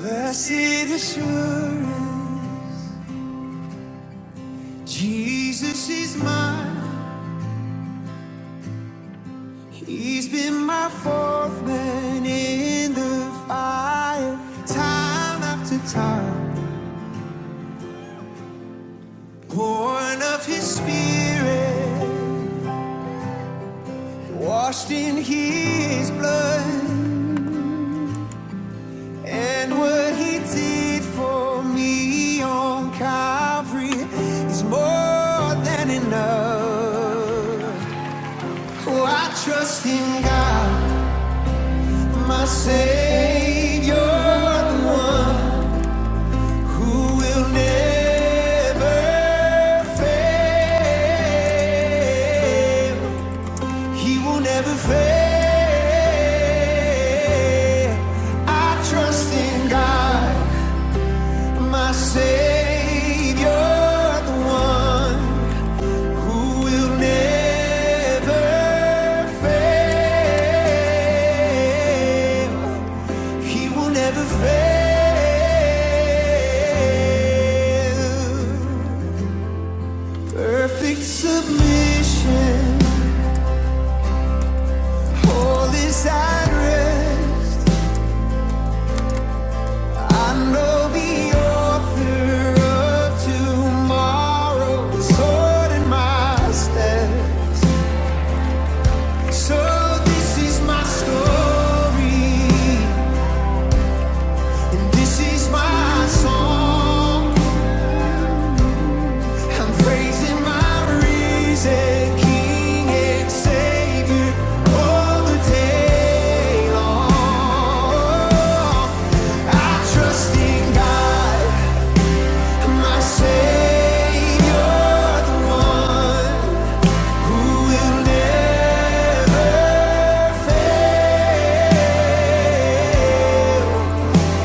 Blessed assurance, Jesus is mine. He's been my fourth man in the fire, time after time. Born of his spirit, washed in his blood, and what he did for me on Calvary is more than enough. Oh, I trust in God. My Savior, the one who will never fail. He will never fail. I trust in God, my Savior, the one who will never fail. He will never fail. Perfect submission. All is at rest. I know the author of tomorrow is ordering my step. So this is my story, and this is my song. I'm praising my risen King and Savior all the day long. I trust in God, my Savior, the one who will never fail.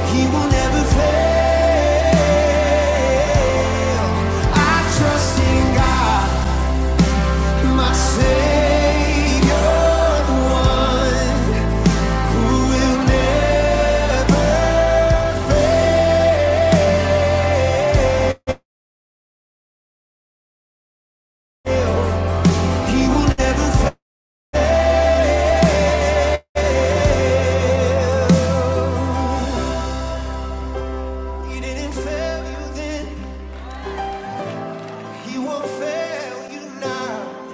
He will never fail. I trust in God, my Savior, the one who will never. He will never He didn't fail you then. He won't fail you now.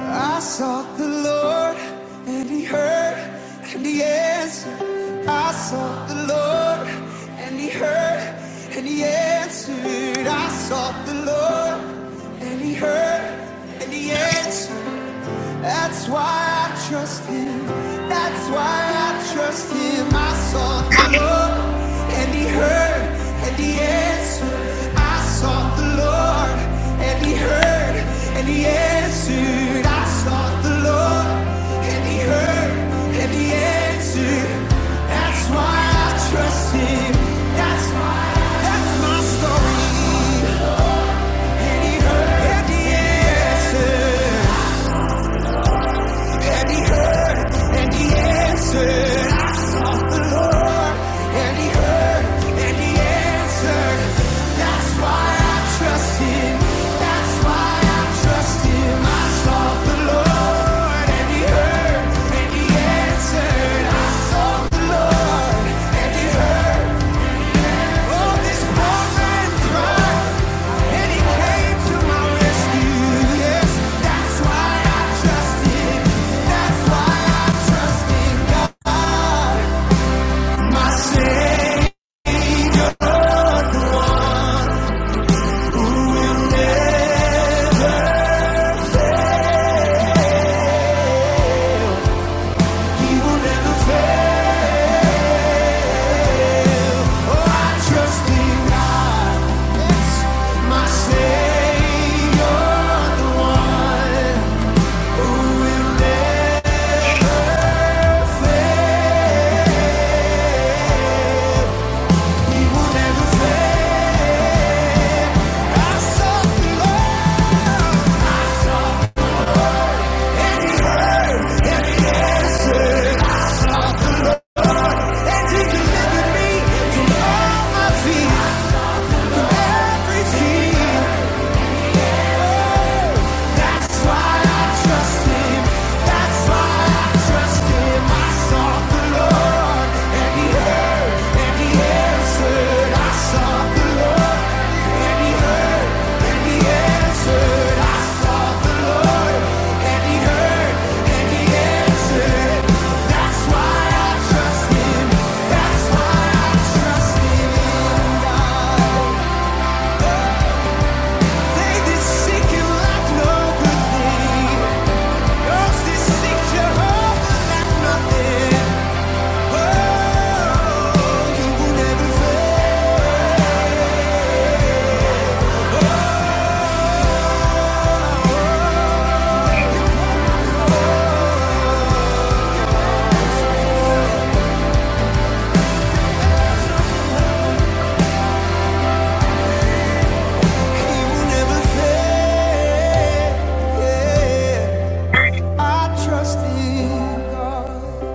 I sought the Lord and he heard and he answered. I sought the Lord and he heard and he answered. I sought the Lord and he heard and he answered. That's why I trust him. That's why I trust him. I sought the Lord and he heard and he answered. I sought the Lord and he heard and he answered. I sought the Lord and he heard and he answered. That's why I trust him. That's why that's my story. And he heard and he answered and he heard, and he answered. I sought the Lord, and he heard, and he answered. That's why I trust him. That's why I trust him. I sought the Lord, and he heard, and he answered. I sought the Lord, and he heard. The Savior, the one who will never Delivered me from all my fears, from everything. That's why I trust him. That's why I trust him. I sought the Lord and he heard and he answered. I sought the Lord and he heard and he answered. I sought the Lord and he heard and he answered. That's why I trust him. That's why I trust him. Trust in God.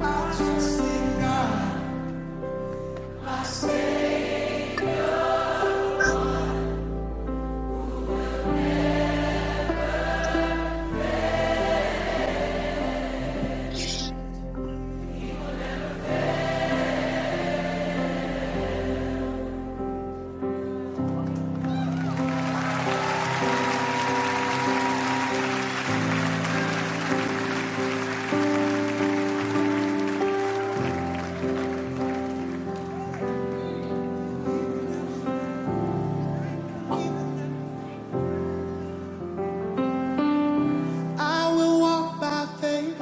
I trust in God. I will walk by faith.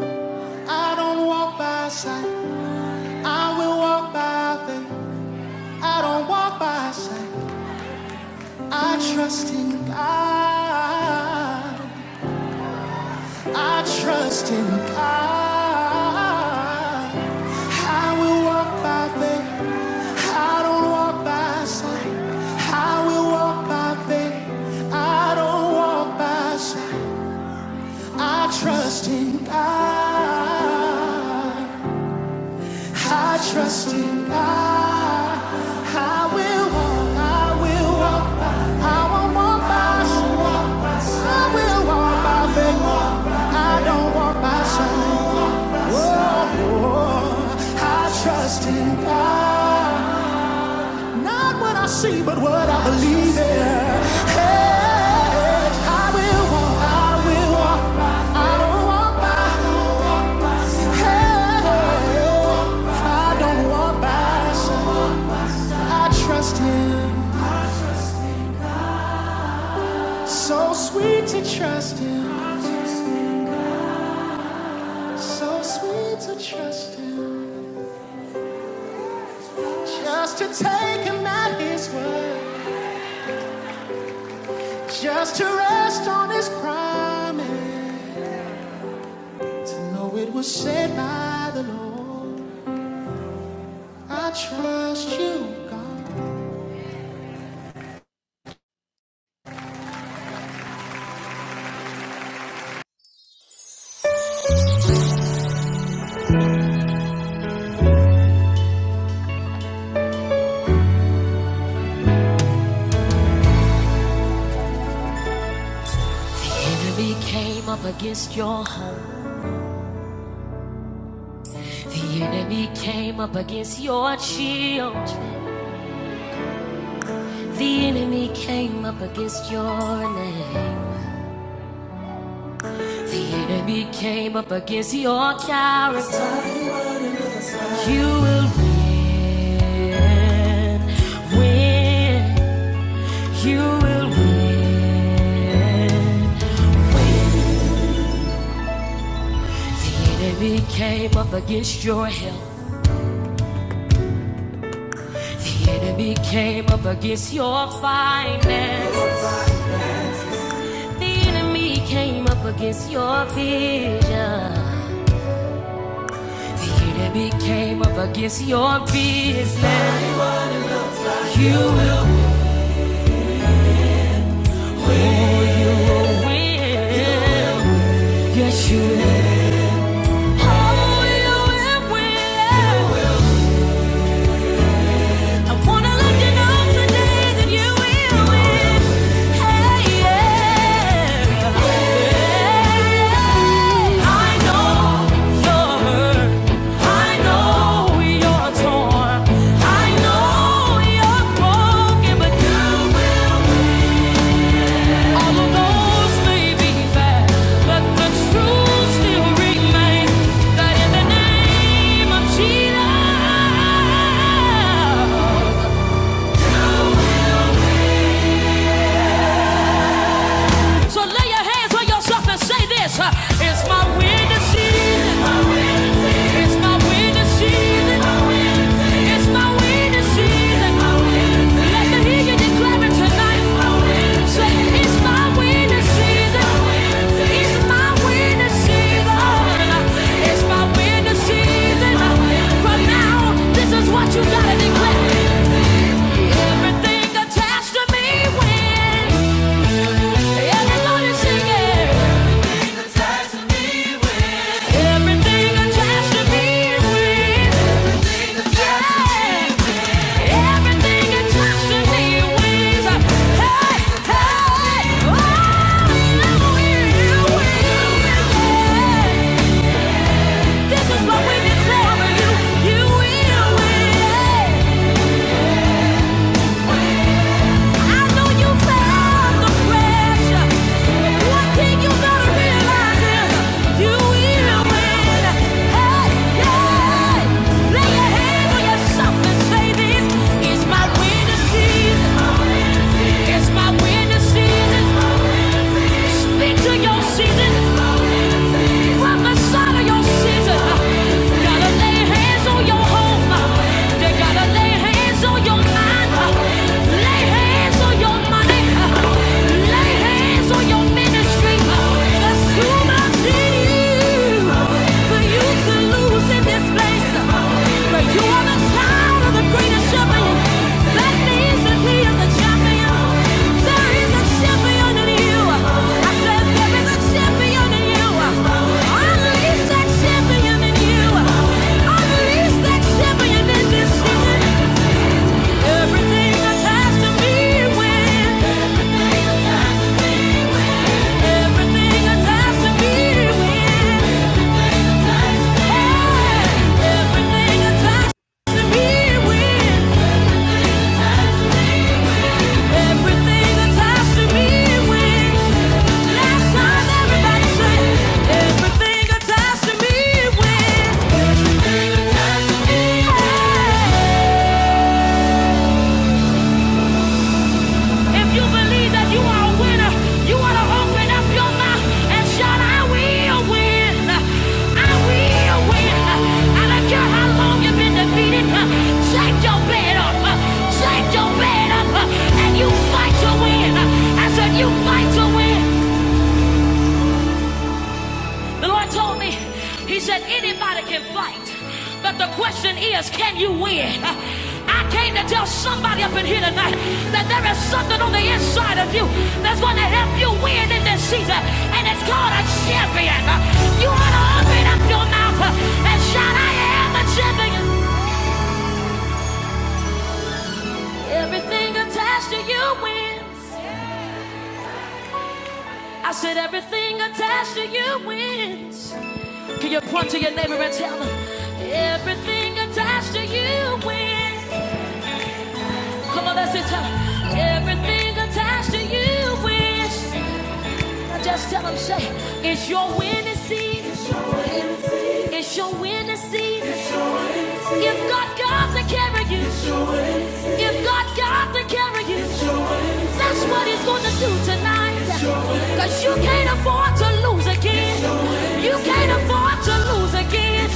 I don't walk by sight. I will walk by faith. I don't walk by sight. I trust in God. I trust in God. I will walk by faith. I don't walk by sight. I will walk by faith. I don't walk by sight. I trust in God. I trust in God. I will walk, I will walk. by. I won't walk by sight. I will walk by faith. I don't walk by sight. Whoa, whoa. I trust in God. Not what I see, but what I believe in. Hey, I will walk, I will walk. by faith. I don't walk by. I don't walk by sight. Hey, I don't walk by. sight. I trust Him. So sweet to trust Him. So sweet to trust Him. Just to take Him at His word. Just to rest on His promise. To know it was said by the Lord. I trust you, God. The enemy came up against your home. The enemy came up against your shield. The enemy came up against your name. The enemy came up against your character. You will win. Win. You will win. The enemy came up against your health. The enemy came up against your finances. The enemy came up against your vision. The enemy came up against your business. You will win. Yes, you will. Oh, you will win. I wanna let you know today that you will win. Hey, yeah. I know you're hurt. I know you're torn. I know you're broken, but you will win. All the roads may be fast, but the truth still remains that in the name of Jesus. So lay your hands on yourself and say this. uh, It's my winning season. It's my winning season. It's my winning season. Let me hear you declare it tonight. Say, it's my winning season. It's my winning season. It's my winning season. From now on, this is what you gotta declare. Everything attached to me wins. Everybody's singing. Everything attached to me is real. Yeah. Everything attached to me wins. Hey, hey, oh, you win. This is what we declare you. You will win. Hey. Gotta lay hands on your home. They gotta lay hands on your mind. Lay hands on your money. Lay hands on your ministry. There's too much in you for you to lose in this place. But you are the child of the greatest shepherd. That means that he is champion. There is a champion in you. I said there is a champion in you. Unleash that champion in you. Unleash that champion in this season. Everything attached to me wins. Everything attached to me wins. Everything attached to me wins. Everything attached to me wins. Last time everybody said, Everything attached to me wins. If you believe that you are a winner, you want to open up your mouth and shout, I will win. I will win. I don't care how long you've been defeated. Take your bed up. take your bed up. And you fight to win. I said, you fight to win. The Lord told me, He said, anybody can fight, but the question is, can you win? I came to tell somebody up in here tonight that there is something on the inside of you that's going to help you win in this season, and it's called a champion. You ought to open up your mouth and shout, I am a champion. Everything attached to you wins. I said, everything attached to you wins. Can you point to your neighbor and tell them everything attached to you wins? Come on, that's it. Tell them everything attached to you wins. Now just tell them, say, it's your winning season. It's your winning season. You've got God to carry you. You've got God to carry you. That's what He's going to do tonight. Cause you can't afford to lose again. You can't afford to lose again.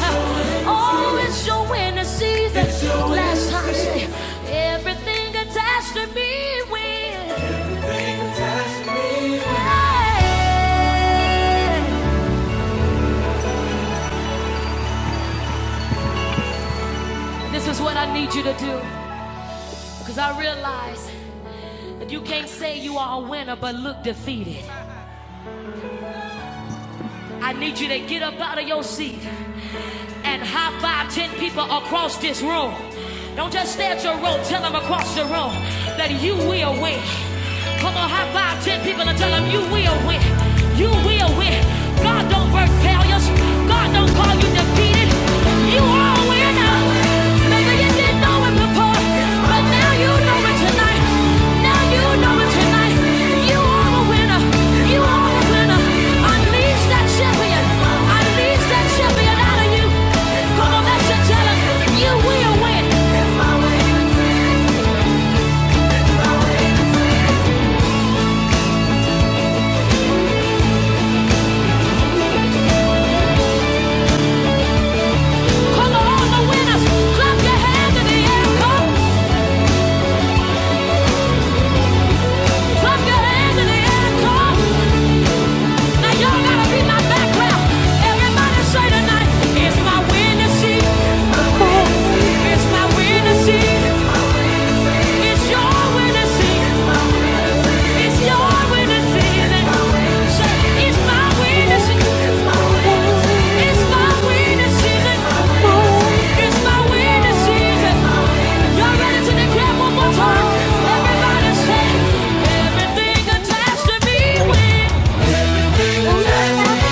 Oh, it's your winning season. Last time I said, everything attached to me wins. Hey. This is what I need you to do. Because I realize You can't say you are a winner but look defeated. I need you to get up out of your seat and high five ten people across this room. Don't just stay at your room, tell them across the room that you will win. Come on, high five ten people and tell them you will win. You will win. God don't work failures, God don't call you defeated. You are a winner. Maybe you didn't know it before, but now you know it tonight. Now you know it tonight. You are Clap your hands in the air, come. Clap your hands in the air, come. Now y'all gotta be my background. Everybody say tonight, it's my winning season. It's my winning It's your winning It's your winning season. Say, it's my winning It's my winning It's my winning Y'all ready to declare one more time? Everybody say, everything attached to me sun wins. And the fact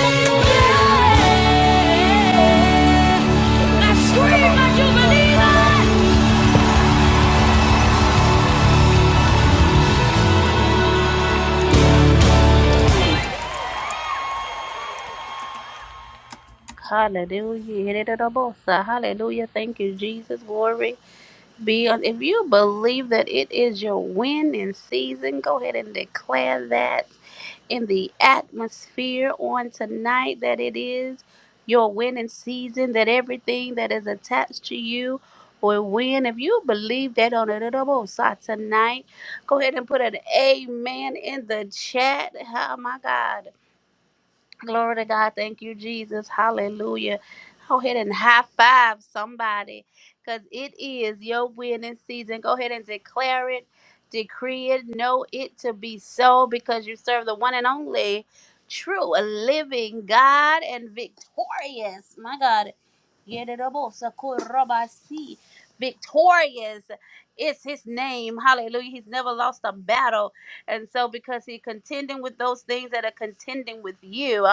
of me. Hallelujah. Hallelujah. Thank you, Jesus. Glory. Beyond, if you believe that it is your winning season, go ahead and declare that in the atmosphere on tonight that it is your winning season, that everything that is attached to you will win. If you believe that on the double side tonight, go ahead and put an amen in the chat. Oh my God. Glory to God. Thank you, Jesus. Hallelujah. Go ahead and high five somebody because it is your winning season. Go ahead and declare it, decree it, know it to be so because you serve the one and only true, living God and victorious. My God. Yedidabosakurabasi. Victorious is his name. Hallelujah. He's never lost a battle. And so, because He contending with those things that are contending with you,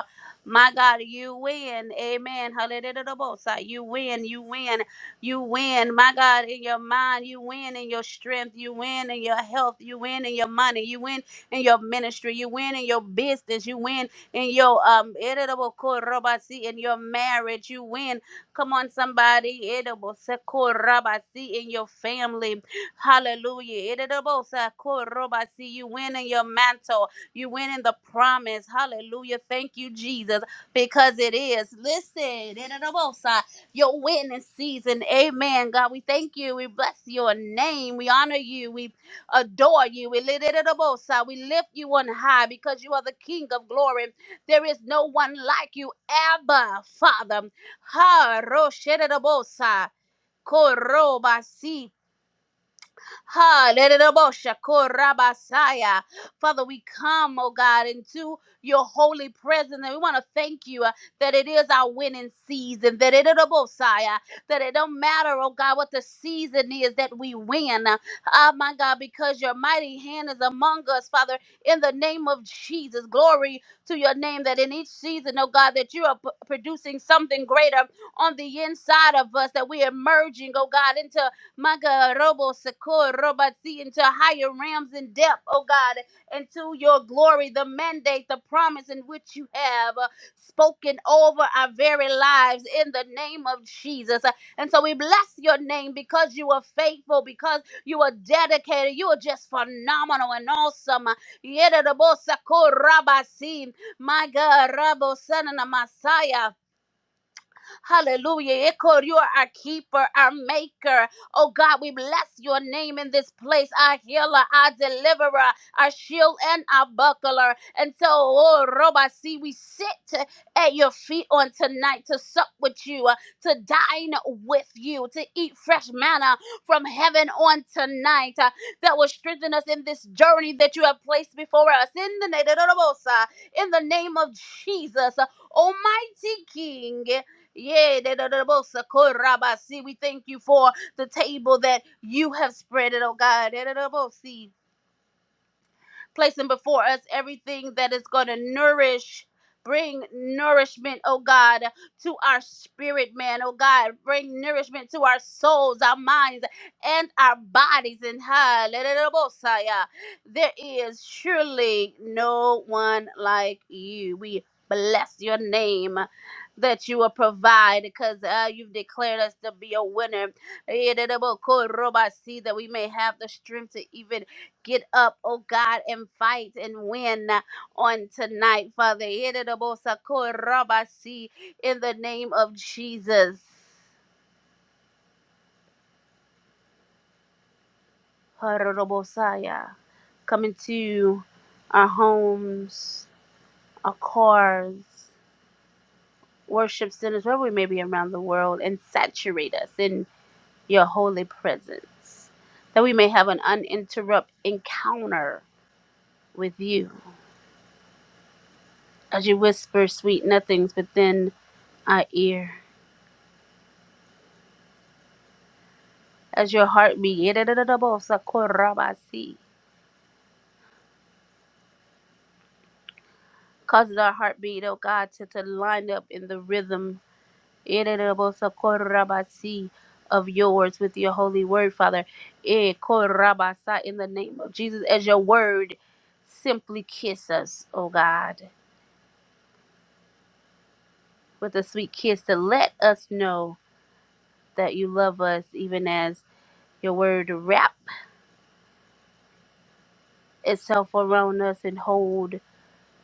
my God, you win. Amen. Hallelujah. You win. You win. You win. My God, in your mind, you win in your strength. You win in your health. You win in your money. You win in your ministry. You win in your business. You win in your um in your marriage. You win. Come on, somebody. in your family. Hallelujah. Erebosa koroba. See you winning your mantle. You winning the promise. Hallelujah. Thank you, Jesus, because it is. Listen, erebosa, your winning season. Amen. God, we thank you. We bless your name. We honor you. We adore you. We lift it up, oh, sir. We lift you on high because you are the King of glory. There is no one like you ever, Father. Ha, ro, shed it up, oh, sir. Korobasi. Ha, Korabasaya. Father, we come, oh God, into your holy presence, and we want to thank you uh, that it is our winning season. That it lererobosaya, that it don't matter, oh God, what the season is that we win. Ah, my God, because your mighty hand is among us, Father, in the name of Jesus. Glory to your name that in each season, oh God, that you are p- producing something greater on the inside of us, that we're emerging, oh God, into Maga robo sakor robati into higher realms and depth, oh God, into your glory, the mandate, the promise in which you have uh, spoken over our very lives in the name of Jesus. Uh, And so we bless your name because you are faithful, because you are dedicated, you are just phenomenal and awesome. Uh, Yedda robo sakor rabasi, My God, Rabo Son and Messiah. Hallelujah. Eko, You are our keeper, our maker. Oh God, we bless your name in this place, our healer, our deliverer, our shield, and our buckler. And so, oh Robasi, we sit at your feet on tonight to sup with you, uh, to dine with you, to eat fresh manna from heaven on tonight uh, that will strengthen us in this journey that you have placed before us. In the name, in the name of Jesus, Almighty King. Yeah, da- da- da- bo- si. we thank you for the table that you have spread it, oh God placing before us everything that is going to nourish. Bring nourishment, oh God, to our spirit, man, oh God. Bring nourishment to our souls, our minds, and our bodies. And hallelujah. There is surely no one like you. We bless your name that you will provide because uh, you've declared us to be a winner. Eh, da, da, bo, ko, roba, See that we may have the strength to even Get up, oh God, and fight and win on tonight, Father. Yererobosakorabasi, In the name of Jesus. Harorobosaya. Come into our homes, our cars, worship centers, wherever we may be around the world, and saturate us in your holy presence, that we may have an uninterrupted encounter with you as you whisper sweet nothings within our ear. as your heartbeat. Irerererebosakorabasi. Cause our heartbeat, oh God, to, to line up in the rhythm irerererebosakorabasi, of yours with your holy word, Father. Eh, korabasa, In the name of Jesus, as your word simply kiss us, oh God, with a sweet kiss to let us know that you love us, even as your word wrap itself around us and hold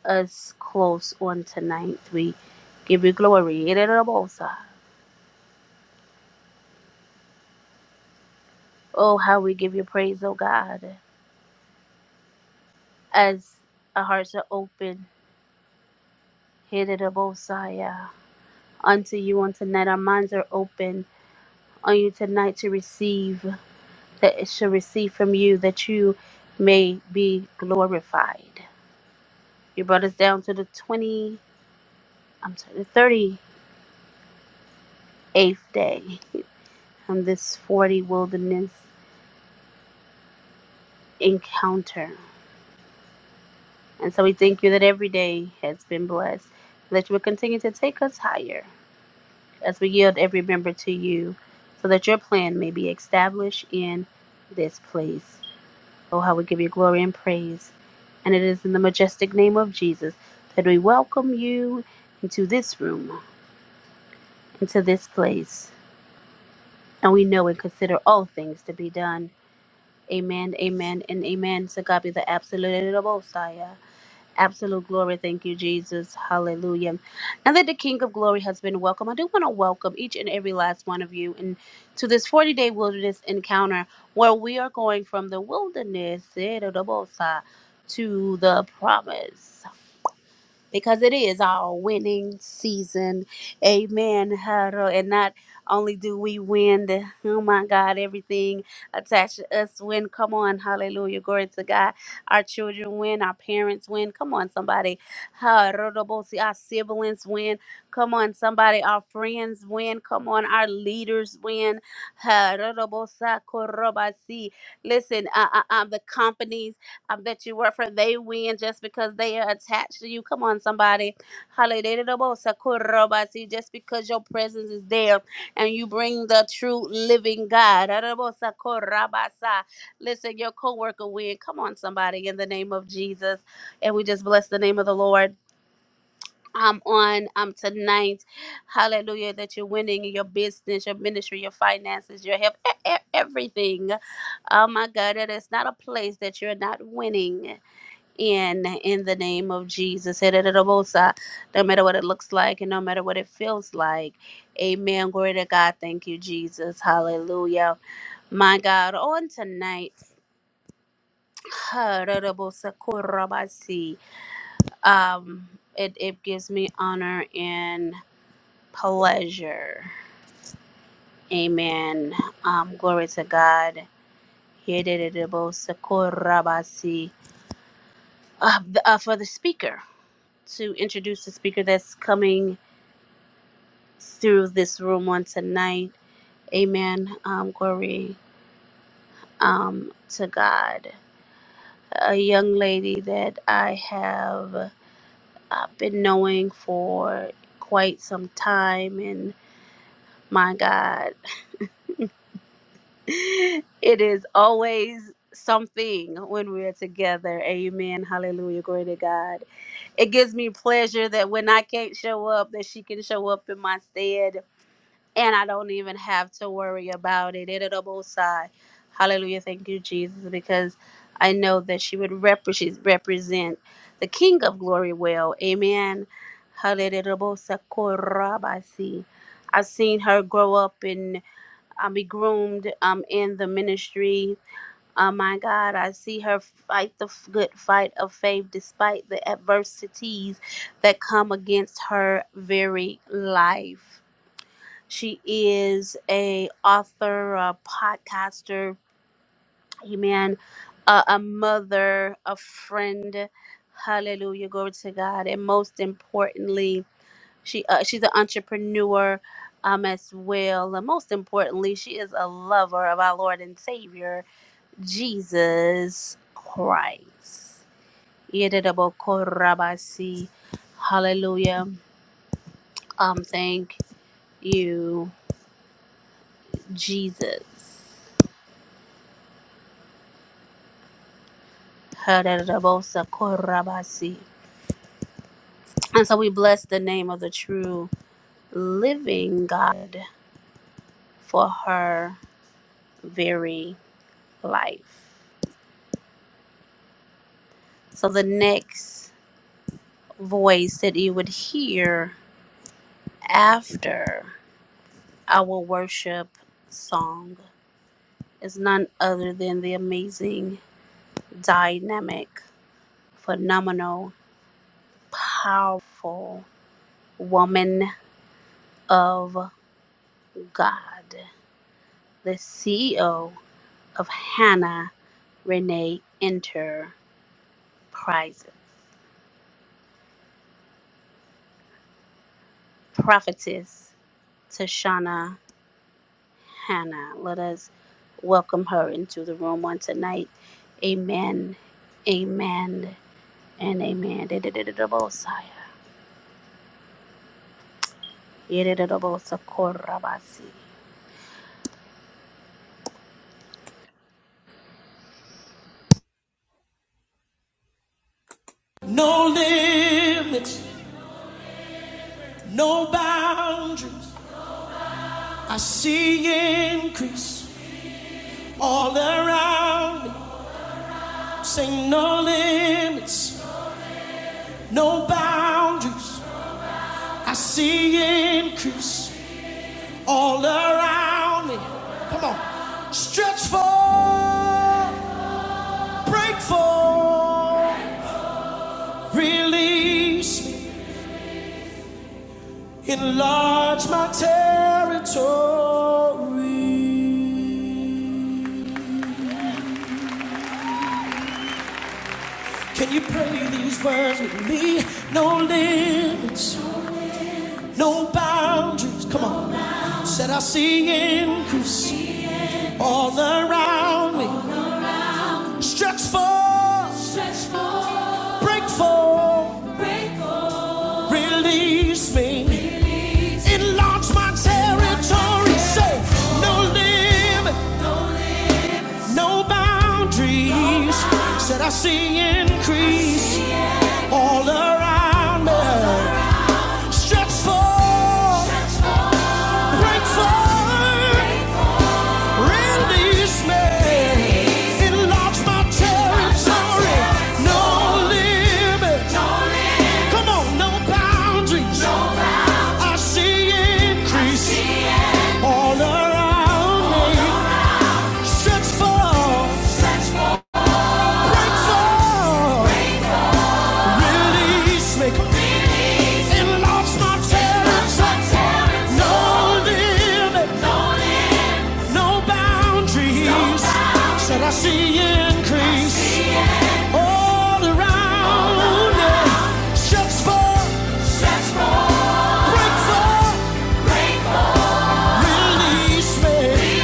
us close on tonight. We give you glory. yidda da da Oh, how we give you praise, oh God, as our hearts are open. Yidda-da-bo-sa, yeah. Unto you on tonight, our minds are open on you tonight to receive, that it shall receive from you, that you may be glorified. You brought us down to the 20, I'm sorry, the 38th day on this 40 wilderness encounter. And so we thank you that every day has been blessed, that you will continue to take us higher as we yield every member to you, so that your plan may be established in this place. Oh, how we give you glory and praise. And it is in the majestic name of Jesus that we welcome you into this room, into this place. And we know and consider all things to be done. Amen, amen, and amen. So God be the absolute and the most high. Absolute glory. Thank you, Jesus. Hallelujah. Now that the King of Glory has been welcomed, I do want to welcome each and every last one of you and to this 40 day wilderness encounter where we are going from the wilderness eh, to the promise because it is our winning season. Amen. Hallelujah. And not only do we win, the, oh my God, everything attached to us win. Come on. Hallelujah. Glory to God. Our children win. Our parents win. Come on, somebody. Hallelujah. Our siblings win. Come on, somebody. Our friends win. Come on. Our leaders win. Hallelujah. Listen, uh, uh, uh, the companies um, that you work for, they win just because they are attached to you. Come on, somebody. Hallelujah. Sakurabasi. Just because your presence is there and you bring the true living God. Sakurabasa. Listen, your coworker worker win. Come on, somebody, in the name of Jesus. And we just bless the name of the Lord. I'm on um tonight, hallelujah, that you're winning in your business, your ministry, your finances, your health, e- e- everything. Oh my God, it is not a place that you're not winning in in the name of Jesus. No matter what it looks like and no matter what it feels like. Amen. Glory to God. Thank you, Jesus. Hallelujah. My God, on tonight, um, it, it gives me honor and pleasure. Amen. Um, glory to God. Hererebosa korabasi. Uh, the- uh, for the speaker, to introduce the speaker that's coming through this room on tonight. Amen. Um, glory um, to God. A young lady that I have uh, been knowing for quite some time, and my God, it is always something when we are together. Amen. Hallelujah. Glory to God. It gives me pleasure that when I can't show up, that she can show up in my stead and I don't even have to worry about it. It Hallelujah. Thank you, Jesus, because I know that she would rep- she's represent the King of Glory well. Amen. Hallelujah. Korabasi. I've seen her grow up and um, be groomed um, in the ministry. Oh my God, I see her fight the f- good fight of faith despite the adversities that come against her very life. She is a author, a podcaster, amen, a, a mother, a friend. Hallelujah, glory to God. And most importantly, she uh, she's an entrepreneur um as well. And most importantly, she is a lover of our Lord and Savior, Jesus Christ. Yedidabokorabasi. Hallelujah. Um thank you, Jesus. Hadarabosa korabasi. And so we bless the name of the true living God for her very life. So the next voice that you would hear after our worship song is none other than the amazing, dynamic, phenomenal, powerful woman of God, the CEO of Hannah Renee Enterprise, prophetess Tashana Hannah. Let us welcome her into the room on tonight. Amen, amen, and amen. Dididididabosaya, yidididabosakorabasi. No limits, no boundaries. I see increase all around me. Say no limits, no boundaries. I see increase all around me. Come on. Stretch for, break for, release me. Enlarge my territory. Can you pray these words with me? No limits, no boundaries. Come on. Said I see increase all around me. Stretch forth, break forth, release me enlarge my territory. Say, no limits. No boundaries no boundaries. Said I see increase I see increase. all around me. all around. Stretch forth, break forth, release me. release. Enlarge my territory. No limits. Come on, no boundaries. no boundaries. I see increase I see increase. all around Around me. Stretch forth, break forth. Release me. Enlarge my territory. No limit, no no boundaries. No boundaries. Said I see increase I see increase. all around? All around. Yeah. Stretch forth, break forth, release me. Release.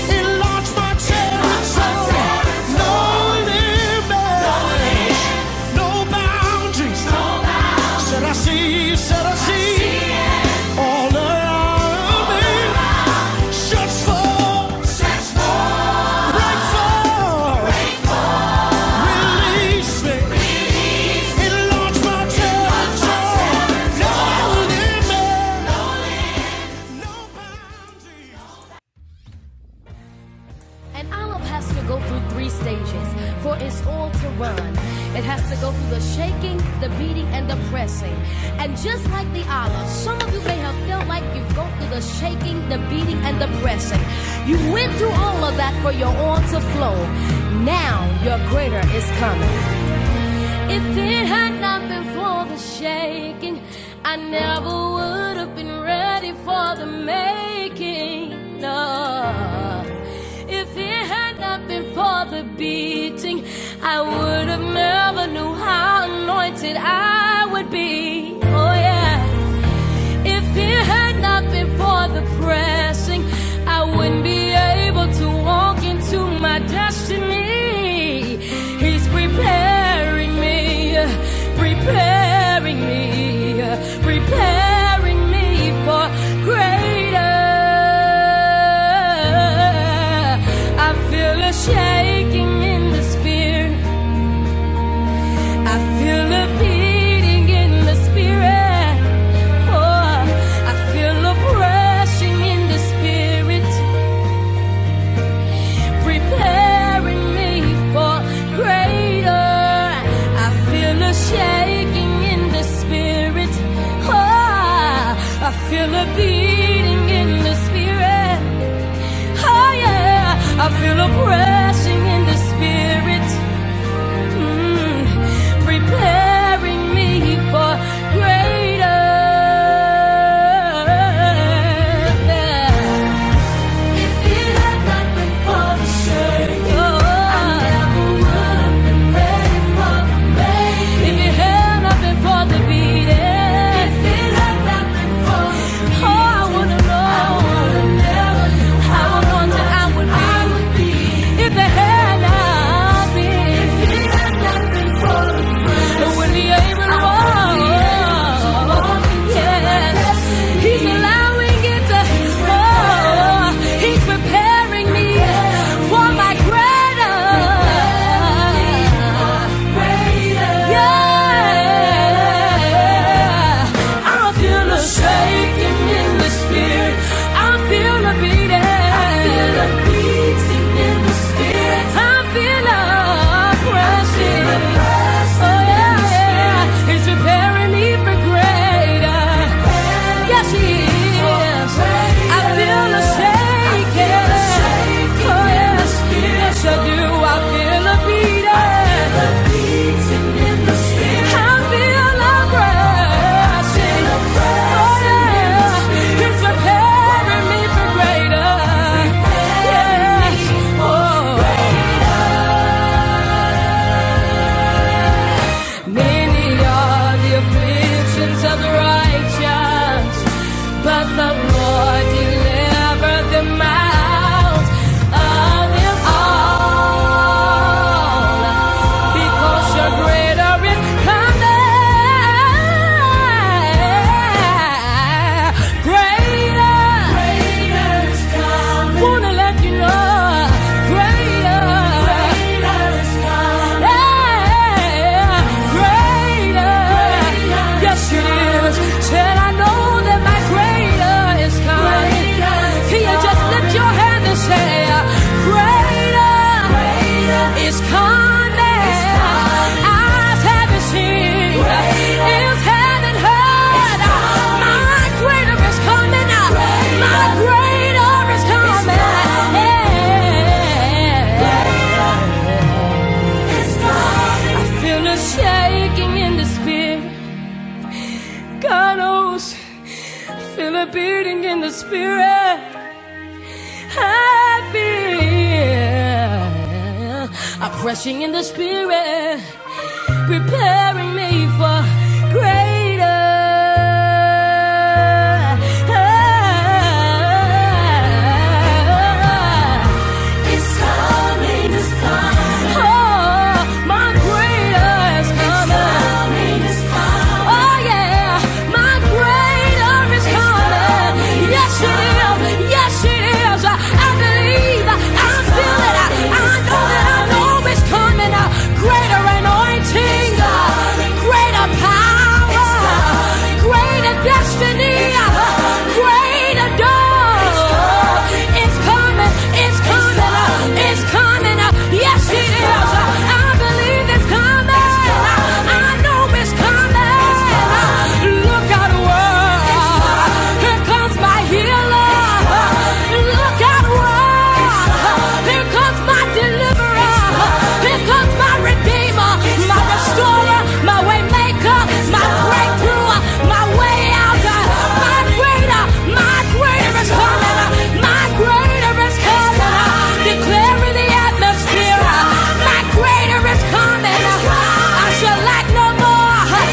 Enlarge my territory. No limit, no boundaries. Said I see, said I see. All around me. Search for, break for, release me. Enlarge my territory. No limit, no boundaries. An olive has to go through three stages for its oil to run. It has to go through the shaking, the beating, and the pressing. And just like the olive, some of you may have felt like you've gone through the shaking, the beating, and the pressing. You went through all of that for your oil to flow. Now your greater is coming. If it had not been for the shaking, I never would have been ready for the making. No. If it had not been for the beating, I would have never knew how anointed I would be. Oh yeah. If it had not been for the pressing, I wouldn't be able to walk into my destiny. He's preparing me, preparing me, preparing me for greater. I feel a shaking in the spirit. I feel a beating in the spirit. Oh, I feel a rushing in the spirit, preparing me for greater. I feel a shaking in the spirit. Oh, I feel a beating in the spirit. Oh yeah, I feel a rushing in the spirit. Mm-hmm. preparing me for greater. If it had not been for the shame, I never would have been ready for the pain. If it had not been for the beating, oh, I would have known, I would have known that I would be. If it had not been, if it will be able to walk. Yes, He's allowing it to fall. He's preparing me for my greater. Yeah, I feel a shaking in the spirit. I feel a beating. I feel a beating in the spirit. I feel a pressing oh yeah, yeah. He's preparing me for greater. Yes, he is. I feel the shaking. Oh yes, yes I do. I feel a beating. I feel a pressing. Oh yeah, he's preparing me for greater. Yes, oh. Many are the afflictions of the righteous, but the Lord delivered them out of them all. Because your greater is coming. Greater. Greater is coming. Wanna let you know. Coming, my greater is coming. Yeah. Feel a shaking in the spirit. God knows. Feel a beating in the spirit. happy. I'm pressing in the spirit, preparing me for greater. It's coming, it's coming. Oh, my greater is It's coming. It's coming, it's coming. Oh yeah, my greater summer is coming. Yes, it is. Yes, it is. I believe. I feel it. I, know that I know it's coming. Greater anointing. Greater power. Greater destiny. Greater dawn. It's coming. It's coming. It's coming. Yes, it is. I believe it's coming. I I know coming. Look out, world. Here comes my healer. Look out, world. Here comes my deliverer. Here comes my redeemer, my restorer, my way my breakthrough, my way out. My greater, my greater is coming. My greater is coming. Declaring the atmosphere. My greater is coming. I shall lack no more. I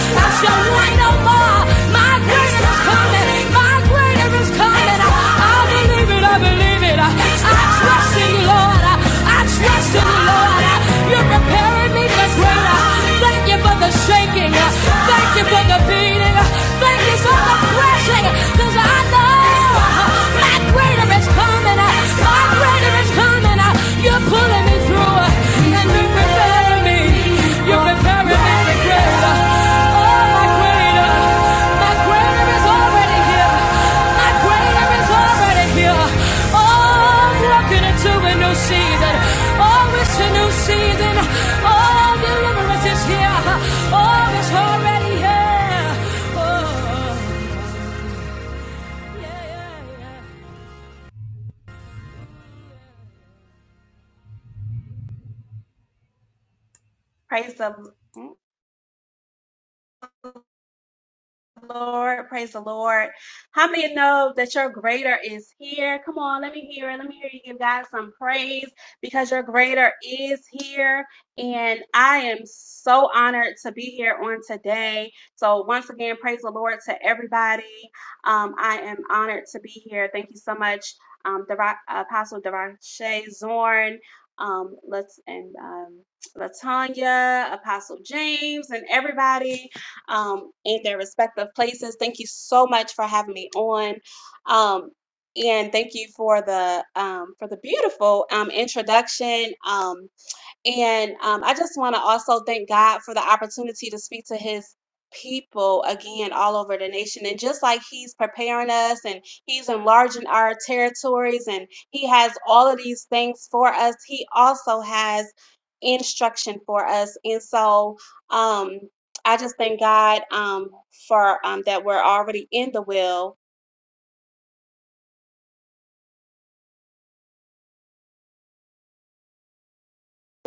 shall want no more. My greater is coming. My greater is coming. I believe it. I believe it. I trust in you, Lord. I trust in you, Lord. You're preparing me for greater. Thank you for the shaking. Thank you for the beating. Thank you for the pressing. I know my greater is coming out. My greater is coming out. You're pulling me through, uh, and you're preparing me. You're preparing me to give. Oh, my greater, my greater is already here. My greater is already here. Oh, I'm walking into a new season. Oh, it's a new season. Oh, deliverance is here. Oh, it's already here. Oh, yeah, yeah, yeah. Praise the Lord. Praise the Lord. How many know that your greater is here? Come on, let me hear it. Let me hear you give God some praise because your greater is here. And I am so honored to be here on today. So, once again, praise the Lord to everybody. Um, I am honored to be here. Thank you so much, um, Dera- Apostle Darache Zorn. Um, let's and um, Latanya, Apostle James, and everybody um, in their respective places. Thank you so much for having me on. Um, and thank you for the um, for the beautiful um, introduction. Um, and um, I just want to also thank God for the opportunity to speak to his people again all over the nation. And just like he's preparing us and he's enlarging our territories and he has all of these things for us, he also has instruction for us. And so um, I just thank God um, for um, that we're already in the will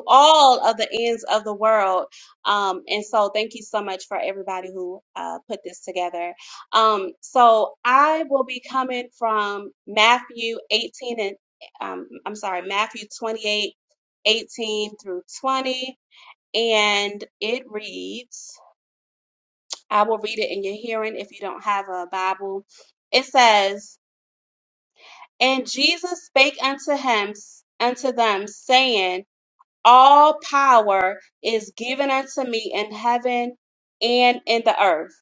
all of the ends of the world. Um, and so thank you so much for everybody who uh, put this together. Um, so I will be coming from Matthew 18 and um, I'm sorry, Matthew 28, 18 through 20. And it reads, I will read it in your hearing if you don't have a Bible. It says, And Jesus spake unto him, unto them, saying, All power is given unto me in heaven and in the earth.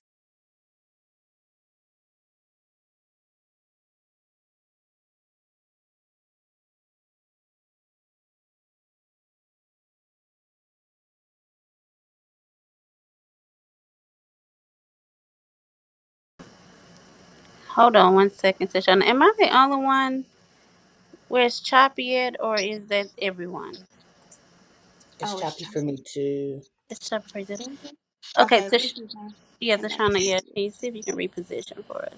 Hold on one second, Tashana. Am I the only one where it's choppy at, or is that everyone? It's Oh, it's choppy for choppy. me too. It's choppy. Okay, Okay, let me see Tish. if I Yeah, can connect. Tashana, yeah. Can you see if you can reposition for us?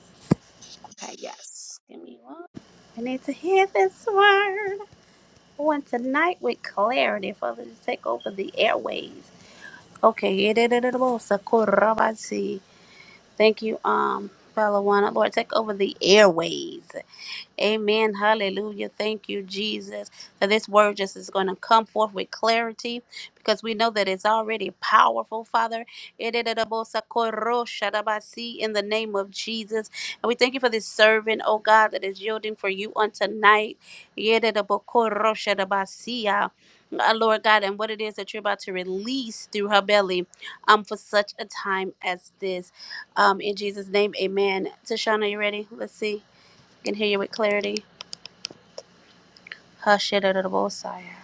Okay, yes. Give me one. I need to hear this word on tonight with clarity for it to take over the airways. Okay, Thank you, um, Father Lord, take over the airways. Amen. Hallelujah. Thank you, Jesus. That this word just is going to come forth with clarity because we know that it's already powerful, Father. In the name of Jesus. And we thank you for this servant, oh God, that is yielding for you on tonight. Uh, Lord God, and what it is that you're about to release through her belly um, for such a time as this. Um, in Jesus' name, amen. Tashana, you ready? Let's see. I can hear you with clarity. Hashirabosaya.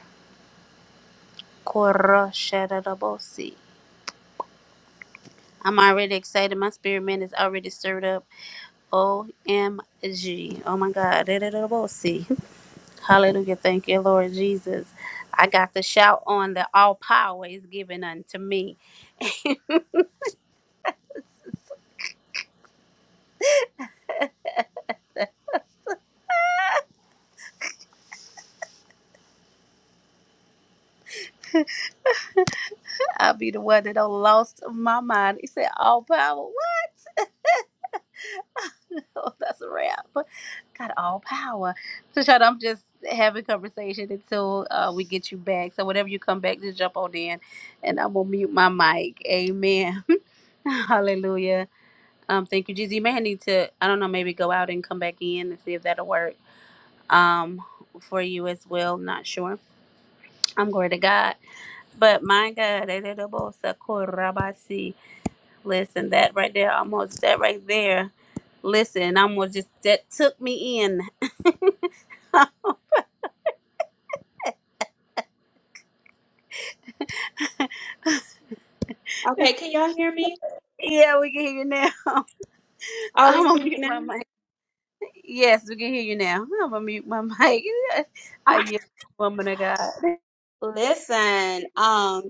Korasharabosi. I'm already excited. My spirit man is already stirred up. OMG. Oh my God. Rararabosi. Hallelujah. Thank you, Lord Jesus. I got to shout on that all power is given unto me. I'll be the one that don't lost my mind. He said, All power. Oh, that's a wrap. Got all power. So, Sean, I'm just having conversation until uh, we get you back. So, whenever you come back, just jump on in, and I'm gonna mute my mic. Amen. Hallelujah. Um, thank you, Jesus. You may need to, I don't know, maybe go out and come back in and see if that'll work. Um, for you as well. Not sure. I'm glory to God. But my God, that little boy, Sakurabasi. listen, that right there, almost that right there. Listen, almost just that took me in. Okay, can y'all hear me? Yeah, we can hear you now. Oh, I'm you can gonna hear me mute my now? mic. Yes, we can hear you now. I'm gonna mute my mic. Are you woman of God? Listen, um,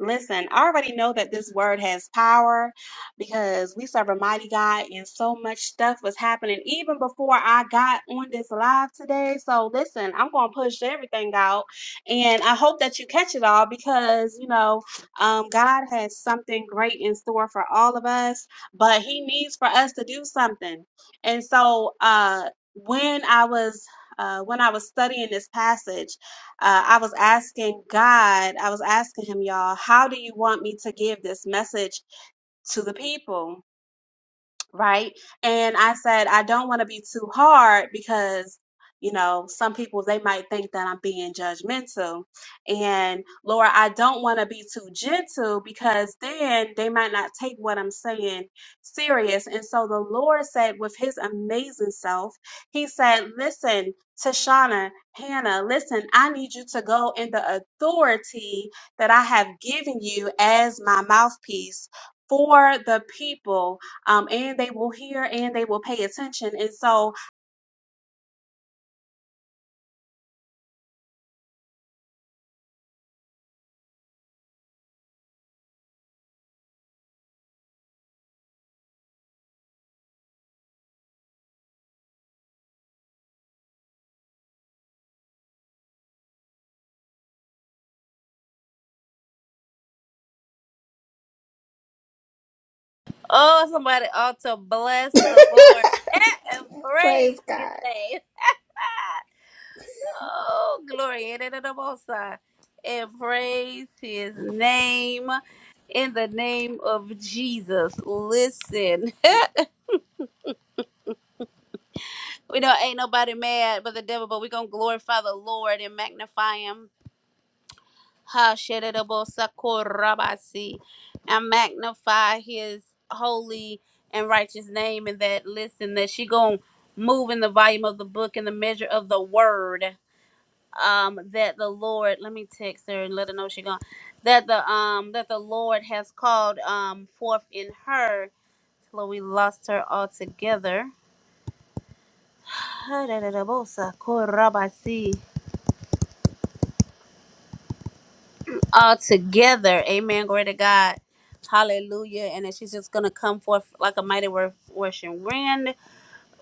listen, I already know that this word has power because we serve a mighty God and so much stuff was happening even before I got on this live today. So listen, I'm gonna push everything out and I hope that you catch it all because you know, um, God has something great in store for all of us, but he needs for us to do something. And so uh when I was uh, when I was studying this passage, uh, I was asking God, I was asking Him, y'all, how do you want me to give this message to the people? right? And I said, I don't want to be too hard because, you know, some people, they might think that I'm being judgmental. And Laura, I don't want to be too gentle because then they might not take what I'm saying serious. And so the Lord said, with his amazing self, he said, Listen, Tashana, Hannah, listen, I need you to go in the authority that I have given you as my mouthpiece for the people um, and they will hear and they will pay attention. And so, Oh, somebody ought to bless the Lord and praise Praise His God. name. oh, glory and honor to the Most High. and praise His name in the name of Jesus. Listen, we know ain't nobody mad but the devil, but we gonna glorify the Lord and magnify Him Ha Shedabo and magnify his holy and righteous name and that listen that she gonna move in the volume of the book and the measure of the word um that the Lord let me text her and let her know she gone that the um that the Lord has called um forth in her Chloe lost her altogether. Ha, da, da, da, bo, Sakorabasi. all together. Amen. Glory to God. Hallelujah. And that she's just going to come forth like a mighty wor- rushing wind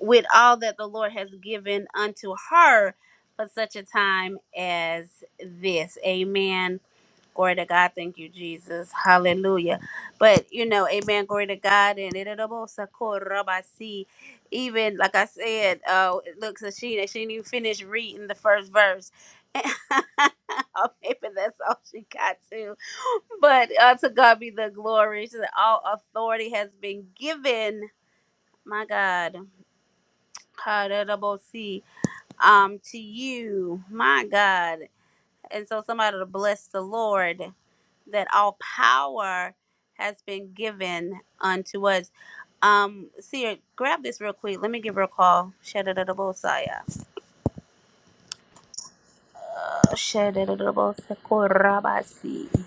with all that the Lord has given unto her for such a time as this. Amen. Glory to God. Thank you, Jesus. Hallelujah. But, you know, amen. Glory to God. And it it- even like I said, uh, it looks like she, she didn't even finish reading the first verse. Or Maybe that's all she got to. But uh, to God be the glory that all authority has been given. My God, Kadadabosi, um, to you, my God. And so somebody to bless the Lord that all power has been given unto us. Um, Seer, grab this real quick. Let me give her a call. Shadadadabosaya. Shadadadabosakorabasi.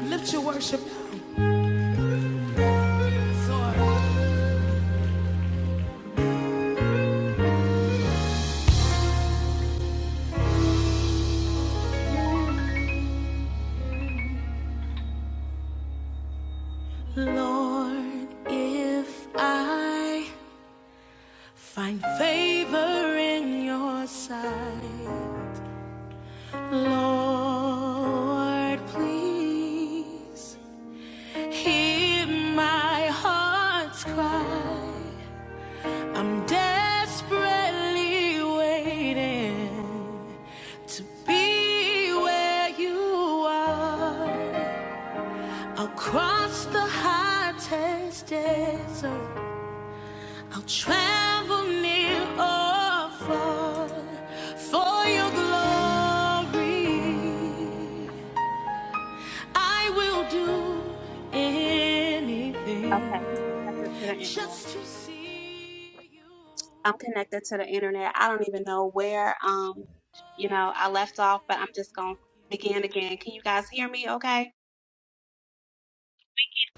Lift your worship now. Lord, if I find favor in your sight, Lord, please hear my heart's cry. I'm desperately waiting to be where you are. I'll cross the hottest desert. I'll travel near or far for your glory. I will do anything okay, I'm connected to the internet. just to see you. I'm connected to the internet. I don't even know where, um, you Hold know, you I as left off, but I'm just my gonna king. begin again. Can you guys hear me? Okay.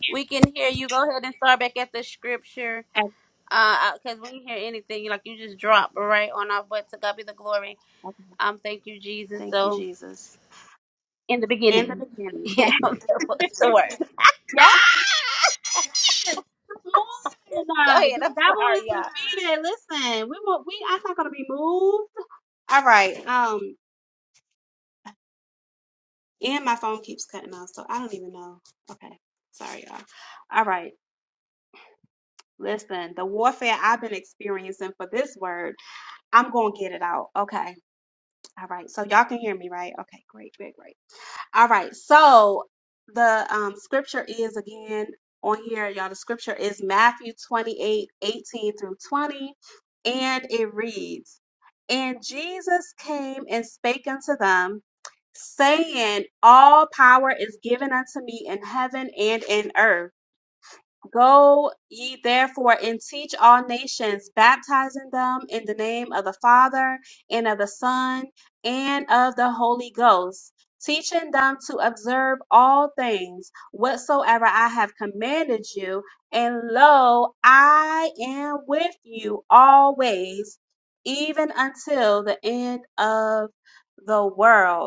We can hear you. Go ahead and start back at the scripture. Okay. Uh, because when you hear anything, like you just drop right on our butt. To God be the glory. okay. Um, thank you, Jesus. Thank you, So Jesus. in the In the beginning, beginning, yeah, that was the word. yes. Good Go morning. ahead. The I'm devil is sorry, y'all. defeated. Listen, we will. We. I'm not gonna be moved. All right. Um. And my phone keeps cutting off, so I don't even know. Okay. Sorry, y'all. All right. Listen, the warfare I've been experiencing for this word, I'm going to get it out. Okay. All right. So y'all can hear me, right? Okay. Great, great, great. All right. So the um, scripture is again on here, y'all. The scripture is Matthew 28 18 through 20. And it reads, And Jesus came and spake unto them, saying, All power is given unto me in heaven and in earth. Go ye therefore and teach all nations, baptizing them in the name of the Father, and of the Son, and of the Holy Ghost, teaching them to observe all things whatsoever I have commanded you. And lo, I am with you always, even until the end of the world.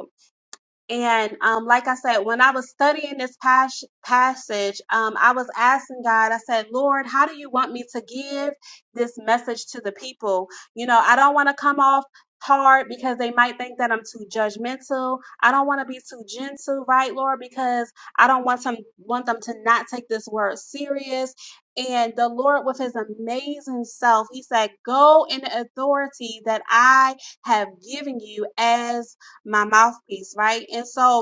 And um, like I said, when I was studying this pas- passage, um, I was asking God, I said, Lord, how do you want me to give this message to the people? You know, I don't want to come off hard because they might think that I'm too judgmental. I don't want to be too gentle, right, Lord? Because I don't want them want them to not take this word serious. And the Lord, with his amazing self, he said, Go in the authority that I have given you as my mouthpiece, right? And so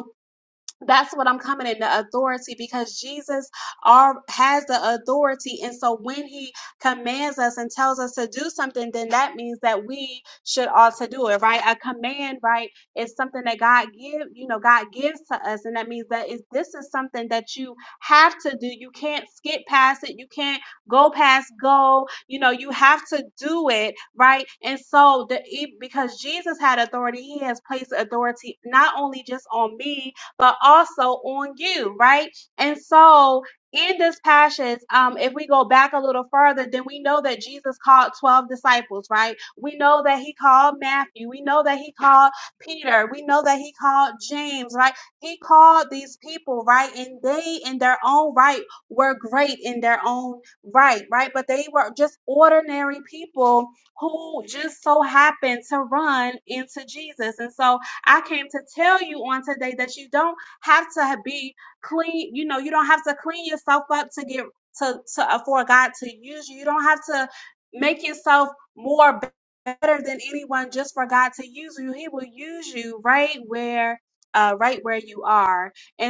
that's what I'm coming in the authority because Jesus are, has the authority. And so when he commands us and tells us to do something, then that means that we should also do it, right? A command, right, is something that God give, you know, God gives to us. And that means that is this is something that you have to do. You can't skip past it. You can't go past go. You know, you have to do it, right? And so the e- because Jesus had authority, he has placed authority not only just on me, but also on you, right? And so in this passage, um, if we go back a little further, then we know that Jesus called 12 disciples, right? We know that he called Matthew. We know that he called Peter. We know that he called James, right? He called these people, right? And they, in their own right, were great in their own right, right? But they were just ordinary people who just so happened to run into Jesus. And so, I came to tell you on today that you don't have to be clean. You know, you don't have to clean yourself up to get to to uh, for God to use you. You don't have to make yourself more better than anyone just for God to use you. He will use you right where uh right where you are. And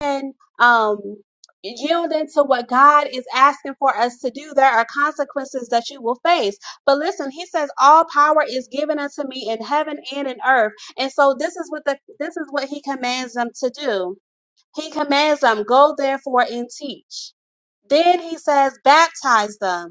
and um yielding to what God is asking for us to do, there are consequences that you will face. But listen, he says, All power is given unto me in heaven and in earth. And so this is what the this is what he commands them to do. He commands them, go therefore and teach. Then he says, baptize them.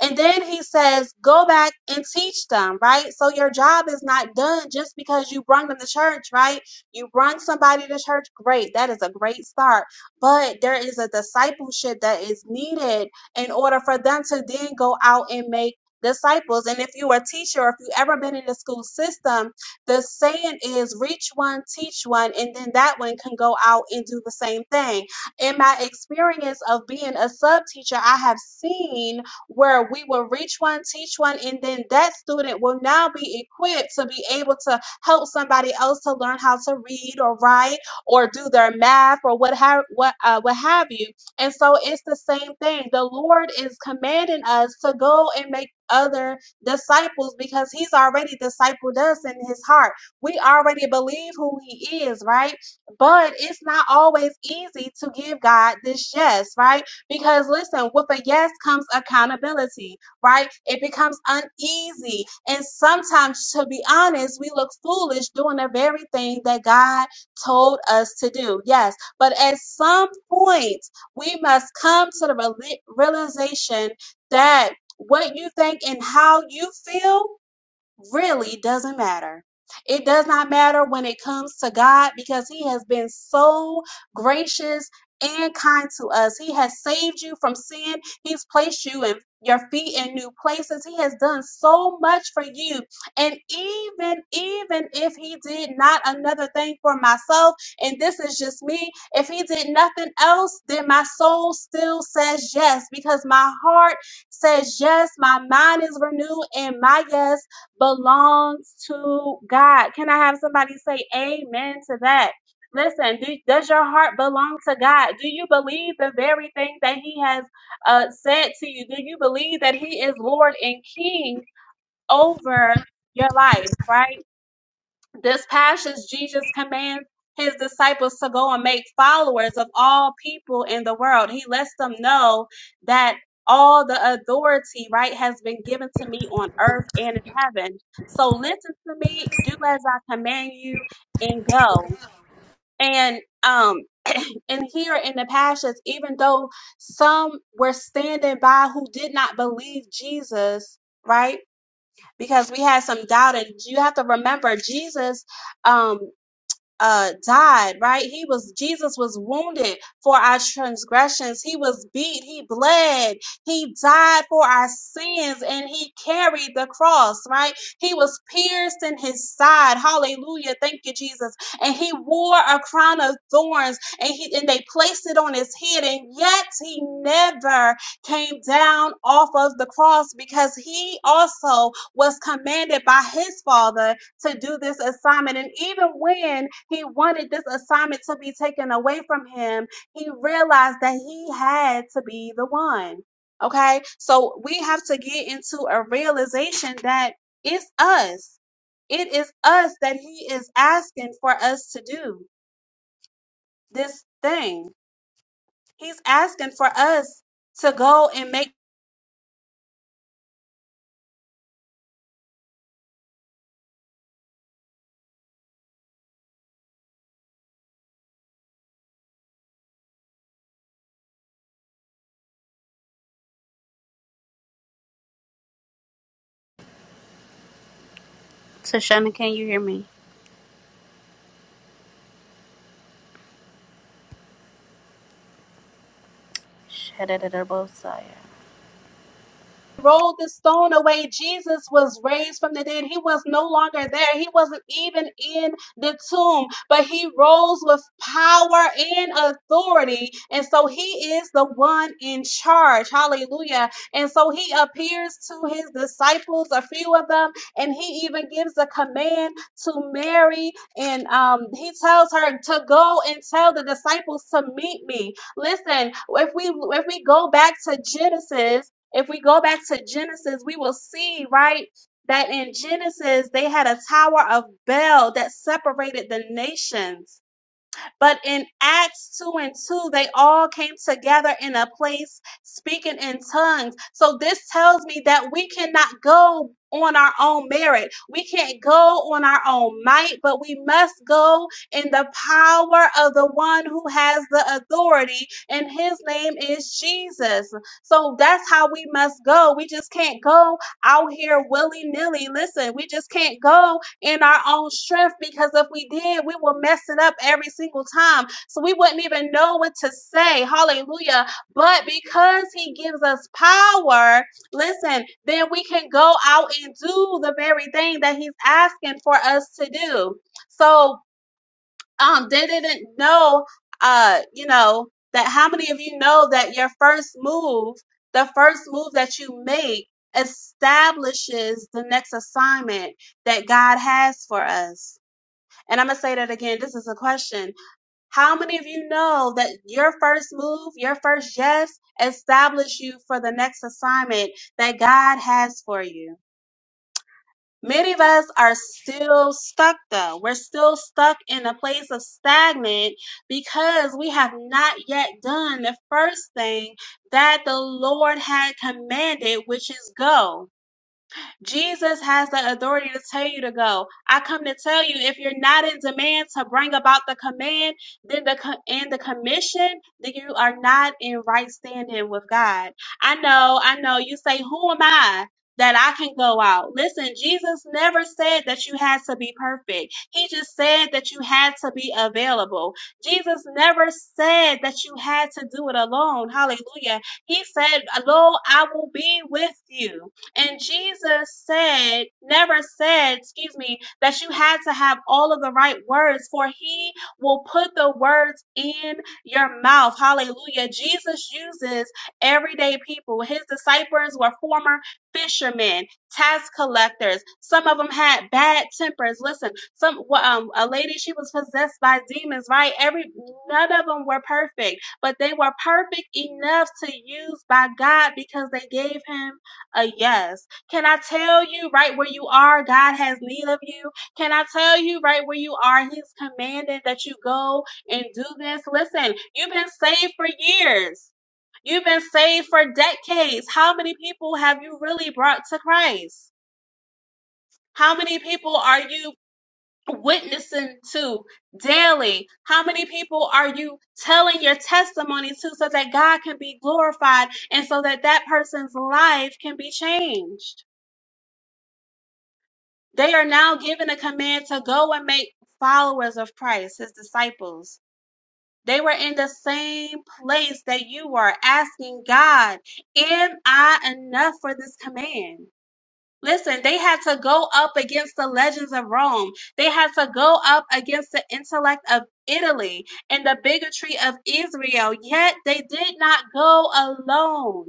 And then he says, go back and teach them, right? So your job is not done just because you brought them to church, right? You brought somebody to church, great. That is a great start. But there is a discipleship that is needed in order for them to then go out and make disciples. And if you are a teacher, or if you ever been in the school system, the saying is reach one, teach one, and then that one can go out and do the same thing. In my experience of being a sub teacher, I have seen where we will reach one, teach one, and then that student will now be equipped to be able to help somebody else to learn how to read or write or do their math or what have what uh, what have you. And so it's the same thing. The Lord is commanding us to go and make other disciples because he's already discipled us in his heart. We already believe who he is, right? But it's not always easy to give God this yes, right? Because listen, with a yes comes accountability, right? It becomes uneasy. And sometimes, to be honest, we look foolish doing the very thing that God told us to do. Yes. But at some point, we must come to the reali- realization that what you think and how you feel really doesn't matter. It does not matter when it comes to God because He has been so gracious and kind to us. He has saved you from sin. He's placed you in your feet in new places. He has done so much for you. And even, even if he did not another thing for myself, and this is just me, if he did nothing else, then my soul still says yes because my heart says yes, my mind is renewed, and my yes belongs to God. Can I have somebody say amen to that? Listen, do, does your heart belong to God? Do you believe the very thing that He has uh, said to you? Do you believe that He is Lord and King over your life, right? This passage, Jesus commands his disciples to go and make followers of all people in the world. He lets them know that all the authority, right, has been given to me on earth and in heaven. So listen to me, do as I command you, and go. And um, and here in the passage, even though some were standing by who did not believe Jesus, right? Because we had some doubt, and you have to remember Jesus. Um, uh died right he was jesus was wounded for our transgressions he was beat he bled he died for our sins and he carried the cross right he was pierced in his side hallelujah thank you jesus and he wore a crown of thorns and he and they placed it on his head and yet he never came down off of the cross because he also was commanded by his father to do this assignment. And even when he wanted this assignment to be taken away from him, he realized that he had to be the one. Okay. So we have to get into a realization that it's us. It is us that he is asking for us to do this thing. He's asking for us to go and make So, Shana, can you hear me? Shadadadabosaya. rolled the stone away, Jesus was raised from the dead. He was no longer there. He wasn't even in the tomb, but he rose with power and authority. And so he is the one in charge. Hallelujah. And so he appears to his disciples, a few of them, and he even gives a command to Mary. And um, he tells her to go and tell the disciples to meet me. Listen, if we if we go back to Genesis, if we go back to Genesis, we will see, right, that in Genesis they had a tower of Babel that separated the nations. But in Acts 2 and 2, they all came together in a place speaking in tongues. So this tells me that we cannot go on our own merit. We can't go on our own might, but we must go in the power of the one who has the authority, and his name is Jesus. So that's how we must go. We just can't go out here willy nilly. Listen, we just can't go in our own strength because if we did, we will mess it up every single time. So we wouldn't even know what to say. Hallelujah. But because he gives us power, listen, then we can go out and do the very thing that he's asking for us to do. So um they didn't know uh you know that how many of you know that your first move the first move that you make establishes the next assignment that God has for us and I'm going to say that again this is a question how many of you know that your first move your first yes establish you for the next assignment that God has for you Many of us are still stuck though. We're still stuck in a place of stagnant because we have not yet done the first thing that the Lord had commanded, which is go. Jesus has the authority to tell you to go. I come to tell you if you're not in demand to bring about the command, then the co- and the commission, then you are not in right standing with God. I know, I know you say who am I? That I can go out. Listen, Jesus never said that you had to be perfect. He just said that you had to be available. Jesus never said that you had to do it alone. Hallelujah. He said, Lo, I will be with you. And Jesus said, never said, excuse me, that you had to have all of the right words, for he will put the words in your mouth. Hallelujah. Jesus uses everyday people. His disciples were former fishermen, tax collectors. Some of them had bad tempers. Listen, some um a lady she was possessed by demons, right? Every none of them were perfect, but they were perfect enough to use by God because they gave him a yes. Can I tell you right where you are? God has need of you. Can I tell you right where you are? He's commanded that you go and do this. Listen, you've been saved for years. You've been saved for decades. How many people have you really brought to Christ? How many people are you witnessing to daily? How many people are you telling your testimony to so that God can be glorified and so that that person's life can be changed? They are now given a command to go and make followers of Christ, his disciples. They were in the same place that you were asking God, Am I enough for this command? Listen, they had to go up against the legends of Rome. They had to go up against the intellect of Italy and the bigotry of Israel. Yet they did not go alone.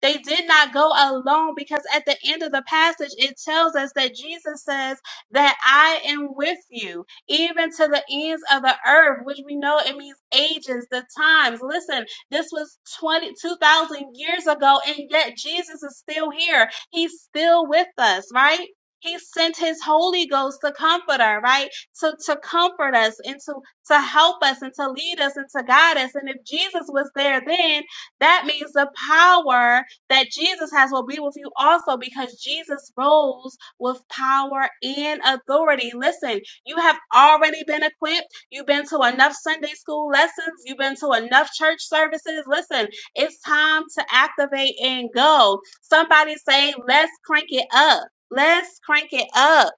They did not go alone because at the end of the passage, it tells us that Jesus says that I am with you, even to the ends of the earth, which we know it means ages, the times. Listen, this was 20 2,000 years ago, and yet Jesus is still here. He's still with us, right? He sent his Holy Ghost, the Comforter, right? To, to comfort us and to, to help us and to lead us and to guide us. And if Jesus was there then, that means the power that Jesus has will be with you also because Jesus rose with power and authority. Listen, you have already been equipped You've been to enough Sunday school lessons. You've been to enough church services. Listen, it's time to activate and go. Somebody say, let's crank it up. Let's crank it up.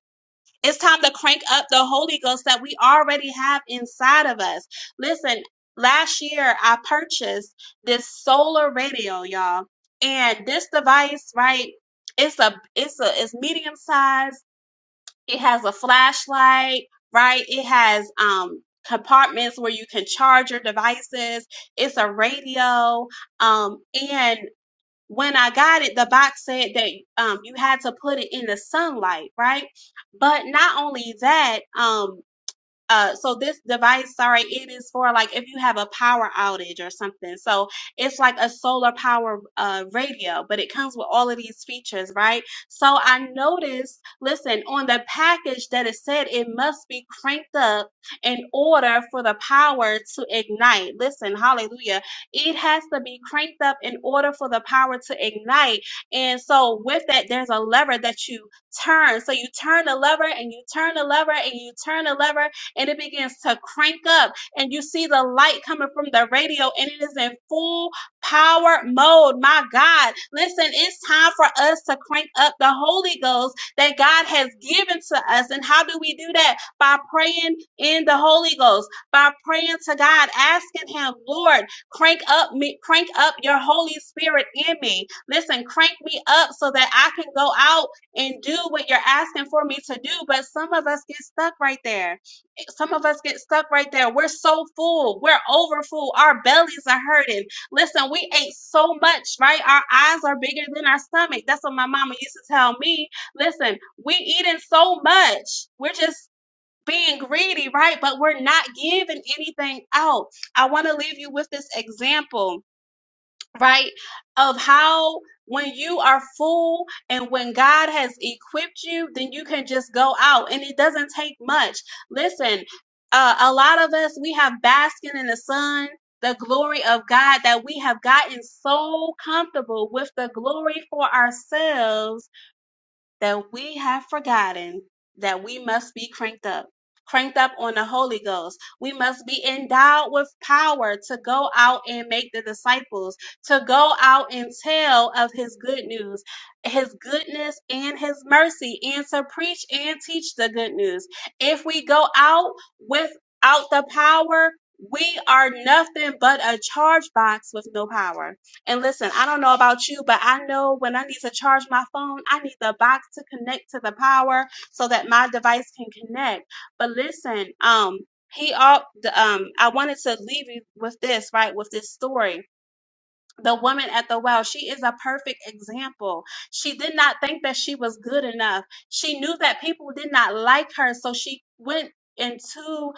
It's time to crank up the Holy Ghost that we already have inside of us. Listen, last year I purchased this solar radio, y'all. And this device, right? It's a it's a it's medium size it has a flashlight, right? It has um compartments where you can charge your devices. It's a radio. Um, and when I got it, the box said that um you had to put it in the sunlight, right? But not only that, um uh so this device sorry it is for like if you have a power outage or something so it's like a solar power uh radio but it comes with all of these features right so i noticed listen on the package that it said it must be cranked up in order for the power to ignite listen hallelujah it has to be cranked up in order for the power to ignite and so with that there's a lever that you turn so you turn the lever and you turn the lever and you turn the lever and it begins to crank up and you see the light coming from the radio and it is in full power mode. My God, listen, it's time for us to crank up the Holy Ghost that God has given to us. And how do we do that? By praying in the Holy Ghost, by praying to God, asking Him, Lord, crank up me, crank up your Holy Spirit in me. Listen, crank me up so that I can go out and do what you're asking for me to do. But some of us get stuck right there some of us get stuck right there. We're so full. We're over full. Our bellies are hurting. Listen, we ate so much, right? Our eyes are bigger than our stomach. That's what my mama used to tell me. Listen, we eating so much. We're just being greedy, right? But we're not giving anything out. I want to leave you with this example right? Of how when you are full and when God has equipped you, then you can just go out and it doesn't take much. Listen, uh, a lot of us, we have basking in the sun. The glory of God that we have gotten so comfortable with the glory for ourselves that we have forgotten that we must be cranked up, cranked up on the Holy Ghost. We must be endowed with power to go out and make the disciples, to go out and tell of his good news, his goodness and his mercy, and to preach and teach the good news. If we go out without the power, we are nothing but a charge box with no power. And listen, I don't know about you, but I know when I need to charge my phone, I need the box to connect to the power so that my device can connect. But listen, um, he all um I wanted to leave you with this, right? With this story the woman at the well, she is a perfect example. She did not think that she was good enough. She knew that people did not like her, so she went into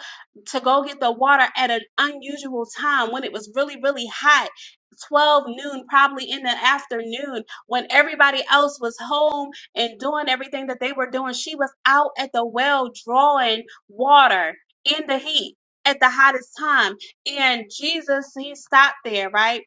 to go get the water at an unusual time when it was really really hot 12 noon probably in the afternoon when everybody else was home and doing everything that they were doing she was out at the well drawing water in the heat at the hottest time and jesus he stopped there right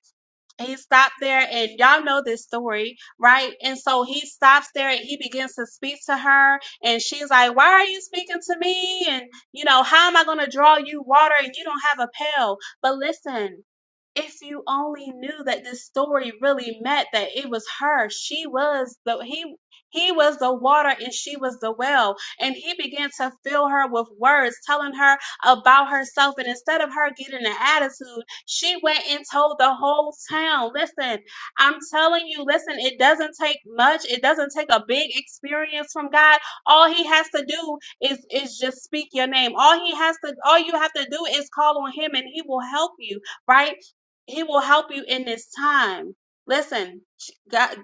he stopped there and y'all know this story right and so he stops there and he begins to speak to her and she's like why are you speaking to me and you know how am i going to draw you water and you don't have a pail but listen if you only knew that this story really meant that it was her she was the he he was the water and she was the well and he began to fill her with words telling her about herself and instead of her getting an attitude she went and told the whole town listen i'm telling you listen it doesn't take much it doesn't take a big experience from god all he has to do is is just speak your name all he has to all you have to do is call on him and he will help you right he will help you in this time. Listen, God,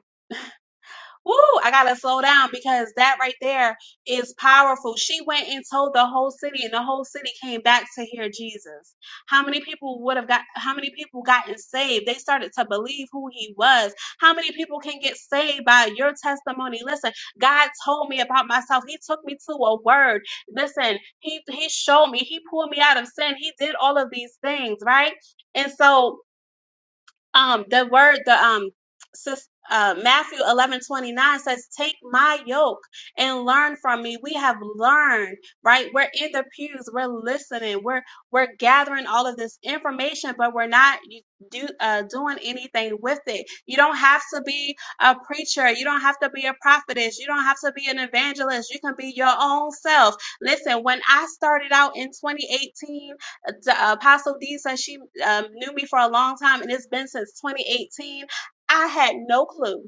woo, I gotta slow down because that right there is powerful. She went and told the whole city, and the whole city came back to hear Jesus. How many people would have got? How many people gotten saved? They started to believe who he was. How many people can get saved by your testimony? Listen, God told me about myself. He took me to a word. Listen, he he showed me. He pulled me out of sin. He did all of these things, right? And so um, the word, the um, sis, uh, Matthew eleven twenty nine says, "Take my yoke and learn from me." We have learned, right? We're in the pews, we're listening, we're we're gathering all of this information, but we're not you- do uh, doing anything with it. You don't have to be a preacher. You don't have to be a prophetess. You don't have to be an evangelist. You can be your own self. Listen, when I started out in 2018 the uh, Apostle D says she um, knew me for a long time, and it's been since 2018. I had no clue.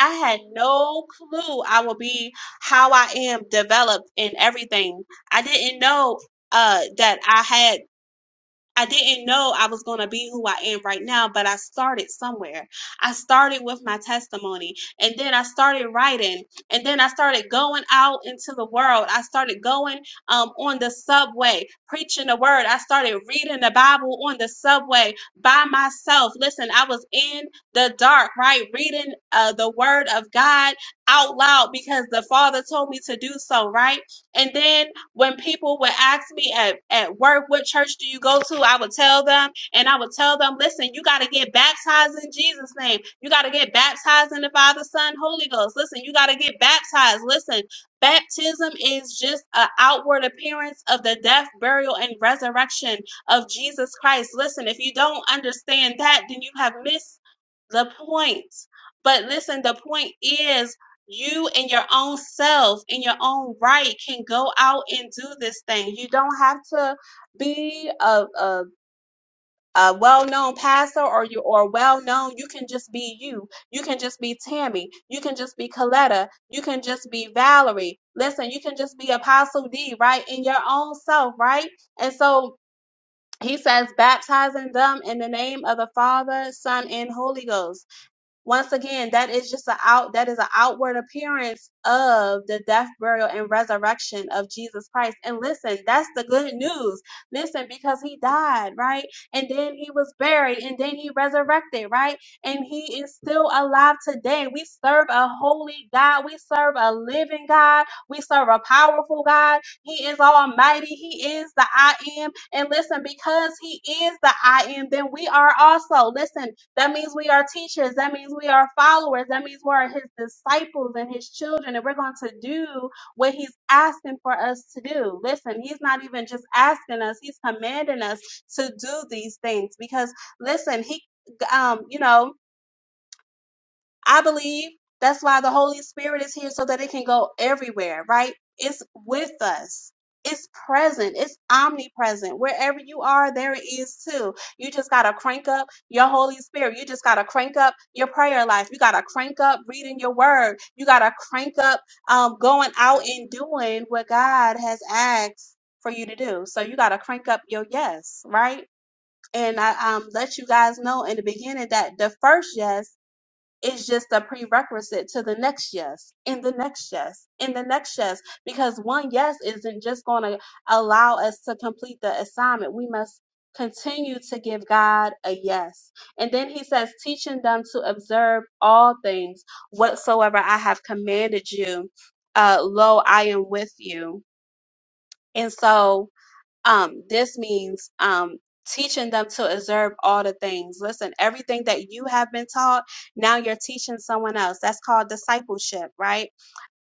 I had no clue I would be how I am developed in everything. I didn't know uh, that I had. I didn't know I was going to be who I am right now, but I started somewhere. I started with my testimony and then I started writing and then I started going out into the world. I started going um, on the subway, preaching the word. I started reading the Bible on the subway by myself. Listen, I was in the dark, right? Reading uh, the word of God out loud because the Father told me to do so, right? And then when people would ask me at, at work, what church do you go to? I would tell them, and I would tell them, listen, you got to get baptized in Jesus' name. You got to get baptized in the Father, Son, Holy Ghost. Listen, you got to get baptized. Listen, baptism is just an outward appearance of the death, burial, and resurrection of Jesus Christ. Listen, if you don't understand that, then you have missed the point. But listen, the point is you and your own self in your own right can go out and do this thing. You don't have to be a, a a well-known pastor or you or well-known you can just be you you can just be tammy you can just be coletta you can just be valerie listen you can just be apostle d right in your own self right and so he says baptizing them in the name of the father son and holy ghost once again that is just an out that is an outward appearance of the death burial and resurrection of jesus christ and listen that's the good news listen because he died right and then he was buried and then he resurrected right and he is still alive today we serve a holy god we serve a living god we serve a powerful god he is almighty he is the i am and listen because he is the i am then we are also listen that means we are teachers. That means we are followers. That means we are his disciples and his children. And we're going to do what he's asking for us to do. Listen, he's not even just asking us, he's commanding us to do these things because, listen, he, um, you know, I believe that's why the Holy Spirit is here so that it can go everywhere, right? It's with us. It's present. It's omnipresent. Wherever you are, there it is too. You just got to crank up your Holy Spirit. You just got to crank up your prayer life. You got to crank up reading your word. You got to crank up um, going out and doing what God has asked for you to do. So you got to crank up your yes, right? And I um, let you guys know in the beginning that the first yes is just a prerequisite to the next yes and the next yes and the next yes because one yes isn't just going to allow us to complete the assignment. We must continue to give God a yes. And then he says, teaching them to observe all things whatsoever I have commanded you. Uh, lo, I am with you. And so um, this means um, teaching them to observe all the things. Listen, everything that you have been taught, now you're teaching someone else. That's called discipleship, right?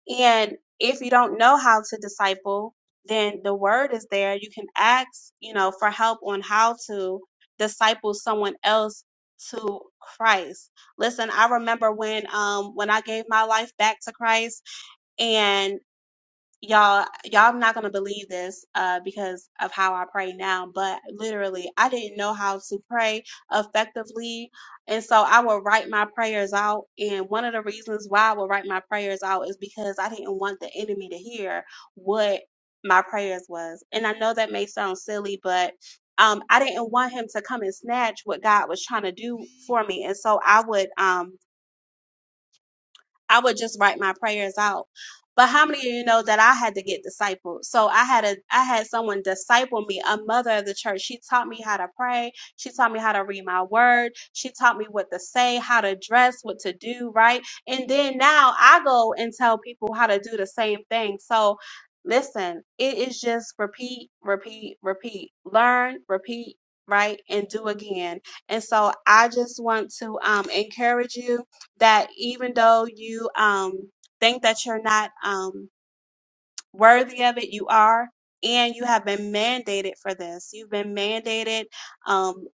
And if you don't know how to disciple, then the word is there. You can ask, you know, for help on how to disciple someone else to Christ. Listen, I remember when um when I gave my life back to Christ and y'all y'all not gonna believe this uh because of how I pray now, but literally I didn't know how to pray effectively. And so I would write my prayers out. And one of the reasons why I would write my prayers out is because I didn't want the enemy to hear what my prayers was. And I know that may sound silly, but um I didn't want him to come and snatch what God was trying to do for me. And so I would um I would just write my prayers out. But how many of you know that I had to get discipled? So I had a I had someone disciple me, a mother of the church. She taught me how to pray. She taught me how to read my word. She taught me what to say, how to dress, what to do, right? And then now I go and tell people how to do the same thing. So listen, it is just repeat, repeat, repeat. Learn, repeat, right? And do again. And so I just want to um encourage you that even though you um think that you're not um worthy of it you are and you have been mandated for this you've been mandated um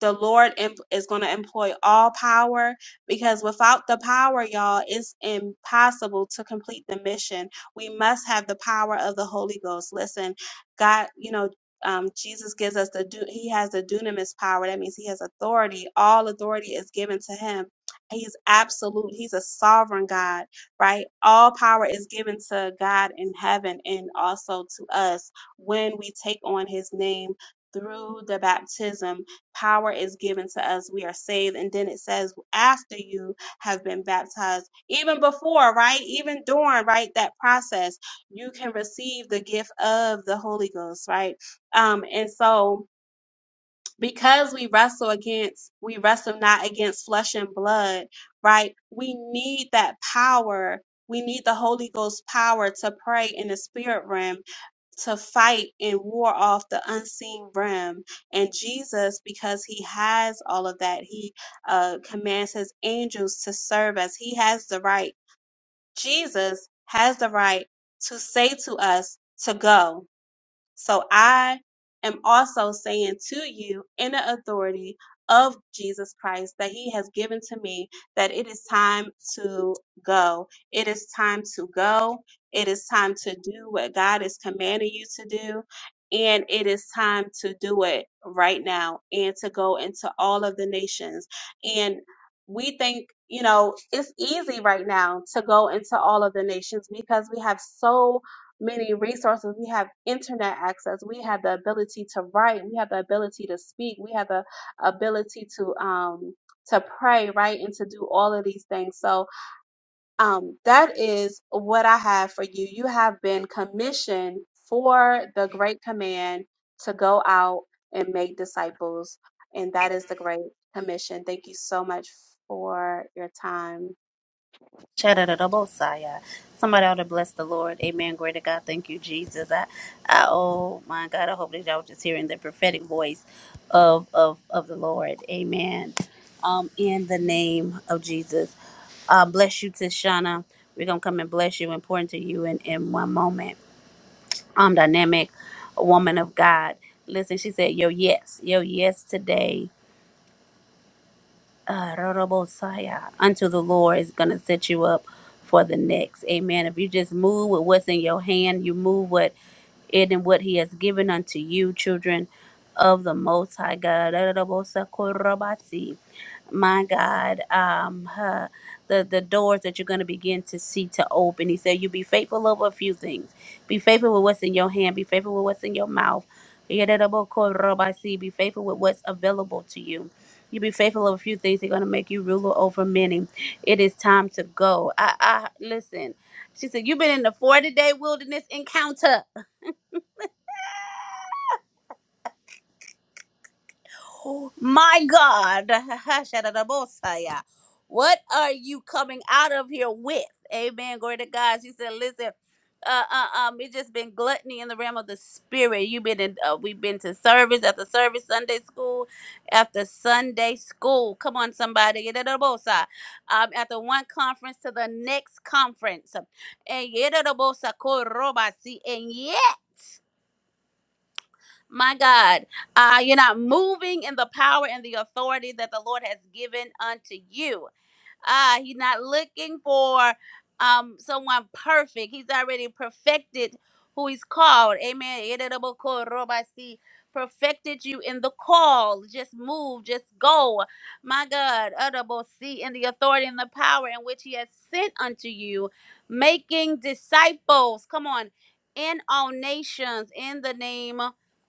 the lord em- is going to employ all power because without the power y'all it's impossible to complete the mission we must have the power of the holy ghost listen god you know um, jesus gives us the du- he has the dunamis power that means he has authority all authority is given to him he's absolute he's a sovereign god right? All power is given to God in heaven and also to us when we take on his name through the baptism. Power is given to us. We are saved. And then it says, after you have been baptized, even before, right? Even during, right? That process, you can receive the gift of the Holy Ghost, right? Um, and so, because we wrestle against we wrestle not against flesh and blood right we need that power we need the holy ghost power to pray in the spirit realm to fight and war off the unseen realm and jesus because he has all of that he uh, commands his angels to serve us he has the right jesus has the right to say to us to go so I am also saying to you, in the authority of Jesus Christ that He has given to me, that it is time to go. It is time to go. It is time to do what God is commanding you to do. And it is time to do it right now and to go into all of the nations. And we think, you know, it's easy right now to go into all of the nations because we have so many resources. We have internet access. We have the ability to write. We have the ability to speak. We have the ability to um to pray, right, and to do all of these things. So um that is what I have for you. You have been commissioned for the great command to go out and make disciples, and that is the great commission. Thank you so much for your time. Shadadadabosaya. Somebody ought to bless the Lord. Amen. Glory to God. Thank you, Jesus. I, I oh my God, I hope that y'all just hearing the prophetic voice of of, of the Lord. Amen. Um, in the name of Jesus. Uh, bless you, Tishana. We're gonna come and bless you and pour into you in, in one moment. Um, dynamic woman of God. Listen, she said, Yo, yes, yo, yes today uh, Rorobosaya, unto the Lord is going to set you up for the next. Amen. If you just move with what's in your hand, you move what it and what He has given unto you, children of the Most High God. Rorobosakorobasi. My God, um, huh, the the doors that you're going to begin to see to open. He said, "You be faithful over a few things. Be faithful with what's in your hand. Be faithful with what's in your mouth. Be faithful with what's available to you." You be faithful of a few things; they're gonna make you ruler over many. It is time to go. I, I listen. She said, "You've been in the forty-day wilderness encounter." Oh My God. Shadadabosaya. What are you coming out of here with? Amen. Glory to God. She said, listen. Uh, uh, um, it's just been gluttony in the realm of the spirit. You've been in, uh, we've been to service after service, Sunday school after Sunday school. Come on, somebody, Yadadabosa. um, after one conference to the next conference, and yadadabosakoroba. See, and yeah. My God, uh, you're not moving in the power and the authority that the Lord has given unto you. Ah, he's not looking for um someone perfect. He's already perfected who he's called. Amen. Yedidabokorobashi. Perfected you in the call. Just move. Just go. My God. Adabosi, In the authority and the power in which he has sent unto you, making disciples. Come on. In all nations, in the name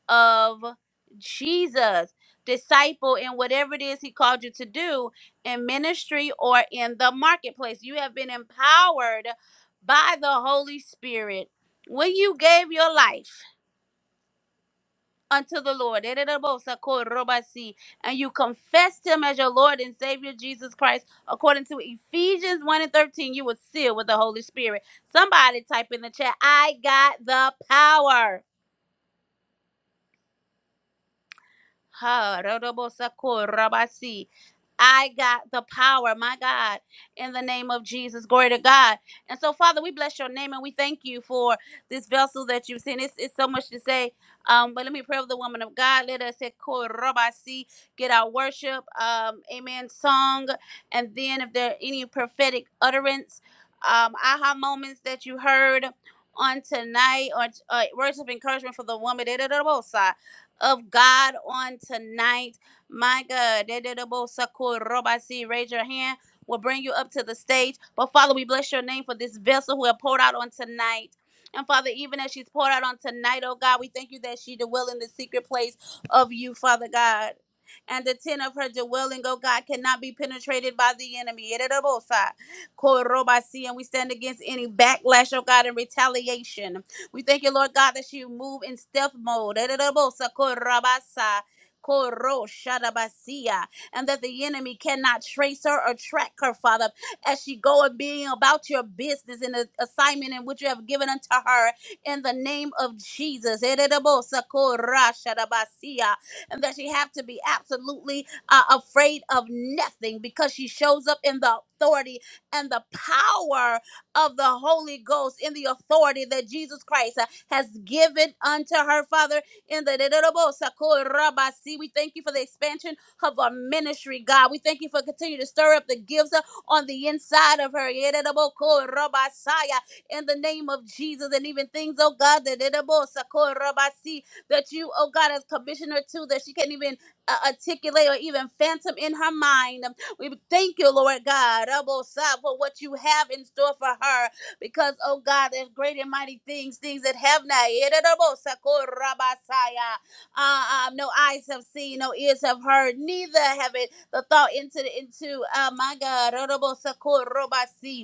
of Jesus. Disciple in whatever it is he called you to do in ministry or in the marketplace. You have been empowered by the Holy Spirit. When you gave your life unto the Lord, and you confessed him as your Lord and Savior Jesus Christ, according to Ephesians 1 and 13, you were sealed with the Holy Spirit. Somebody type in the chat, I got the power. Ha, Rodobosakur, Rabasi. I got the power, my God, in the name of Jesus. Glory to God. And so, Father, we bless your name and we thank you for this vessel that you've sent. It's, it's so much to say, um, but let me pray with the woman of God. Let us say, "Ko Rabasi," get our worship, um, amen, song, and then if there are any prophetic utterance, um, aha moments that you heard on tonight, or uh, words of encouragement for the woman of God on tonight. My God. Dededobosakorobosi. Raise your hand. We'll bring you up to the stage. But Father, we bless your name for this vessel who have poured out on tonight. And Father, even as she's poured out on tonight, oh God, we thank you that she dwell in the secret place of you, Father God. And the tent of her dwelling, oh God, cannot be penetrated by the enemy. Dededobosai. Korobasi. And we stand against any backlash, oh God, and retaliation. We thank you, Lord God, that you move in stealth mode. Ererebosa korabasa, koro shadabasia, And that the enemy cannot trace her or track her, Father, as she go and being about your business and the assignment in which you have given unto her in the name of Jesus. Ererebosa kora shadabasia, And that she have to be absolutely uh, afraid of nothing because she shows up in the authority and the power of the Holy Ghost in the authority that Jesus Christ uh, has given unto her, Father. In the we thank you for the expansion of our ministry, God. We thank you for continuing to stir up the gifts uh, on the inside of her. In the name of Jesus, and even things, oh God, that See that you, oh God, has commissioned her to that she can't even uh, articulate or even phantom in her mind. We thank you, Lord God, Abosai, for what you have in store for her. Because, oh God, there's great and mighty things, things that have not. yet. Abosai, korabasaya. Uh, um, no eyes have seen, no ears have heard, neither have it the thought into the into uh, my God. Abosai, korobasi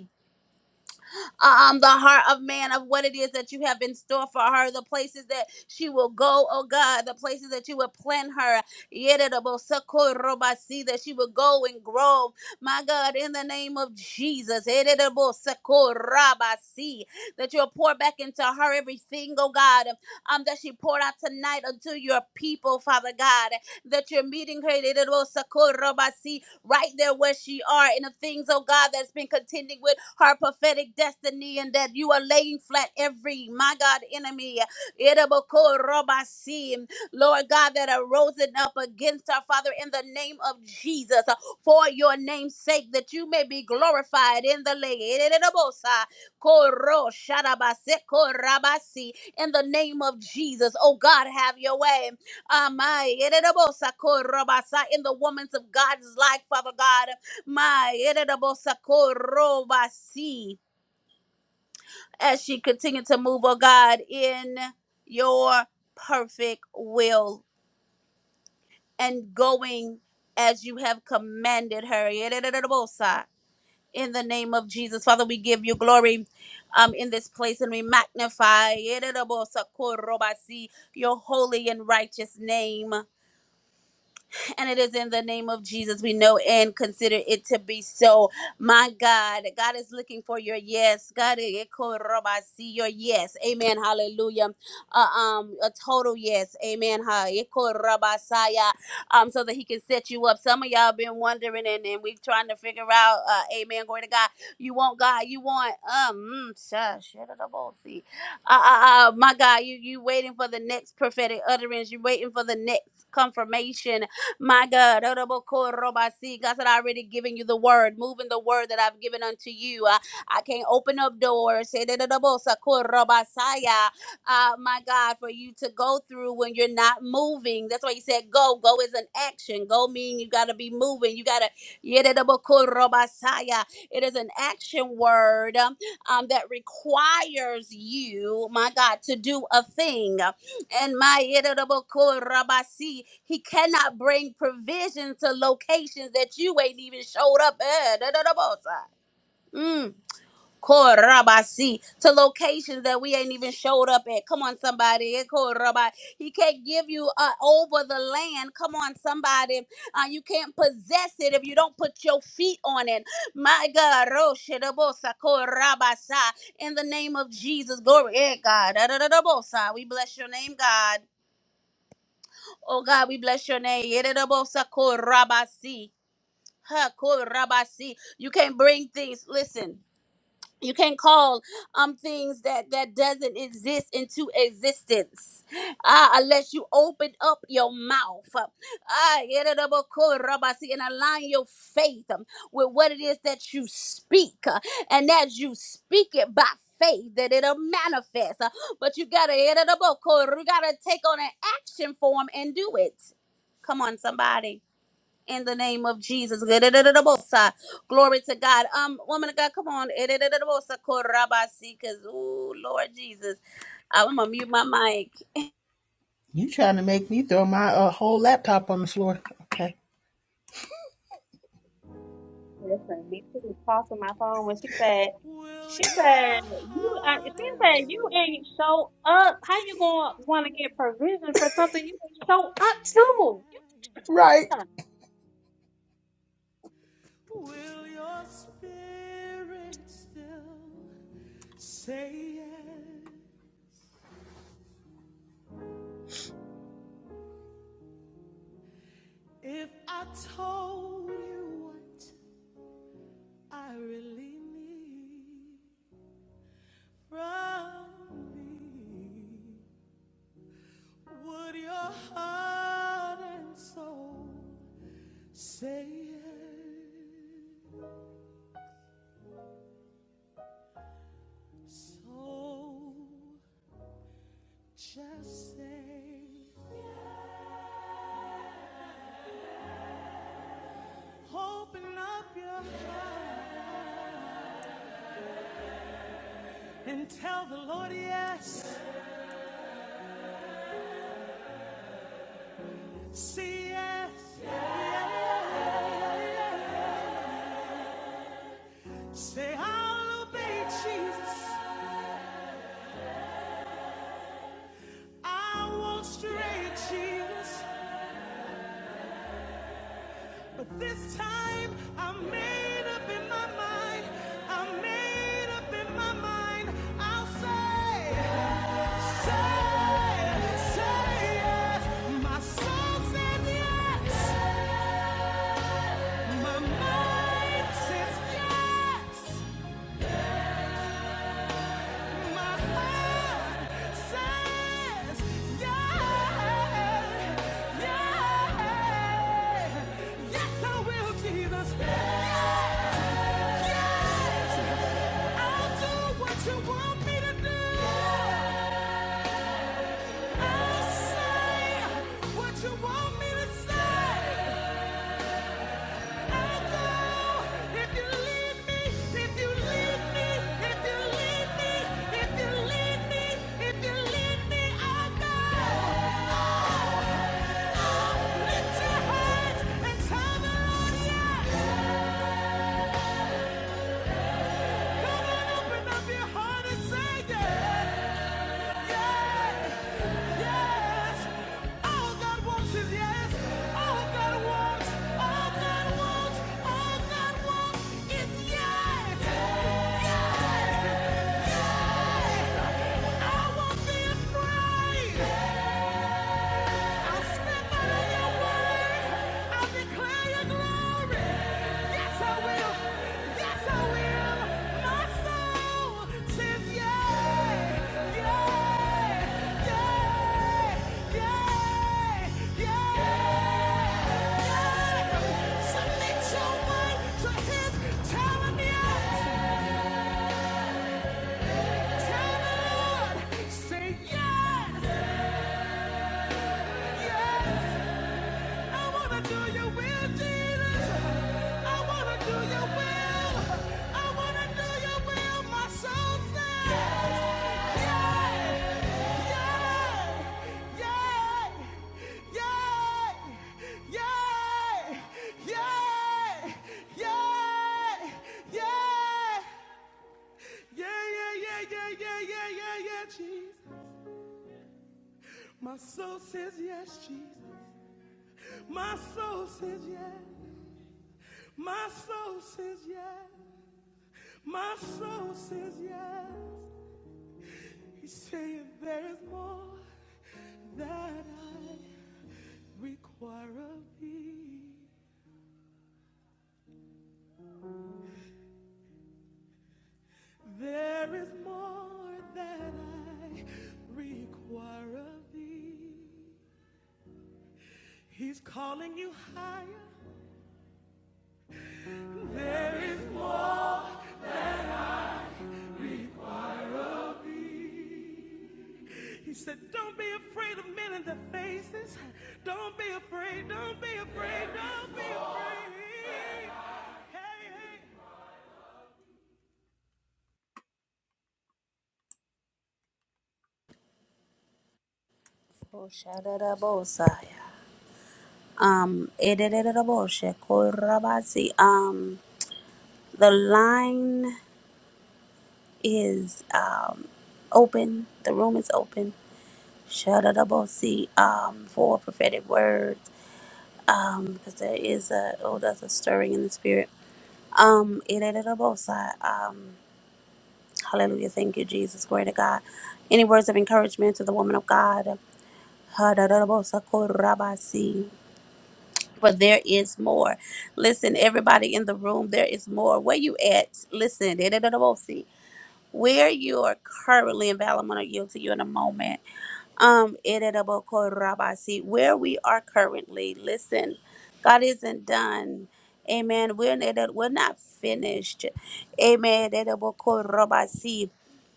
um, the heart of man of what it is that you have in store for her, the places that she will go, oh God, the places that you will plant her, Yeredabosakoroba, see that she will go and grow, my God, in the name of Jesus, Yeredabosakoraba, see that you'll pour back into her everything, oh God, um, that she poured out tonight unto your people, Father God, that you're meeting her right there where she are in the things, oh God, that's been contending with her prophetic destiny and that you are laying flat every, my God, enemy. Edabokorobasi. Lord God, that are rosing up against our Father in the name of Jesus uh, for your name's sake, that you may be glorified in the land. Edabosa. Koro sharabase korabasi. In the name of Jesus, oh God, have your way. Amai, ererebosa korobasa in the woman's of God's life, Father God. My ererebosa korobasi as she continued to move, oh God, in your perfect will and going as you have commanded her. Ererebosa. In the name of Jesus, Father, we give you glory um, in this place and we magnify ererebosa korobasi, your holy and righteous name. And it is in the name of Jesus we know and consider it to be so. My God, God is looking for your yes. God, eh, ko roba, see your yes. Amen. Hallelujah. Uh, um, a total yes. Amen. Ha, eh, ko roba, saya, Um, so that He can set you up. Some of y'all been wondering, and, and we trying to figure out. Uh, amen. Glory to God. You want God. You want um. Mm, shush. Shut it up, oh, see. Uh, uh, uh, my God, you you waiting for the next prophetic utterance. You waiting for the next confirmation my God, Orobokorobasi. God said, I already given you the word, moving the word that I've given unto you. Uh, I can't open up doors. Say that Orobosakorobasaya, Uh, my God, for you to go through when you're not moving. That's why he said go. Go is an action. Go mean you gotta be moving. You gotta Yererobokorobasaya. it is an action word um, um, that requires you, my God, to do a thing and my Yerobo'am Rabasi, he cannot bring provision to locations that you ain't even showed up at. Yerobo'am. Mm. Korabasi, To locations that we ain't even showed up at. Come on, somebody. Eh, Koraba- He can't give you uh, over the land. Come on, somebody. Uh, you can't possess it if you don't put your feet on it. My God. Roshirabosa, korabasa. In the name of Jesus. Glory. Eh, God. Da-da-da-da-bosa. We bless your name, God. Oh God, we bless your name. Yererobosakorabasi. Hakorabasi. You can't bring things. Listen you can't call um things that that doesn't exist into existence uh, unless you open up your mouth uh, ah, yedadaboko and align your faith um, with what it is that you speak uh, and as you speak it by faith that it'll manifest uh, but you gotta yedadaboko, you gotta take on an action form and do it come on somebody in the name of Jesus. Gidididididibosai. Glory to God. Um, woman of God, come on. Idididididibosai, Ooh, Lord Jesus. I'm gonna mute my mic. Listen, me too. Tossing my phone when she said, Will she your said, you, uh, she heart and said, you soul ain't show up. How you gonna say want to yes? get provision for something you ain't show up to? Will your spirit still say yes? If I told you what I really need from me, would your heart and soul say yes? So just say, open up your heart and tell the Lord yes. Say yes. yes. Say I'll obey Jesus. I won't stray yes. Jesus. But this time I'm made up in my mind. I'm made up in my mind. I'll say, yes. say, say yes. My soul says yes. My soul says yes. My soul says yes. He's saying there is more that I require of thee. There is more that I require of thee. He's calling you higher. There is more of thee. He said, Don't be afraid of men in their faces. Don't be afraid. Don't be afraid. Don't be afraid. Oh, Um, um, the line is um open. The room is open. Shadadabosi. Um, for prophetic words. um, because there is a oh, there's a stirring in the spirit. Um, it ain't Um, hallelujah. Thank you, Jesus. Glory to God. Any words of encouragement to the woman of God? Ha, da, da, But there is more. Listen, everybody in the room, there is more. Where you at? Listen. da, da, where you are currently in Valor, I'm going to yield to you in a moment. Um, Eredaboko Rabasi, where we are currently, listen, God isn't done. Amen. We're, not- we're not finished. Amen. Eredaboko Rabasi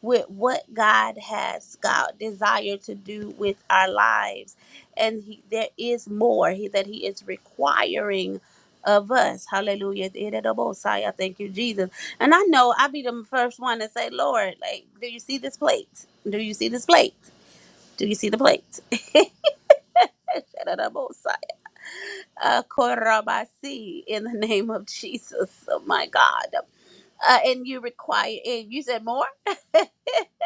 with what God has God desired to do with our lives. And he, there is more he, that He is requiring of us. Hallelujah. I thank you, Jesus. And I know I'll be the first one to say, Lord, like, do you see this plate? Do you see this plate? Do you see the plate? Uh, korabasi, In the name of Jesus, oh my God. Uh, and you require, and you said more?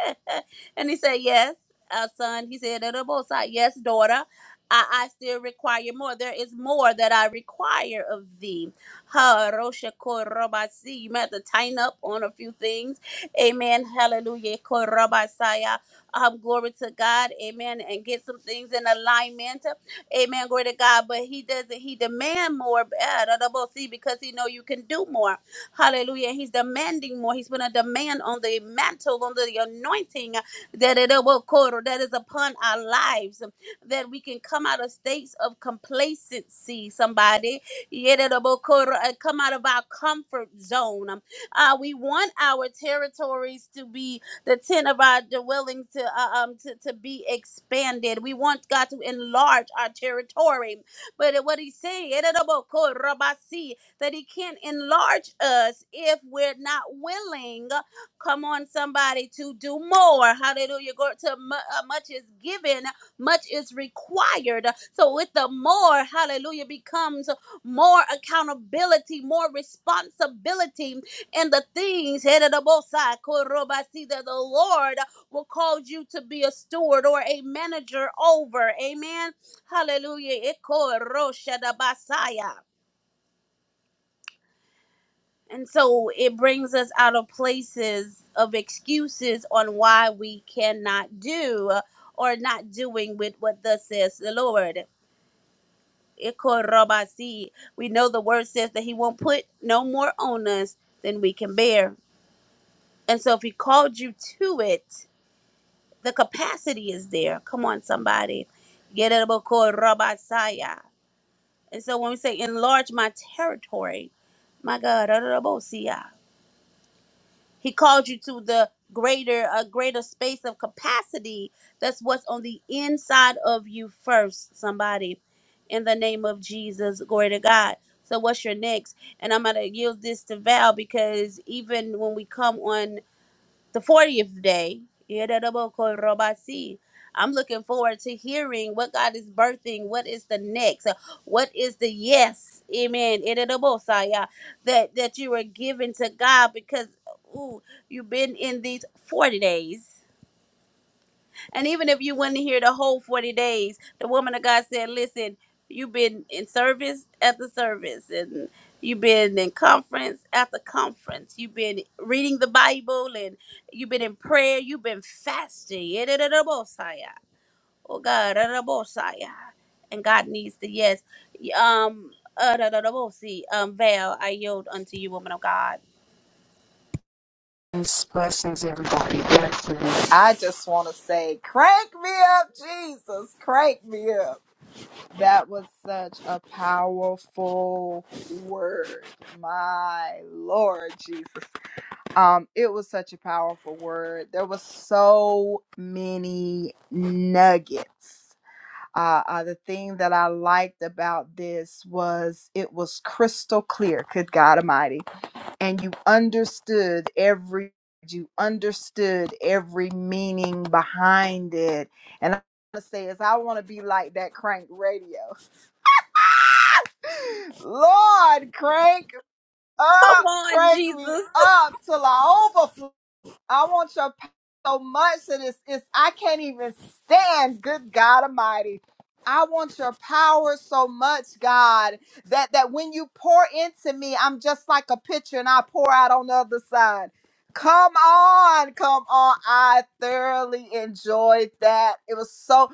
and he said, Yes, uh, son. He said, "At the most high, Yes, daughter. I, I still require more. There is more that I require of thee. Ha, Rosha, Korobasi. You might have to tighten up on a few things. Amen. Hallelujah. Korobasaya. Um, glory to God. Amen. And get some things in alignment. Amen. Glory to God. But he doesn't, he demand more. Ah, da, da, bo, see, Because he know you can do more. Hallelujah. He's demanding more. He's going to demand on the mantle, on the anointing that it will call- that is upon our lives, that we can come out of states of complacency, somebody. Yeah, that it will call- uh, Come out of our comfort zone. Uh, we want our territories to be the tent of our dwelling to, uh, um, to, to be expanded. We want God to enlarge our territory. But what he's saying, that He can't enlarge us if we're not willing. Come on, somebody, to do more. Hallelujah. Go to mu- uh, much is given, much is required. So with the more, hallelujah, becomes more accountability, more responsibility, and the things headed the side, korobasi, that the Lord will call you to be a steward or a manager over. Amen. Hallelujah. Ikoroshadabasaya. And so it brings us out of places of excuses on why we cannot do uh, or not doing with what thus says the Lord. Ikorobasi. We know the word says that he won't put no more on us than we can bear. And so if he called you to it, the capacity is there. Come on, somebody. Get it about Korobasaya. And so when we say enlarge my territory, my God, Adorobosia. He called you to the greater a greater space of capacity. That's what's on the inside of you first, somebody. In the name of Jesus, glory to God. So what's your next? And I'm gonna yield this to Val because even when we come on the 40th day. I'm looking forward to hearing what God is birthing. What is the next? Uh, What is the yes? Amen. Yedarabosaya, That that you are giving to God because ooh, you've been in these 40 days. And even if you wouldn't hear the whole 40 days, the woman of God said, Listen, you've been in service after service, and you've been in conference after conference. You've been reading the Bible, and you've been in prayer. You've been fasting. Oh, God. And God needs the yes. Um, uh, um, Val, I yield unto you, woman of God. Blessings, everybody. Blessings. I just want to say, crank me up, Jesus, crank me up. That was such a powerful word. My Lord Jesus. Um it was such a powerful word. There was so many nuggets. Uh, uh, the thing that I liked about this was it was crystal clear. Good God Almighty and you understood every you understood every meaning behind it and i'm gonna say is i want to be like that crank radio lord crank Come up on, crank me Jesus. up till i overflow I want your power so much that it's, it's I can't even stand. Good God Almighty. I want your power so much, God, that that when you pour into me, I'm just like a pitcher and I pour out on the other side. Come on, come on. I thoroughly enjoyed that. It was so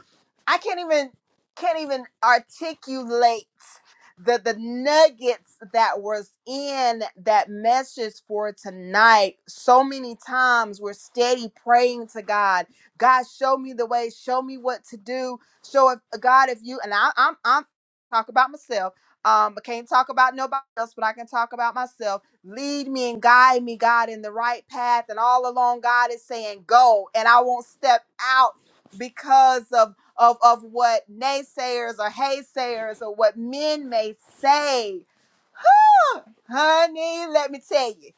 I can't even can't even articulate the the nuggets that was in that message for tonight so many times we're steady praying to god god show me the way show me what to do show if god if you and I, i'm i'm talk about myself um i can't talk about nobody else but i can talk about myself lead me and guide me god in the right path and all along god is saying go and i won't step out because of of, of what naysayers or haysayers or what men may say. Huh, Honey, let me tell you,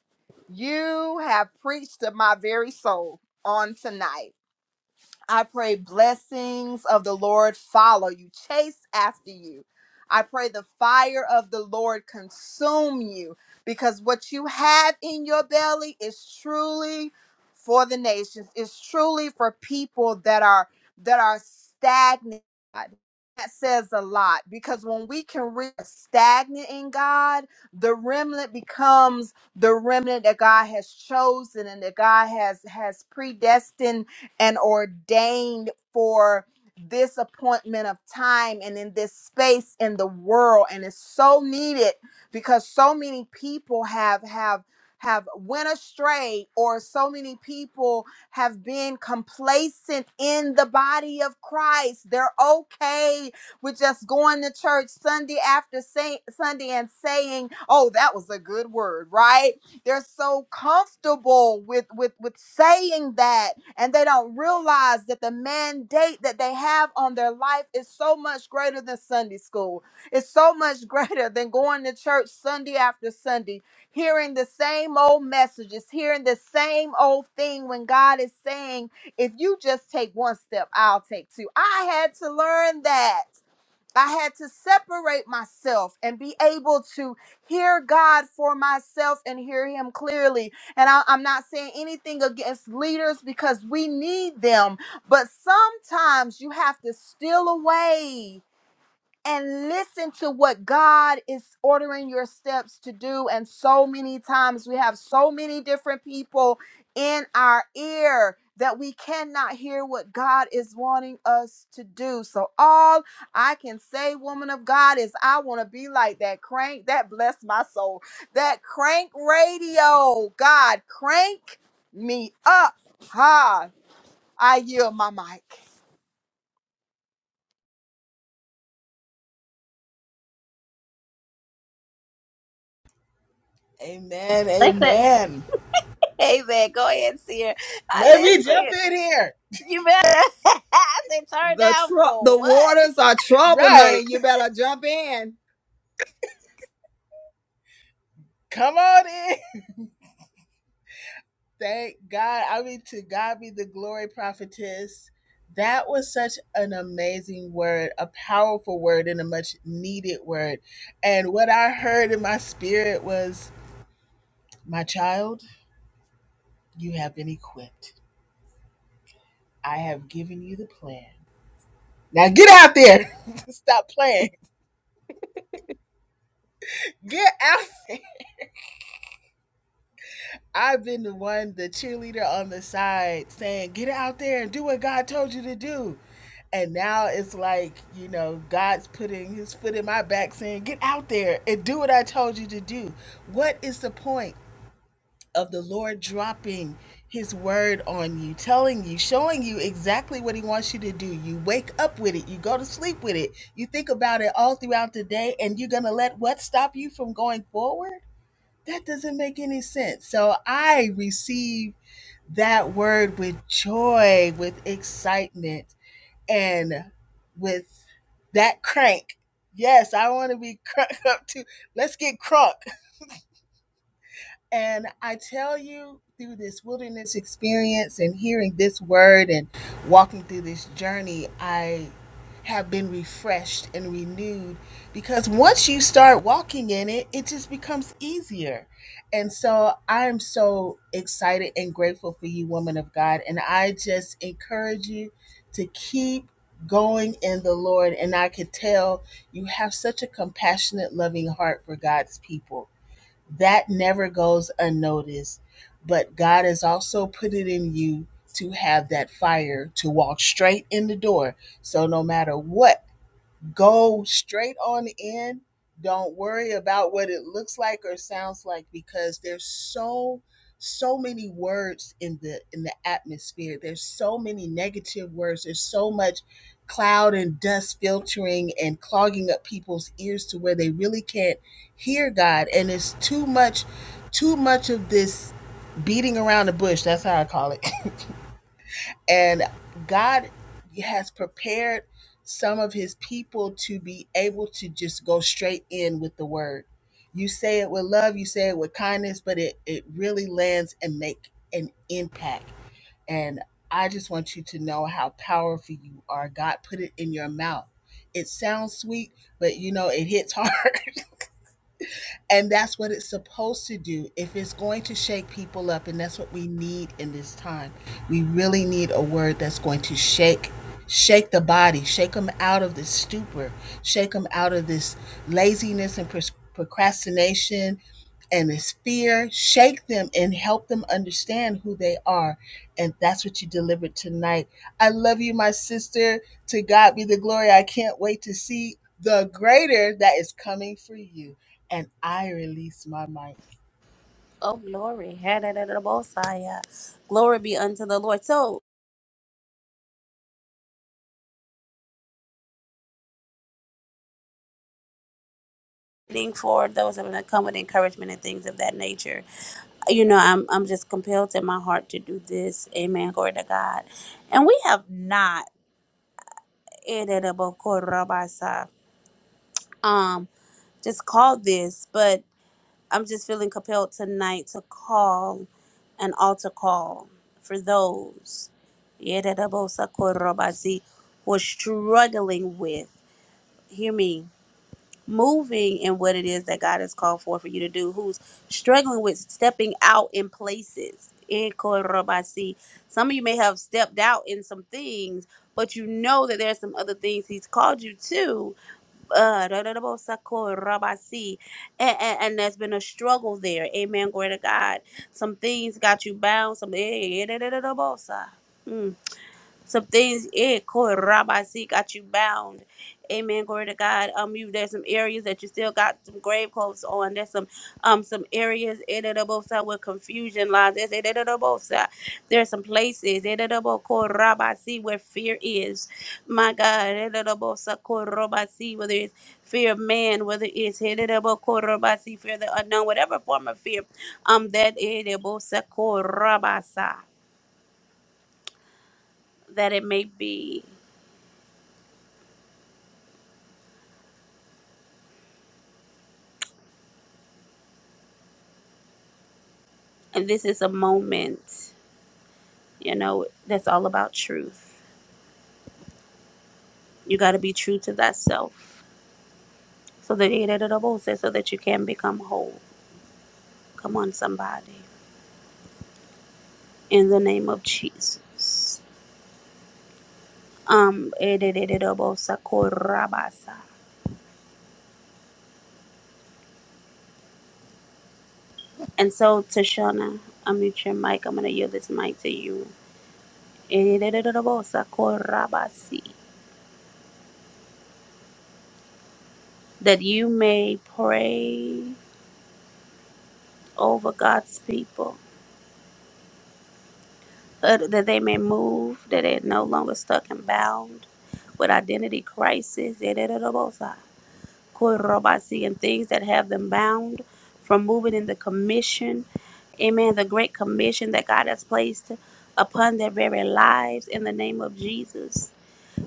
you have preached to my very soul on tonight. I pray blessings of the Lord follow you, chase after you. I pray the fire of the Lord consume you because what you have in your belly is truly for the nations. It's truly for people that are that are stagnant. That says a lot because when we can reach stagnant in God, the remnant becomes the remnant that God has chosen and that God has has predestined and ordained for this appointment of time and in this space in the world and it's so needed because so many people have have have went astray or so many people have been complacent in the body of Christ. They're okay with just going to church Sunday after say, Sunday and saying, "Oh, that was a good word," right? They're so comfortable with with with saying that and they don't realize that the mandate that they have on their life is so much greater than Sunday school. It's so much greater than going to church Sunday after Sunday, hearing the same old messages, hearing the same old thing when God is saying, if you just take one step, I'll take two. I had to learn that. I had to separate myself and be able to hear God for myself and hear Him clearly. And I, am not saying anything against leaders because we need them, but sometimes you have to steal away and listen to what God is ordering your steps to do. And so many times we have so many different people in our ear that we cannot hear what God is wanting us to do. So, all I can say, woman of God, is I want to be like that crank. That bless my soul. That crank radio. God, crank me up. Ha. I yield my mic. Hey, hey. Amen. They said, Amen. Amen. Go ahead, Seer. Let I me listen. jump in here. You better. I said, turn The down tr- for the what? waters are troubled, honey. Right. You better jump in. Come on in. Thank God. I mean, to God be the glory, prophetess. That was such an amazing word, a powerful word, and a much needed word. And what I heard in my spirit was, My child, you have been equipped. I have given you the plan. Now get out there. Stop playing. Get out I've been the one, the cheerleader on the side saying, get out there and do what God told you to do. And now it's like, you know, God's putting his foot in my back saying, get out there and do what I told you to do. What is the point of the Lord dropping his word on you, telling you, showing you exactly what he wants you to do? You wake up with it, you go to sleep with it, you think about it all throughout the day, and you're going to let what stop you from going forward? that doesn't make any sense. So I receive that word with joy, with excitement, and with that crank. Yes, I want to be crunk up too. Let's get crunk. And I tell you, through this wilderness experience and hearing this word and walking through this journey, I have been refreshed and renewed because once you start walking in it, it just becomes easier. And so I am so excited and grateful for you, woman of God. And I just encourage you to keep going in the Lord. And I could tell you have such a compassionate, loving heart for God's people that never goes unnoticed. But God has also put it in you to have that fire to walk straight in the door. So no matter what Go straight on in. Don't worry about what it looks like or sounds like because there's so so many words in the in the atmosphere. There's so many negative words. There's so much cloud and dust filtering and clogging up people's ears to where they really can't hear God and it's too much too much of this beating around the bush. That's how I call it. And God has prepared some of his people to be able to just go straight in with the word. You say it with love, you say it with kindness, but it, it really lands and make an impact. And I just want you to know how powerful you are. God put it in your mouth. It sounds sweet, but you know, it hits hard. And that's what it's supposed to do if it's going to shake people up. And that's what we need in this time. We really need a word that's going to shake. Shake the body, shake them out of this stupor, shake them out of this laziness and pros- procrastination and this fear, shake them and help them understand who they are. And that's what you delivered tonight. I love you, my sister. To God be the glory. I can't wait to see the greater that is coming for you. And I release my mic Oh, glory. Had it at the Mosiah. Glory be unto the Lord. So, thank for those that are come with encouragement and things of that nature. You know, I'm, I'm just compelled in my heart to do this. Amen. Glory to God. And we have not, eh, da, da, bo, ko, um, just called this, but I'm just feeling compelled tonight to call an altar call for those Yeredabosakorobasi, who are struggling with, hear me, moving in what it is that God has called for for you to do, who's struggling with stepping out in places. Ekorobasi. Some of you may have stepped out in some things, but you know that there are some other things He's called you to uh, da- da- da- bo- sako- rabasi. and, and, and there's been a struggle there. Amen. Glory to God. Some things got you bound. Some. eh, eh, da- da- da- da- bo- sa. Hmm some things it called rabasi got you bound amen glory to god um you there's some areas that you still got some grave clothes on there's some um some areas in the double side where confusion lies there's in the both side there's some places in the double called rabasi where fear is my god in the double side called rabasi, whether it's fear of man whether it's in the double called rabasi, fear of the unknown whatever form of fear um that in the double side called rabasa, that it may be And this is a moment, you know, that's all about truth. You got to be true to thyself. So that so that you can become whole. Come on, somebody. In the name of Jesus. Um, And so, Tashana, I mute your mic. I'm going to yield this mic to you. That you may pray over God's people uh, that they may move, that they're no longer stuck and bound with identity crisis, yadadadabosa, korobasi, and things that have them bound from moving in the commission, amen, the great commission that God has placed upon their very lives in the name of Jesus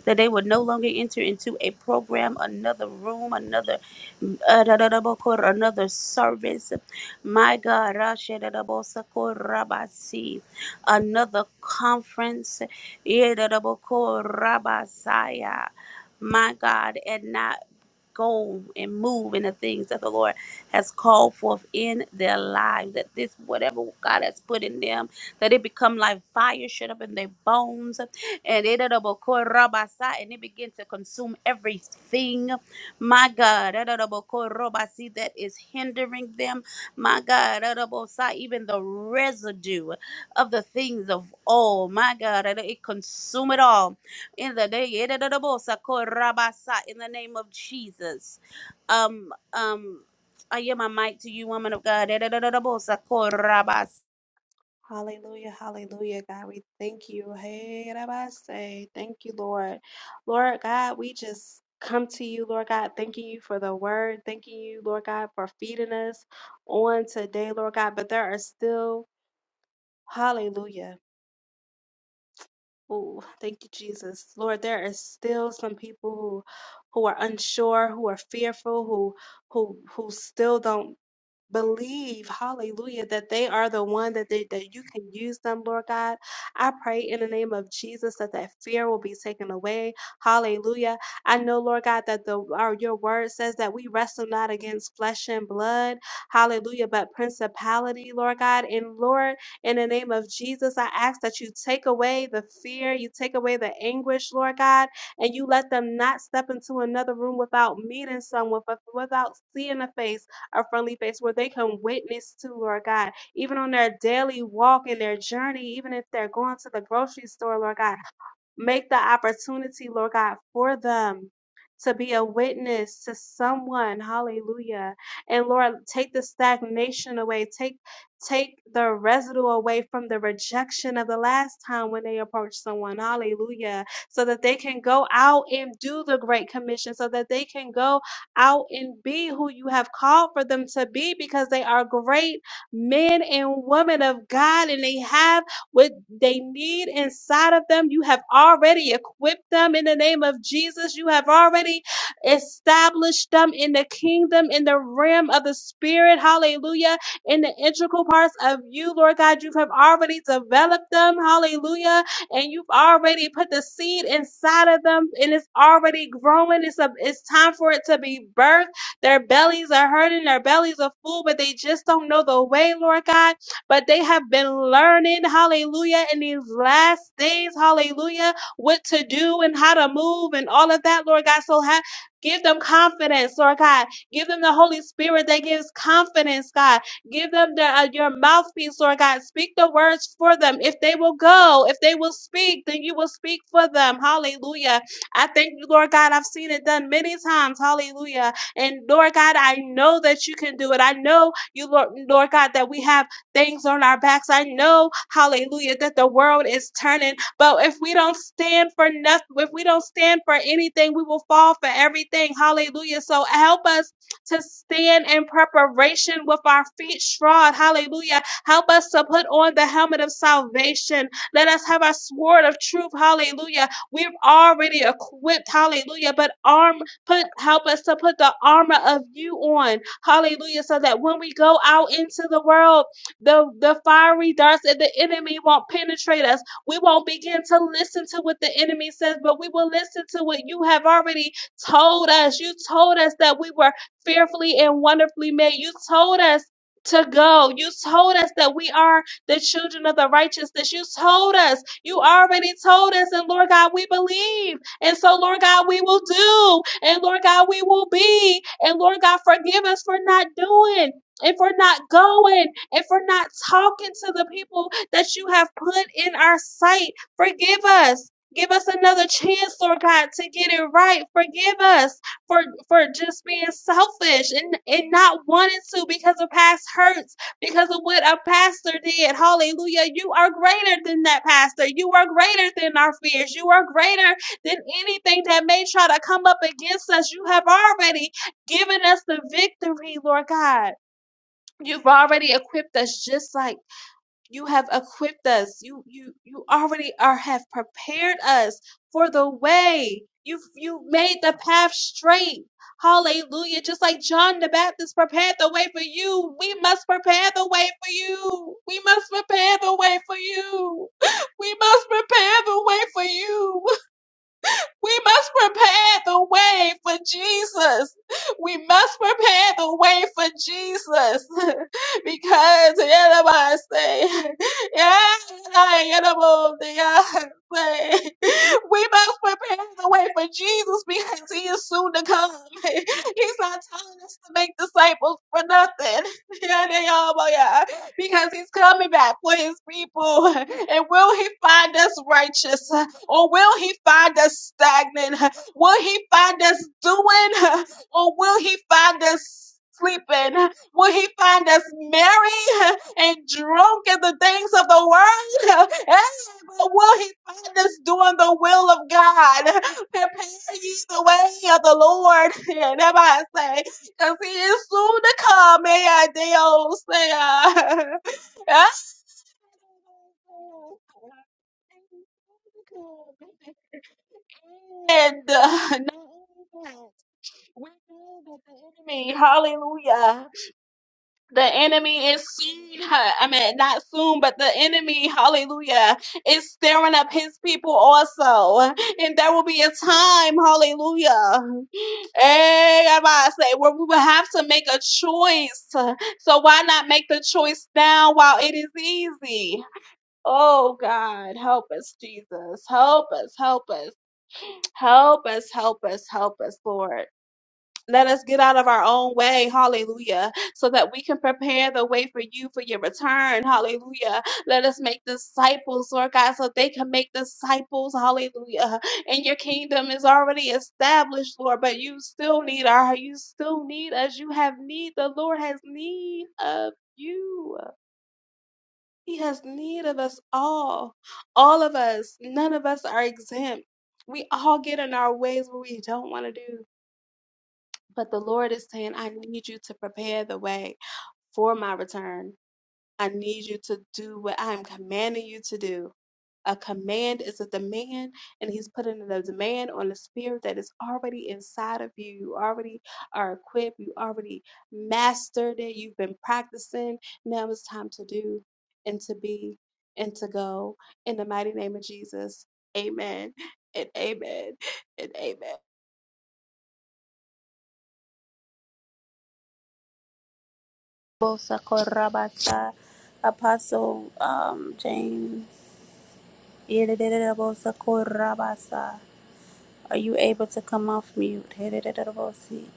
that they would no longer enter into a program, another room, another uh, da- another service. My God, Rasha da- da- bo- rabasi. another conference. Yeah, da- da- bo- rabasaya. My God, and not go and move in the things that the Lord has called forth in their lives. That this, whatever God has put in them, that it become like fire shut up in their bones, and it it and it begin to consume everything. My God, it that is hindering them. My God, it even the residue of the things of all. My God, it consume it all in the name in the name of Jesus. Um um I give my mic to you, woman of God. In the name of Sako Rabas- Hallelujah, hallelujah, God. We thank you. Hey, Rabbi, say thank you, Lord. Lord God, we just come to you, Lord God, thanking you for the word, thanking you, Lord God, for feeding us on today, Lord God. But there are still, hallelujah. Ooh, thank you, Jesus. Lord, there is still some people who who are unsure, who are fearful, who who who still don't believe, hallelujah, that they are the one that they, that you can use them, Lord God. I pray in the name of Jesus that that fear will be taken away. Hallelujah. I know, Lord God, that the our, your word says that we wrestle not against flesh and blood. Hallelujah, but principality, Lord God. And Lord, in the name of Jesus, I ask that you take away the fear, you take away the anguish, Lord God, and you let them not step into another room without meeting someone, without seeing a face a friendly face where they can witness to, Lord God, even on their daily walk and their journey, even if they're going to the grocery store, Lord God Make the opportunity, Lord God, for them to be a witness to someone. Hallelujah. And Lord, take the stagnation away. Take take the residue away from the rejection of the last time when they approached someone. Hallelujah. So that they can go out and do the great commission. So that they can go out and be who you have called for them to be because they are great men and women of God and they have what they need inside of them. You have already equipped them in the name of Jesus. You have already established them in the kingdom, in the realm of the spirit. Hallelujah. In the integral parts of you, Lord God, you have already developed them. Hallelujah. And you've already put the seed inside of them and it's already growing. It's a, it's time for it to be birthed. Their bellies are hurting. Their bellies are full, but they just don't know the way, Lord God but they have been learning, hallelujah, in these last days, hallelujah, what to do and how to move and all of that, Lord God. So ha- give them confidence, Lord God. Give them the Holy Spirit that gives confidence, God. Give them the, uh, your mouthpiece, Lord God. Speak the words for them. If they will go, if they will speak, then you will speak for them. Hallelujah. I thank you, Lord God. I've seen it done many times. Hallelujah. And Lord God, I know that you can do it. I know you, Lord, Lord God, that we have things on our backs. I know, hallelujah, that the world is turning, but if we don't stand for nothing, if we don't stand for anything, we will fall for everything. Hallelujah. So help us to stand in preparation with our feet shod. Hallelujah. Help us to put on the helmet of salvation. Let us have our sword of truth. Hallelujah. We're already equipped. Hallelujah. But arm put help us to put the armor of you on. Hallelujah. So that when we go out into the world, the, the fiery darts of the enemy won't penetrate us. We won't begin to listen to what the enemy says, but we will listen to what you have already told us. You told us that we were fearfully and wonderfully made. You told us to go. You told us that we are the children of the righteousness. You told us. You already told us. And Lord God, we believe. And so, Lord God, we will do. And Lord God, we will be. And Lord God, forgive us for not doing and for not going if we're not talking to the people that you have put in our sight, forgive us. Give us another chance, Lord God, to get it right. Forgive us for for just being selfish and, and not wanting to because of past hurts, because of what a pastor did. Hallelujah. You are greater than that pastor. You are greater than our fears. You are greater than anything that may try to come up against us. You have already given us the victory, Lord God. You've already equipped us just like you have equipped us. You you you already are have prepared us for the way. You've you made the path straight. Hallelujah. Just like John the Baptist prepared the way for you. We must prepare the way for you. We must prepare the way for you. We must prepare the way for you. We must prepare the way for Jesus. We must prepare the way for Jesus. because yeah, I say, yeah, I am of the, uh, say, we must prepare the way for Jesus because he is soon to come. He's not telling us to make disciples for nothing. Yeah, they all, oh, yeah, because he's coming back for his people. And will he find us righteous? Or will he find us stagnant? Will he find us doing? Or will he find us sleeping? Will he find us merry and drunk in the things of the world? Hey, But will he find us doing the will of God? Prepare ye the way of the Lord. And everybody say, because he is soon to come. May I, Deus. And uh, not only that, we know that the enemy, hallelujah, the enemy is soon, huh, I mean, not soon, but the enemy, hallelujah, is stirring up his people also. And there will be a time, hallelujah, eh, I'm about to say, where we will have to make a choice. So why not make the choice now while it is easy? Oh God, help us, Jesus. Help us, help us, help us, help us, help us, Lord. Let us get out of our own way, hallelujah, so that we can prepare the way for you for your return, hallelujah. Let us make disciples, Lord God, so they can make disciples, hallelujah. And your kingdom is already established, Lord, but you still need our, you still need us. You have need, the Lord has need of you. He has need of us all. All of us. None of us are exempt. We all get in our ways what we don't want to do. But the Lord is saying, I need you to prepare the way for my return. I need you to do what I'm commanding you to do. A command is a demand, and He's putting a demand on the spirit that is already inside of you. You already are equipped, you already mastered it, you've been practicing. Now it's time to do and to be and to go. In the mighty name of Jesus, amen and amen and amen. Sako Rabasa, Apostle um James. In the name of Sako Rabasa. Are you able to come off mute? In the name of Si.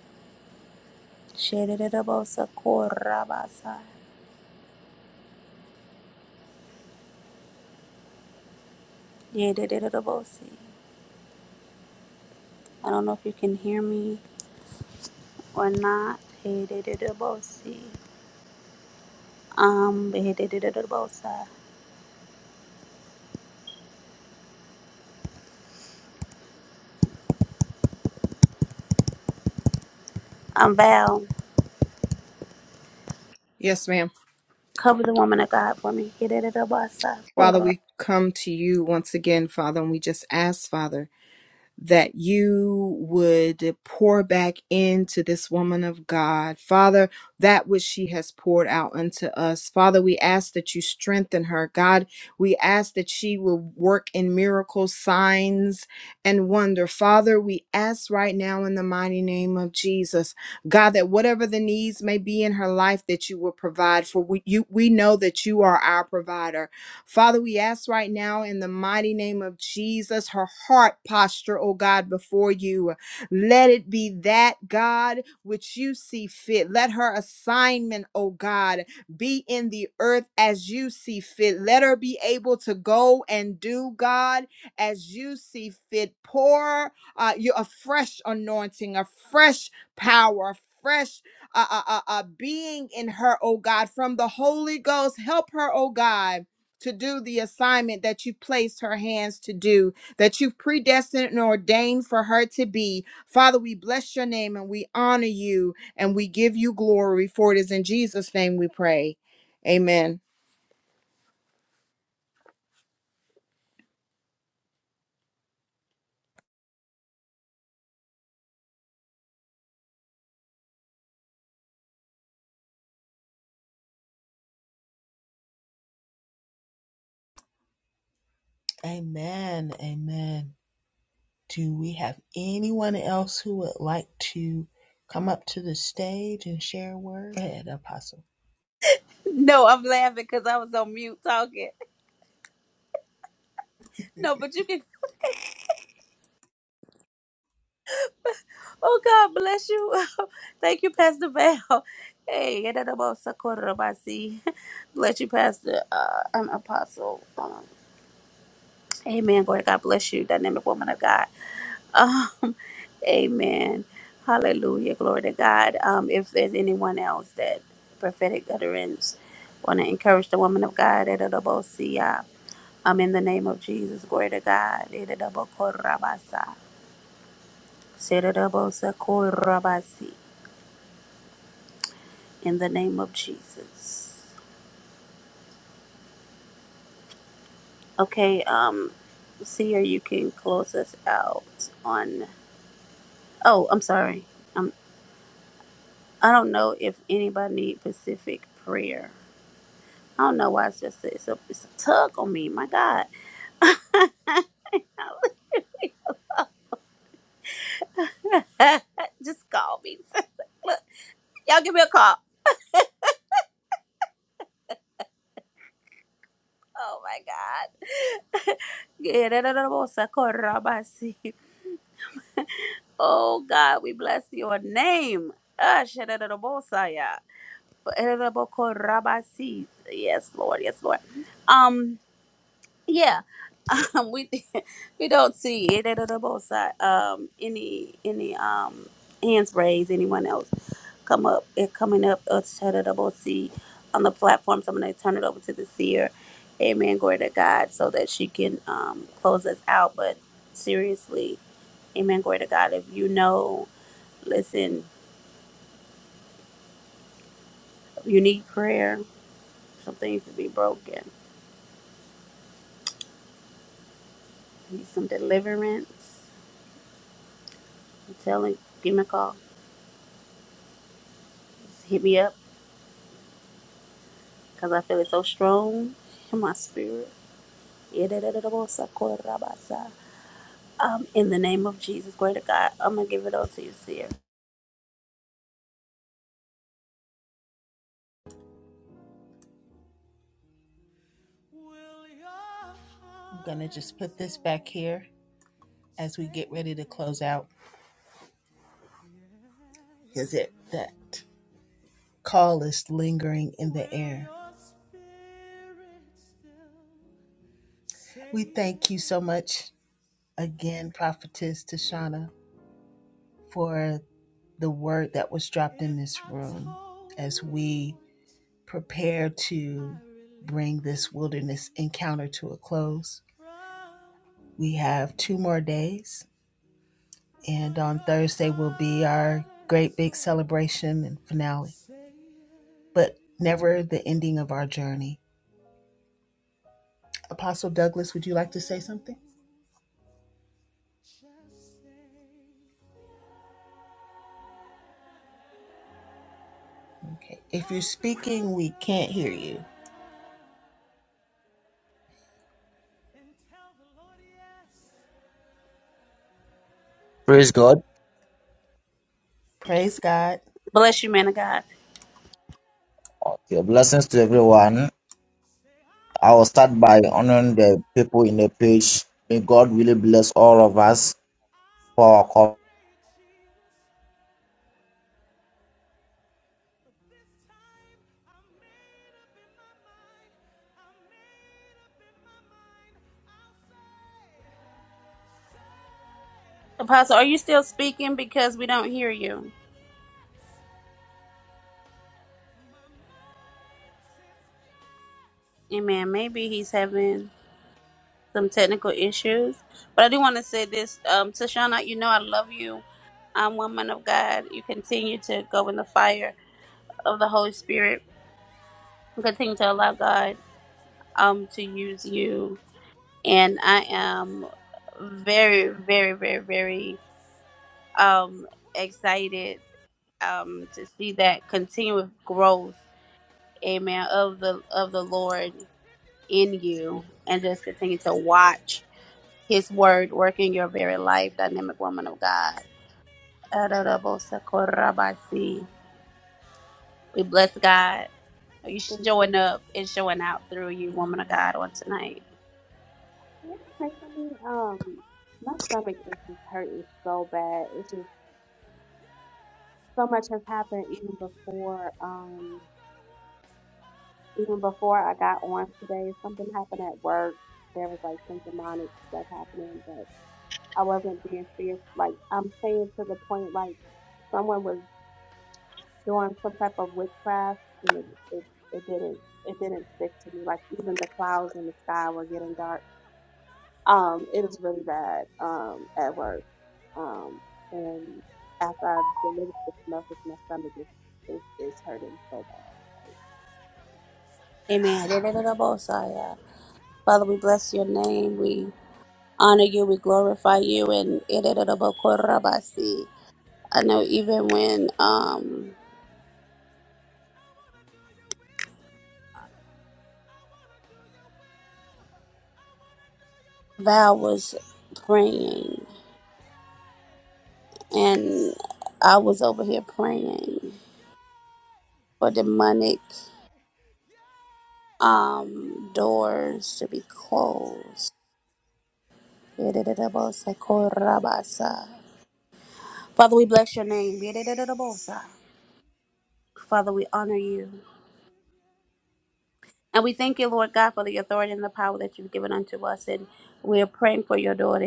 In the name of Sako Rabasa. In the name of Si. I don't know if you can hear me or not. In the name of Si. Um, ba-da-da-da-da-bosa. I'm Val. Yes, ma'am. Cover the woman of God for me. Da-da-da-da-bosa. Father, we come to you once again, Father, and we just ask, Father. that you would pour back into this woman of God. Father, that which she has poured out unto us. Father, we ask that you strengthen her. God, we ask that she will work in miracles, signs, and wonder. Father, we ask right now in the mighty name of Jesus, God, that whatever the needs may be in her life, that you will provide. For we, you, we know that you are our provider. Father, we ask right now in the mighty name of Jesus, her heart posture, oh God, before you. Let it be that, God, which you see fit. Let her assignment, oh God, be in the earth as you see fit. Let her be able to go and do, God, as you see fit. Pour uh, you, a fresh anointing, a fresh power, a fresh uh, uh, uh, uh, being in her, oh God, from the Holy Ghost. Help her, oh God to do the assignment that you placed her hands to do, that you've predestined and ordained for her to be. Father, we bless your name and we honor you and we give you glory, for it is in Jesus' name we pray. Amen. No, I'm laughing because I was on mute talking. No, but you can. Oh, God bless you. Thank you, Pastor Val. Hey, da-da-da-bosa, korobasi. bless you, Pastor. Uh, an apostle. Amen. Glory. God bless you, dynamic woman of God. Um, amen. Hallelujah. Glory to God. Um, if there's anyone else that prophetic utterance want to encourage the woman of God, it'll double see ya. um, in the name of Jesus. Glory to God. It'll double korabasa. It'll double sa In the name of Jesus. Okay. Um, see, or you can close us out on. Oh, I'm sorry. Um, I don't know if anybody need Pacific prayer. I don't know why it's just it's a it's a tug on me. My God, just call me. Y'all give me a call. Oh my God. Yeah, da, si. Oh God, we bless your name. Ah, sha, da, da, da, bo, si. Yes, Lord. Yes, Lord. Um, yeah. um, we we don't see it at the both side. Um, any any um hands raised. Anyone else come up? It coming up. Us turn it over. See on the platform. So I'm gonna turn it over to the seer. Amen. Glory to God. So that she can um close us out. But seriously, Amen. Glory to God. If you know, listen. If you need prayer, some things to be broken. Need some deliverance. I'm telling. Give me a call. Just hit me up. because I feel it so strong in my spirit. Yedidididibosakotobasa. Um, in the name of Jesus, glory to God. I'm gonna give it all to you, Seer. as we prepare to bring this wilderness encounter to a close. Great. If you're speaking, we can't hear you. Praise God. Praise God. Bless you, man of God. Okay, blessings to everyone. I will start by honoring the people in the page. May God really bless all of us for our call. Apostle, are you still speaking? Because we don't hear you. Amen. Maybe he's having some technical issues. But I do want to say this. Um, Tashana, you know I love you. I'm woman of God. You continue to go in the fire of the Holy Spirit. You Continue to allow God um to use you and I am very, very, very, very um excited um to see that continued growth, amen, of the of the Lord in you and just continue to watch his word work in your very life, dynamic woman of God. Adorobosakorabasi. We bless God. Are you Thank showing up and showing out through you, woman of God, on tonight? Yeah, personally, um, my stomach is just hurting so bad. It's just so much has happened even before, um, even before I got on today. Something happened at work. There was like some demonic stuff happening, but I wasn't being fierce. Like I'm saying to the point, like someone was doing some type of witchcraft, and it it, it didn't it didn't stick to me. Like even the clouds in the sky were getting dark. Um, it was really bad um, at work. Um, and after I've delivered this message, my stomach is, is, is hurting so bad. Amen. Adorobosaya. Father, we bless your name. We honor you, we glorify you, and I know even when um, Val was praying, and I was over here praying for demonic um, doors to be closed. Father, we bless your name. Father, we honor you. And we thank you, Lord God, for the authority and the power that you've given unto us. And we are praying for your daughter.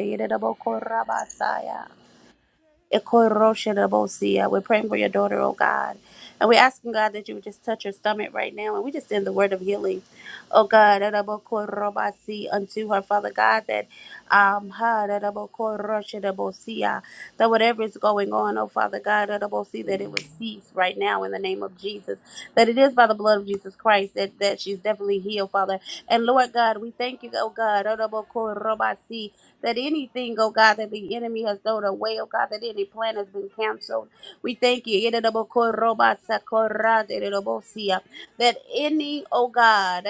Ekoroshenabosia. We're praying for your daughter, oh God. And we're asking God that you would just touch her stomach right now. And we just send the word of healing, oh God, Erabokorobasi unto her, Father God, that um ha, Erabokoroshenabosia, that whatever is going on, oh Father God, Erabosi, that it would cease right now in the name of Jesus. That it is by the blood of Jesus Christ that, that she's definitely healed, Father. And Lord God, we thank you, oh God, Erabokorobasi, that anything, oh God, that the enemy has thrown away, oh God, that any plan has been canceled. We thank you. That any, oh God,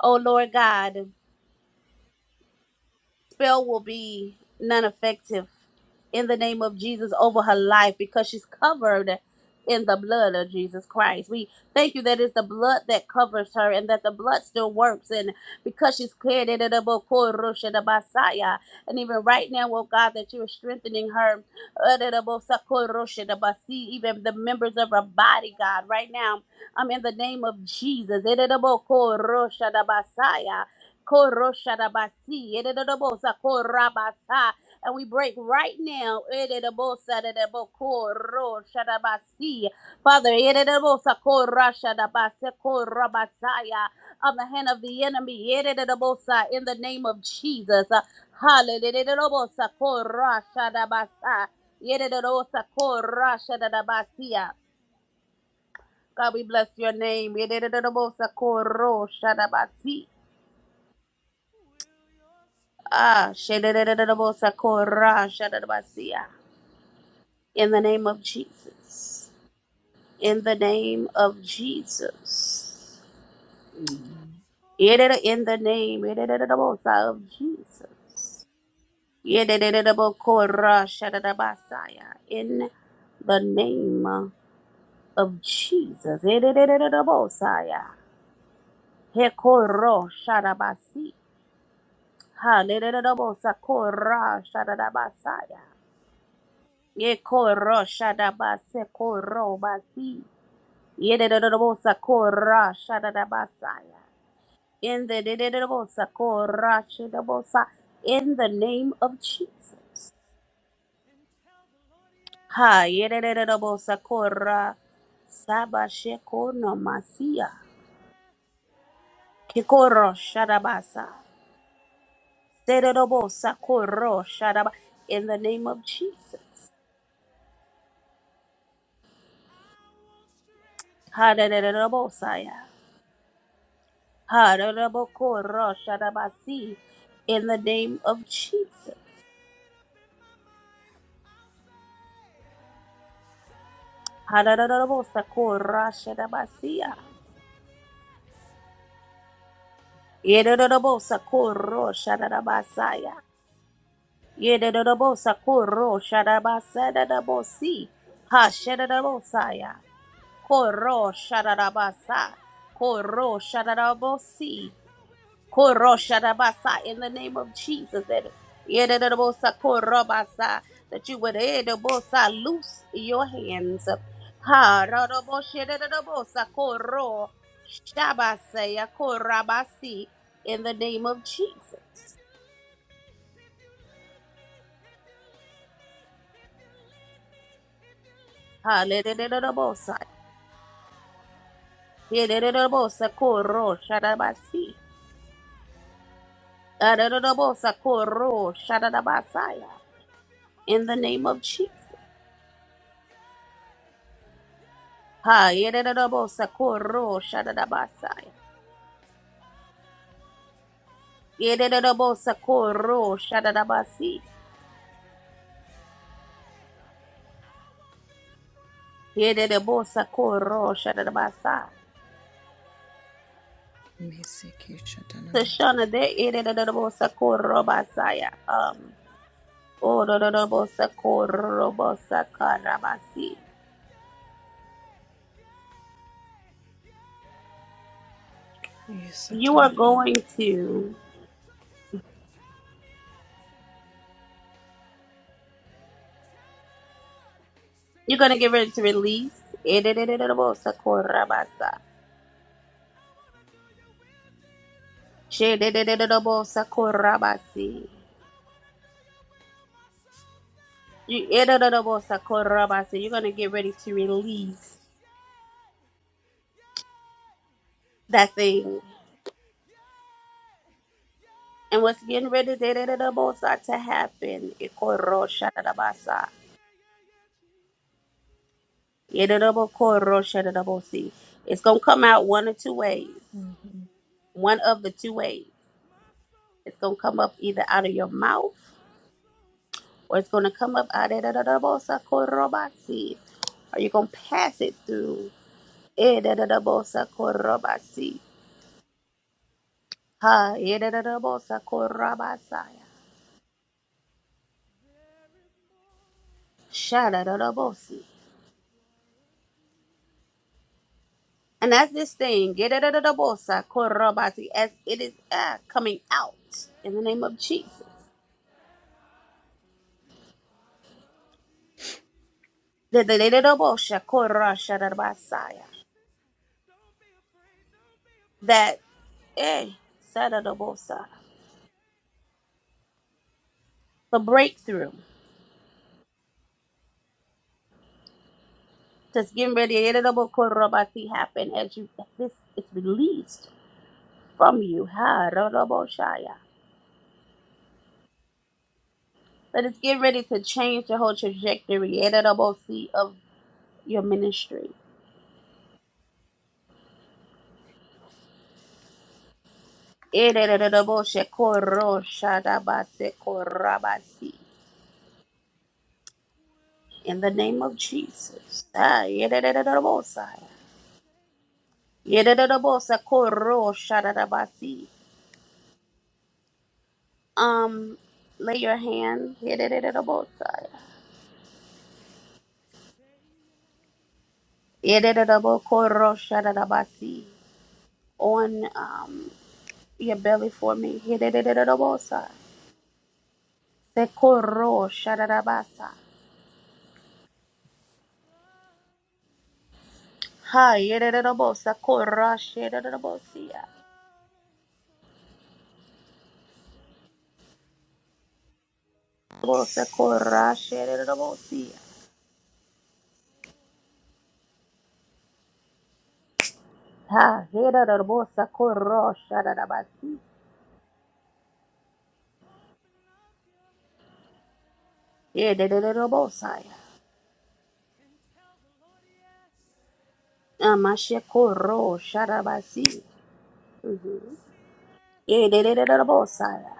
oh Lord God, spell will be non effective in the name of Jesus over her life because she's covered in the blood of Jesus Christ. We thank you that it's the blood that covers her and that the blood still works. And because she's cleared it, it'll be and even right now, oh God, that you're strengthening her, uh, it'll be even the members of her body, God, right now, I'm in the name of Jesus. It'll be called Koroshadabasi, Ededodobosa, Korabasa. And we break right now. Ededobosa, Dedebo, Koroshadabasi. Father, Ededobosa, Koroshadabase, Korabasaya, on the hand of the enemy. Ededobosa, In the name of Jesus. Hallelujah. Ededobosa, Koroshadabasa. Ededobosa, Koroshadabasia. God, we bless your name. Ededobosa, Koroshadabasi. Ah, shededededebosakora, shadadabasia. in the name of Jesus. In the name of Jesus. Yedede- In the name yededededebosa of Jesus. Yededededebokora, shadadabasaya. In the name of Jesus. Yededededebosaya. Hekoro, shadabasi. Ha, yededededebosakora, shadadabasaya. Ye koro shada basa koro basi. Ye de de de bosa kora shada da basaya. In the de de de bosa kora shada bosa. In the name of Jesus. Ha ye de de de bosa kora saba sheko no masia. Kikoro shada basa. De de de bosa koro shada ba. In the name of Jesus. Ha de de de bosa ya. Hararabokorosharabasi, In the name of Jesus. Harararabosakorasharabasia. Yerararabosakorosharabasaya. Yerararabosakorosharabasarabosi. Hasharabosaya. Korosharabasa. Korosharabasi. Koroshadabasa, in the name of Jesus that Yedadabosa korobasa, that you would edabosa, loose your hands Ha, radabosha, koro shabasaya, korabasi, in the name of Jesus Hallelujah. Yedadabosa, koro shadabasi. Adadabosa, koro shadabasaya, in the name of Jesus Ha, yedadabosa, koro shadabasaya. Yedebosa Koro Shadabasi. Yedebosa Koro Shadabasa. Mhm. Sashana de Yedebosa Koro Basaya. Um Odorobosa Koro Bosa Karabasi. You are going to you're gonna get ready to release Yedebosa Korabasa. Shedebosa Korabasi. You Yedebosa Korabasi. You're gonna get ready to release that thing And what's getting ready da-da-da-da-bo-sa, to happen, Ikoro-sha-da-da-ba-sa, Yedadabo-koro-sha-da-da-bo-si. it's going to come out one of two ways. One of the two ways. It's going to come up either out of your mouth or it's going to come up out of da-da-da-da-bo-sa, koro-ba-si. Or you're going to pass it through. Eh, da-da-da-bo-sa, koro-ba-si. Ha, eh, da-da-da-bo-sa, koro-ba-sa. Sha-da-da-da-bo-si. And that's this thing, get it out of the bolsa, corrobasi, as it is uh, coming out in the name of Jesus. The the little the the bolsa, corra, basaya That, eh, sadarabosa. The breakthrough that's getting ready, the little the corrobasi happen as you, this is released from you. Ha, raraboshaya. That it's getting ready to change the whole trajectory, the little bosi of your ministry. ererereroboshekorosharabase In the name of Jesus. Ah, ererererobosai. Ererererobosakoroshadabasi. Um, lay your hand ererererobosai. Ererererobokoroshadabasi. on um, your belly for me. Ererererobosai. Sekoroshadabasa. Ha, ererererobosakoroshadabasi. Bosa corra, xerera da bolsia. Ha, hera da bolsa corro, xara da basi. E de de da bolsaia. Amache corro, xara basi. E de de da bolsaia.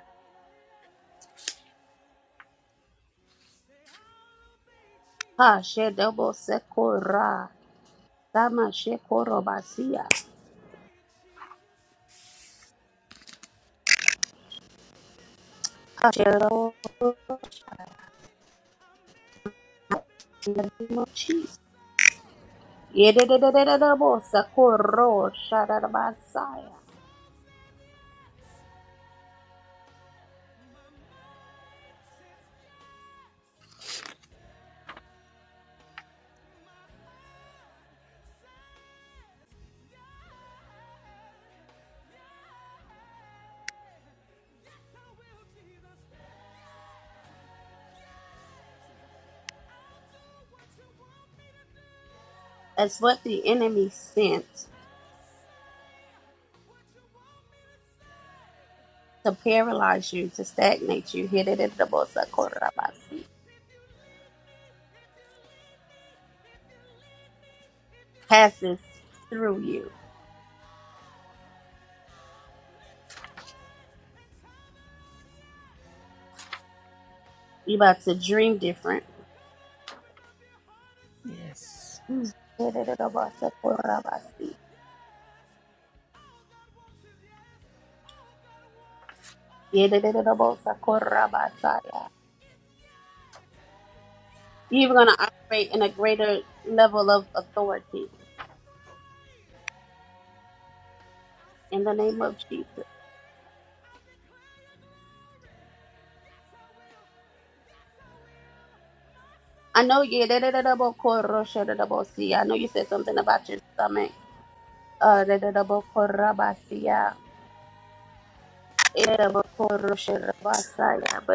Ha, xer da bolsa corra. Samache corro basia. Ha, xer da mochis. E de de da bolsa corro, xara da basaia. That's what the enemy sent to paralyze you, to stagnate you. Here de de da bolsa corra basi. passes through you. You about to dream different. You're even gonna operate in a greater level of authority in the name of Jesus. I know you. I know you said something about your stomach. Uh, but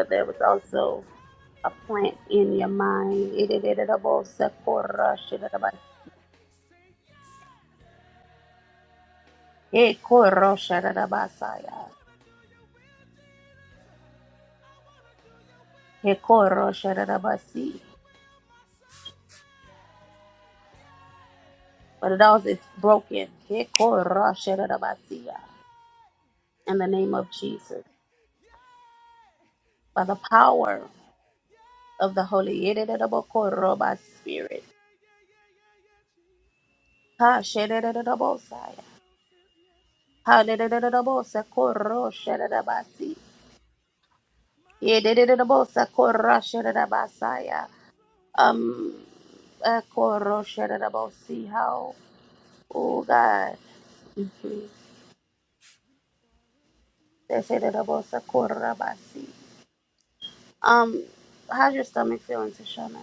there was also a plant in your mind. Ekoro shararabasaya. Ekoro shararabasi. But it also it's broken. Ekoro shararabasiya. In the name of Jesus. By the power of the Holy Yedidabokoro by Spirit. Ha shedidabosaya. Ha dedidabosa koro shararabasi. Yedidabosa koro shararabasaya. Um Ekoro shararabosi. How? Oh God. They said it about Sakura Basi. Um, how's your stomach feeling, Tashana?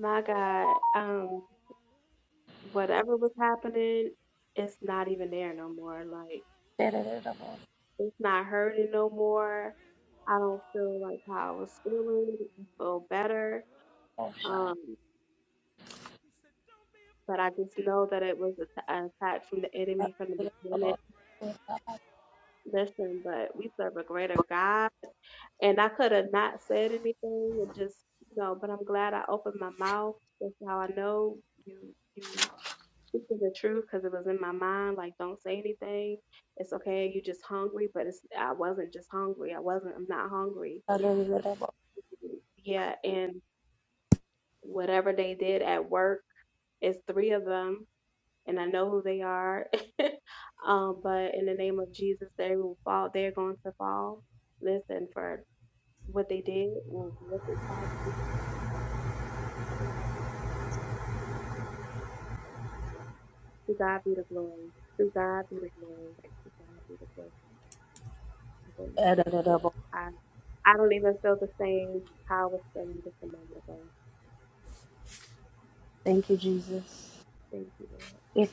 My God, um, whatever was happening, it's not even there no more. Like Thank it's not hurting no more. I don't feel like how I was feeling. I feel better. Um, but I just know that it was a t- an attack from the enemy from the beginning. Listen, but we serve a greater God. And I could have not said anything and just, you know, but I'm glad I opened my mouth. That's how I know you, you speaking the truth because it was in my mind. Like, don't say anything. It's okay. You just hungry. But it's, I wasn't just hungry. I wasn't, I'm not hungry. But yeah. And whatever they did at work, it's three of them and I know who they are. um, but in the name of Jesus, they will fall. They're going to fall. Listen for what they did, well, what they tried to do. To God be the glory. To God be the glory. To God be the glory. Okay. Yes, I, I don't even feel the same how I was feeling just a moment ago. you, Jesus. Thank you, Lord. Let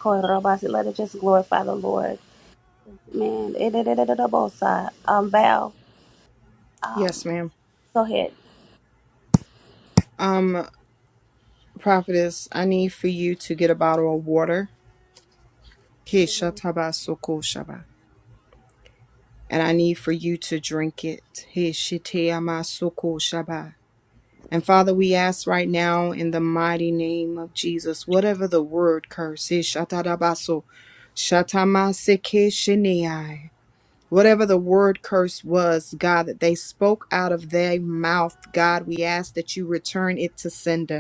it just glorify the Lord. Thank you, Man, Jesus. um, Val, Yes, um, ma'am. go ahead. Um, prophetess, I need for you to get a bottle of water. He Mhm. shataba soko shaba. And I need for you to drink it. He shiteyama soko shaba. And Okay. Father, we ask right now in the mighty name of Jesus, whatever the word curse is, shatarabaso, shatamasekeshenei, whatever the word curse was, God, that they spoke out of their mouth, God, we ask that you return it to sender.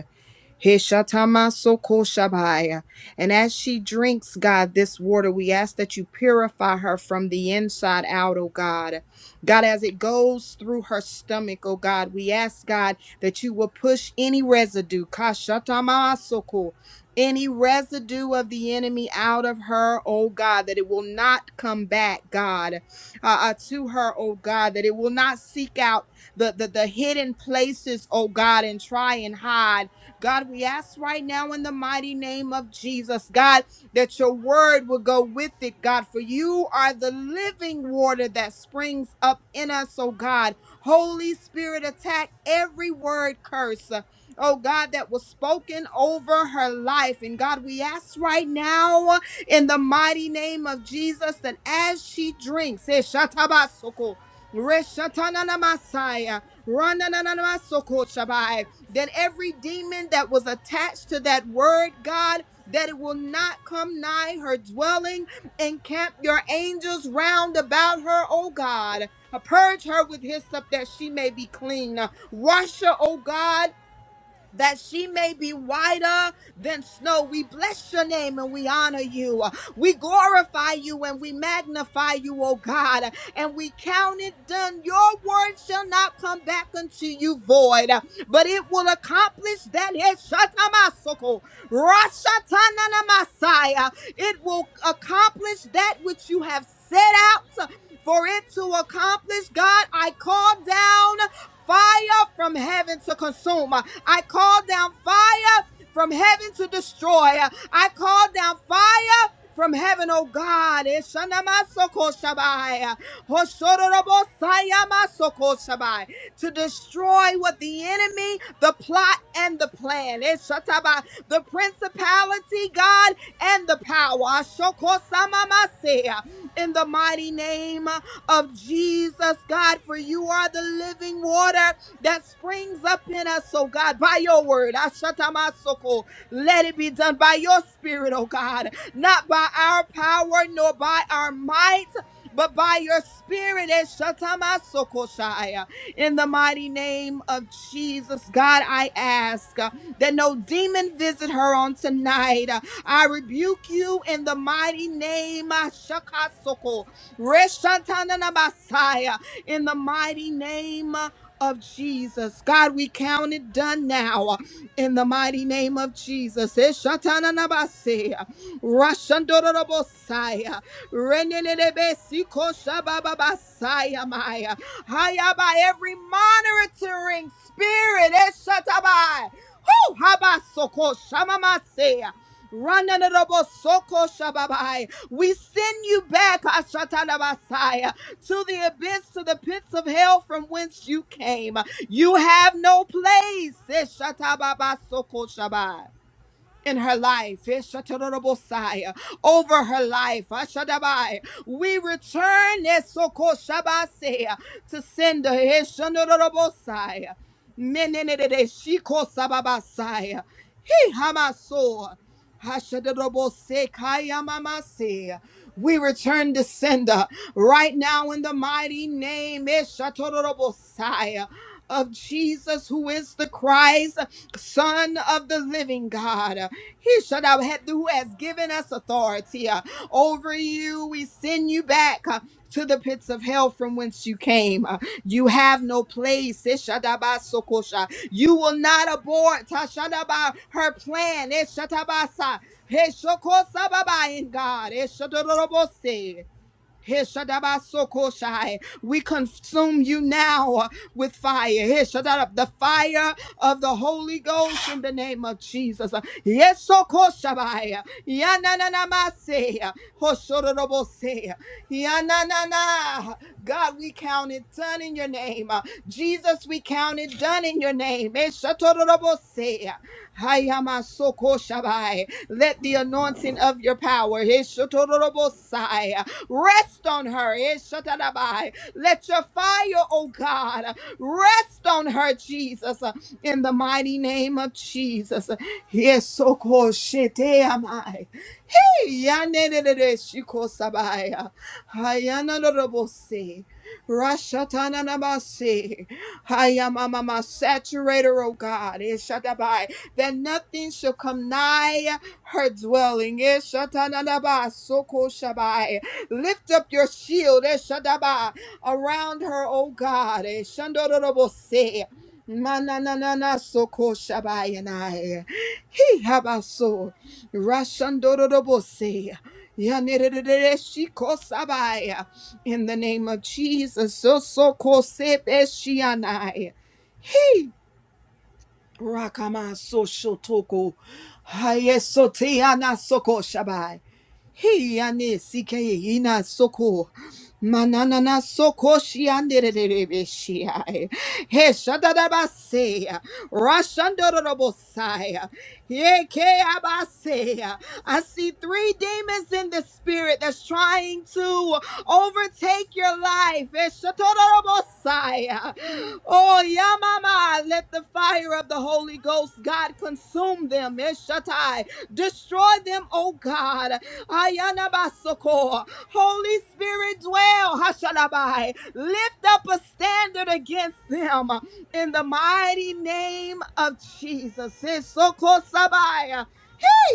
Hishatamasokoshobaya. And as she drinks, God, this water, we ask that you purify her from the inside out, oh God. God, as it goes through her stomach, oh God, we ask, God, that you will push any residue, kashatamamasoko, any residue of the enemy out of her, oh God, that it will not come back, God, uh, uh, to her, oh God, that it will not seek out the, the, the hidden places, oh God, and try and hide God, we ask right now in the mighty name of Jesus, God, that your word will go with it, God, for you are the living water that springs up in us, oh God. Holy Spirit, attack every word curse, uh, oh God, that was spoken over her life. And God, we ask right now uh, in the mighty name of Jesus that as she drinks, eh, shatabasoko, reshatananamasaya, ranananamasoko shabai, that every demon that was attached to that word, God, that it will not come nigh her dwelling. Encamp your angels round about her, O God. Purge her with hyssop that she may be clean. Wash her, O God that she may be whiter than snow. We bless your name and we honor you. We glorify you and we magnify you, O God. And we count it done. Your word shall not come back unto you void, but it will accomplish that It will accomplish that which you have set out for it to accomplish. God, I call down fire from heaven to consume. I call down fire from heaven to destroy. I call down fire from heaven, oh God. Eshanamasokosabai, hosororobosayamasokosabai, To destroy what the enemy, the plot, and the plan. Eshatabai, The principality, God, and the power. Ashokosamamaseya, In the mighty name of Jesus, God, for you are the living water that springs up in us, oh God, by your word. Ashatamasoko. Let it be done by your spirit, oh God, not by our power nor by our might, but by your spirit. Eshatamasoko shaya. In the mighty name of Jesus, God, I ask uh, that no demon visit her on tonight. Uh, I rebuke you in the mighty name of Shakasoko. Reshatananabasaya. In the mighty name of Jesus. God, we count it done now in the mighty name of Jesus. Eshatananabase, Rashandorobosaya, Renenebesikoshabababasaya, Maya. Haya by every monitoring spirit. Eshatabai. Woo! Habasoko shamamasea. Rananorobo soko shababai. We send you back, Ashatalabasaya, to the abyss, to the pits of hell from whence you came. You have no place, Eshatababa soko shabai, in her life, Eshatarabosaya, over her life, Ashadabai. We return Esoko shabasea, to send her, Eshanorobosaya. He hamaso. Hashadadobosekaya We return to sender right now in the mighty name Eshatodorobosai, of Jesus, who is the Christ, Son of the Living God. He should have had who has given us authority uh, over you. We send you back uh, to the pits of hell from whence you came. Uh, You have no place. Eshadabasokosha. You will not abort Tashandaba her plan. Eshatabasa. Heshokosababa in God. Eshadorobose. Heshadabasokoshai. We consume you now with fire. Heshadab- The fire of the Holy Ghost in the name of Jesus. Yesokoshabai. Yananamase. Hoshorobose. Yananana. God, we count it done in your name. Jesus, we count it done in your name. Eshatorobose. Hayamasokoshabai. Let the anointing of your power. Eshatorobosai. Rest on her. Eh, shatadabai. Let your fire, oh God, rest on her, Jesus, in the mighty name of Jesus. Yes, so cool. Shit, eh, am I. Yanenere shiko sabaya. Hayana robose. Rashatana namase. Hayamama saturator, oh God. Ishatabai. That nothing shall come nigh her dwelling. Ishatana naba soko shabai. Lift up your shield. Ishatabai. Around her, oh God. Ishandorobose. Mananana soko shabai and I. He habaso. Rashandorobose. Yanerereresikosabai. In the name of Jesus. so so Sosokosebeshianai. Hey, Rakama soshotoko hayesoteana soko shabai. Hiyane sike ina soko mananana soko shiandererebeshiai. He shadadabasea rashandorobosaya. Yeke abasea. I see three demons in the spirit that's trying to overtake your life. Eshatorobosai. Oh, Yamama, let the fire of the Holy Ghost, God, consume them. Eshatai. Destroy them, oh God. Ayanabasoko. Holy Spirit, dwell. Hashalabai. Lift up a standard against them in the mighty name of Jesus. Esokosabai.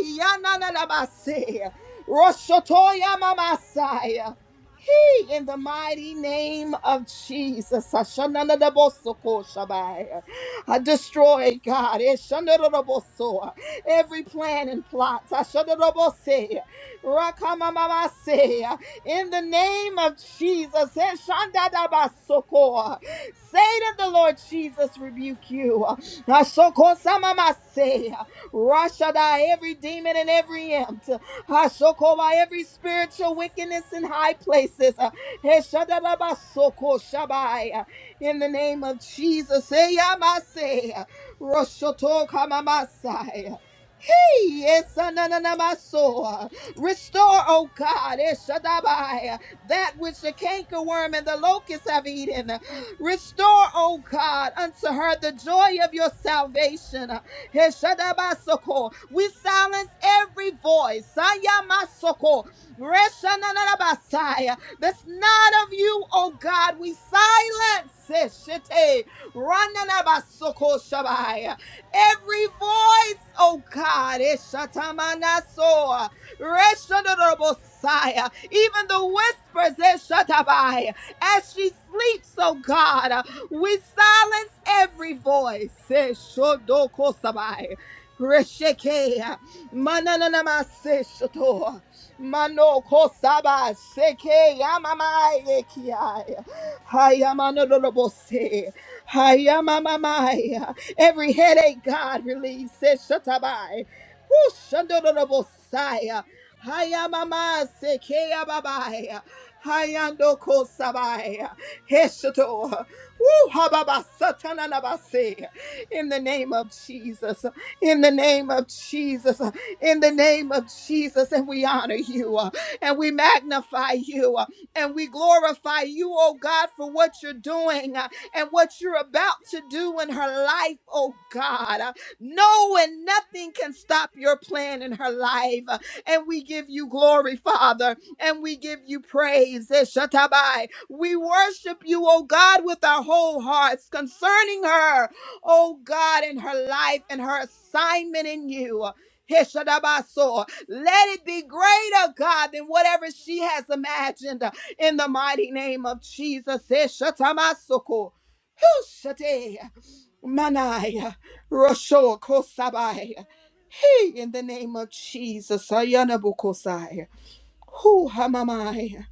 Yananabase. Roshotoya mamasaya. He, in the mighty name of Jesus, Ashananadabosoko Shabai. I destroy God Eshanadaboso. every plan and plot. Ashanadabose. Rakamamamase. In the name of Jesus, Eshandadabasoko. Satan, the Lord Jesus, rebuke you. Ashoko samamase. Rashadai, every demon and every imp. Hashokoma, every spiritual wickedness in high places. Uh, Heshadadabasoko shabai. Uh, In the name of Jesus. Eyamase. Uh, Roshotokamasai. Hey, yes, ananamaso. Uh, Restore, O God, Eshadabai, uh, that which the cankerworm and the locust have eaten. Restore, O God, unto her the joy of your salvation. Heshadabasoko. We silence every voice. Sayamasoko. Reshananabasaya. That's not of you, oh God. We silence Heshete. Rananabasoko shabaya. every voice, oh God. Heshatamanasoa. Reshananabosaya. Even the whispers, Heshatabai, as she sleeps, oh God. We silence every voice. Eh, shodokosabai. Resheke, mananama se shoto, ah, mano kosaba seke yamamai ekiai, hayamanolobose, hayamamamai. Every headache, God, release se shotabai, hushandolobosai, hayamama seke yababai, hayando kosabai, heshoto. Woo, hababasatananabase. In the name of Jesus, in the name of Jesus, in the name of Jesus, and we honor you uh, and we magnify you uh, and we glorify you, oh God, for what you're doing uh, and what you're about to do in her life, oh God. Uh, No and nothing can stop your plan in her life, uh, and we give you glory, Father and we give you praise. Eh, Shatabai. We worship you, oh God, with our whole hearts concerning her, oh God, and her life and her assignment in you. Eh, Shadabaso. Let it be greater, God, than whatever she has imagined uh, in the mighty name of Jesus. Eh, Shatamasoko. Whew, Shate, Manai, Rosho Kosabai. Hey, in the name of Jesus, Ayana who hamamai?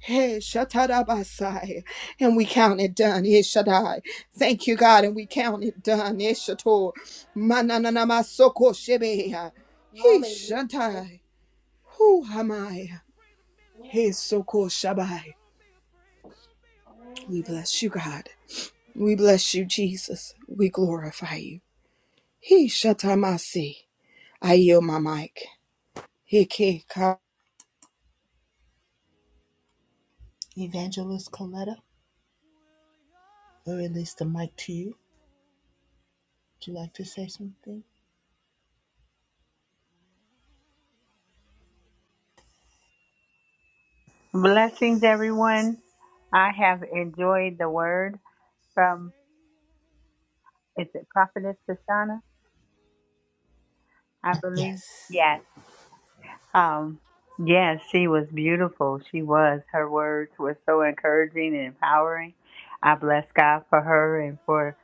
Hey, shatadabasai. And we count it done. Ishadai. Thank you, God. And we count it done. Ishato. Mananamasoko shebeya. He Hallelujah. shantai. Thank Who you. hamai? Thank Hey, you. soko shabai. Oh, We thank you. bless you, God. We bless you, Jesus. We glorify you. He shatamasi. I yield my mic. Hiki ka. Blessings, everyone. I have enjoyed the word from, is it Prophetess Shoshana? I believe. Yes. Um, yes, she was beautiful. She was. Her words were so encouraging and empowering. I bless God for her and for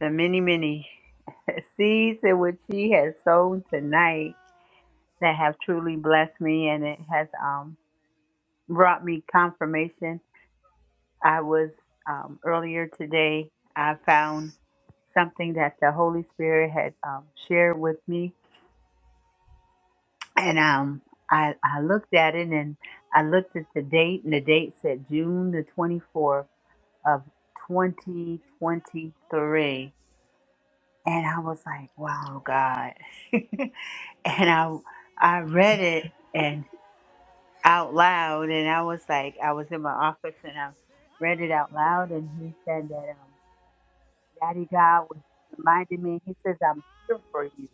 the many, many seeds in which she has sown tonight that have truly blessed me and it has um, brought me confirmation I was um, earlier today, I found something that the Holy Spirit had um, shared with me. And um, I, I looked at it and I looked at the date, and the date said June the 24th of 2023. And I was like, wow, God. and I, I read it and out loud, and I was like, I was in my office and I read it out loud, and he said that. Um, Daddy God was reminding me, He says, I'm here for you.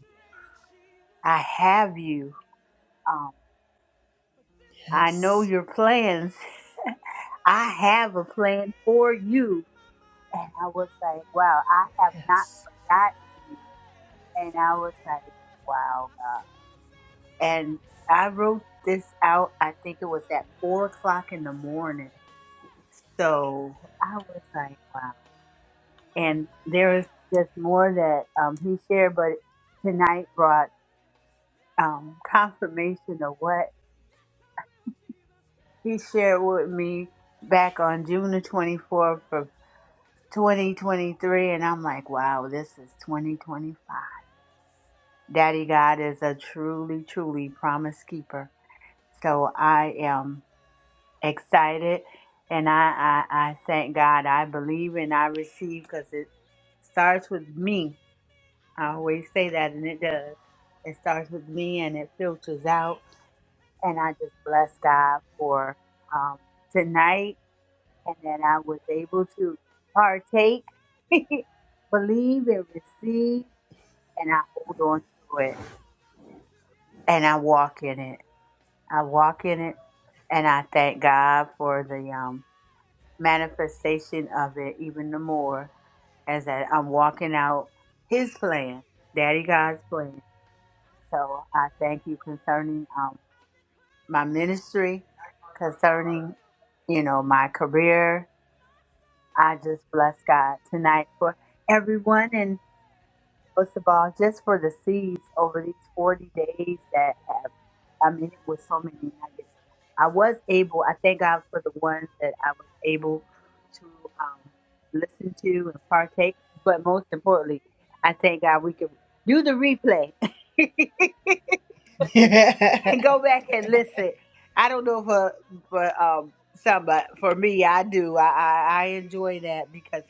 I have you. Um, I know your plans. I have a plan for you. And I was like, wow, I have not forgotten you. And I was like, wow, God. And I wrote this out, I think it was at four o'clock in the morning. So I was like, wow. And there is just more that um, he shared, but tonight brought. um, confirmation of what he shared with me back on June the 24th of 2023. And I'm like, wow, this is 2025. Daddy God is a truly, truly promise keeper. So I am excited and I, I, I thank God. I believe and I receive because it starts with me. I always say that, and it does. It starts with me and it filters out. and I just bless God for um, tonight, and that I was able to partake, believe, and receive, and I hold on to it, and I walk in it. I walk in it, and I thank God for the um, manifestation of it even the more as that I'm walking out His plan, Daddy God's plan. So I thank you concerning um, my ministry, concerning, you know, my career. I just bless God tonight for everyone and most of all, just for the seeds over these 40 days that have, I mean, it was so many nuggets. I was able, I thank God for the ones that I was able to um, listen to and partake, but most importantly, I thank God we could do the replay and go back and listen. I don't know for for um some, but for me, I do. I, I I enjoy that because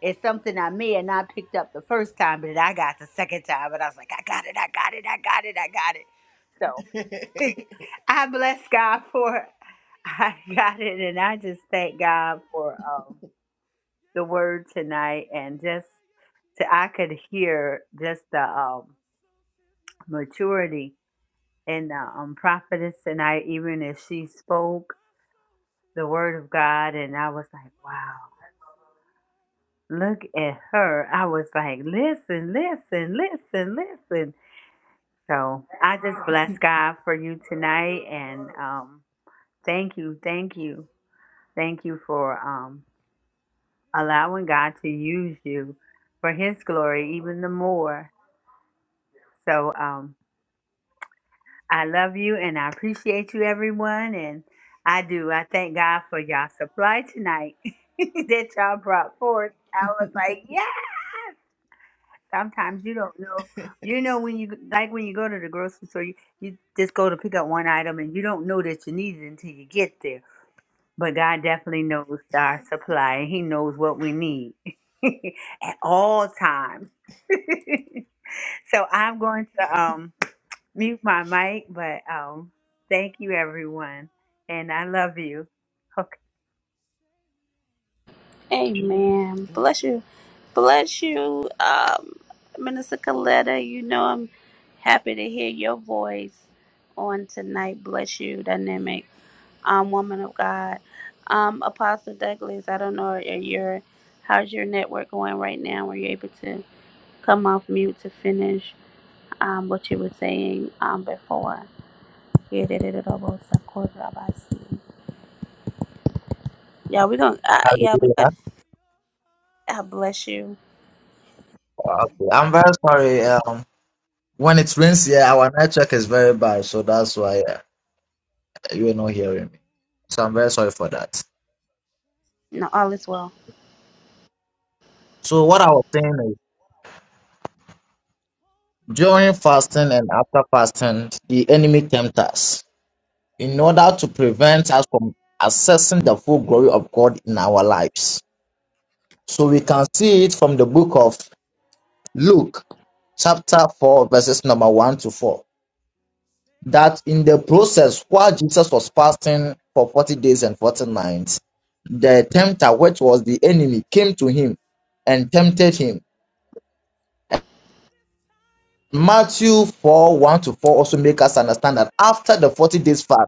it's something I may have not picked up the first time, but I got the second time, and I was like, I got it, I got it, I got it, I got it. So I bless God for it. I got it, and I just thank God for um the word tonight, and just to I could hear just the um maturity and the um, prophetess and I, even as she spoke the word of God, and I was like, wow, look at her. I was like, listen, listen, listen, listen. So I just bless God for you tonight, and um, thank you, thank you, thank you for um, allowing God to use you for His glory even the more. So. Um, I love you and I appreciate you, everyone. And I do. I thank God for y'all supply tonight that y'all brought forth. I was like, yeah. Sometimes you don't know. You know when you like when you go to the grocery store, you, you just go to pick up one item and you don't know that you need it until you get there. But God definitely knows our supply. and He knows what we need at all times. so I'm going to um mute my mic, but um, thank you, everyone. And I love you. Okay. Amen. Bless you. Bless you, um, Minister Coletta. You know I'm happy to hear your voice on tonight. Bless you, Dynamic. um, woman of God. Um, Apostle Douglas, I don't know, are your how's your network going right now? Were you able to come off mute to finish um, what you were saying um, before? Yeah, da- da- da- da- da- da- da- da- da- da- Yeah, we're gonna. Uh, yeah, we're Hallelujah. gonna. God bless you. Okay. I'm very sorry. Um, when it rains here, our network is very bad, so that's why uh, you are not hearing me. So I'm very sorry for that. No, all is well. So what I was saying is, during fasting and after fasting, the enemy tempts us in order to prevent us from accessing the full glory of God in our lives. So we can see it from the book of Luke, chapter 4, verses number 1 to 4, that in the process while Jesus was fasting for 40 days and 40 nights, the tempter, which was the enemy, came to him and tempted him. Matthew 4 1 to 4 also make us understand that after the 40 days fast,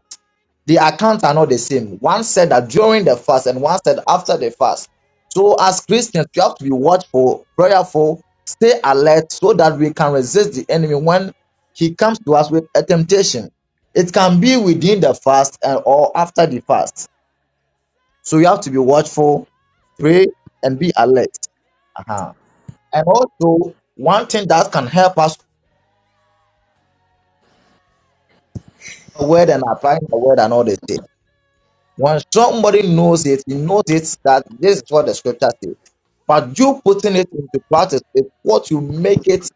The accounts are not the same. One said that during the fast, and one said after the fast. So, as Christians, you have to be watchful, prayerful, stay alert so that we can resist the enemy when he comes to us with a temptation. It can be within the fast and or after the fast. So, you have to be watchful, pray, and be alert. Uh-huh. And also, one thing that can help us the word and applying the word and all this. thing. When somebody knows it, he knows it that this is what the scripture says. But you putting it into practice is what you make it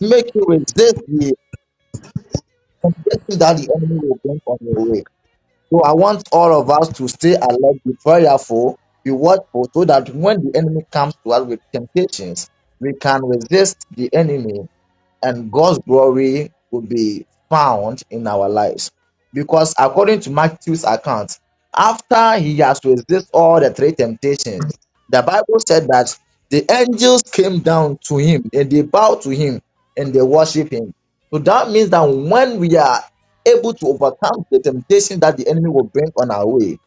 make you resist the temptation that the enemy will bring on your way. So I want all of us to stay alert, be prayerful, be watchful, so that when the enemy comes to us with temptations, we can resist the enemy and God's glory will be found in our lives. Because according to Matthew's account, after he has resisted all the three temptations, the Bible said that the angels came down to him and they bowed to him and they worship him. So that means that when we are able to overcome the temptation that the enemy will bring on our way,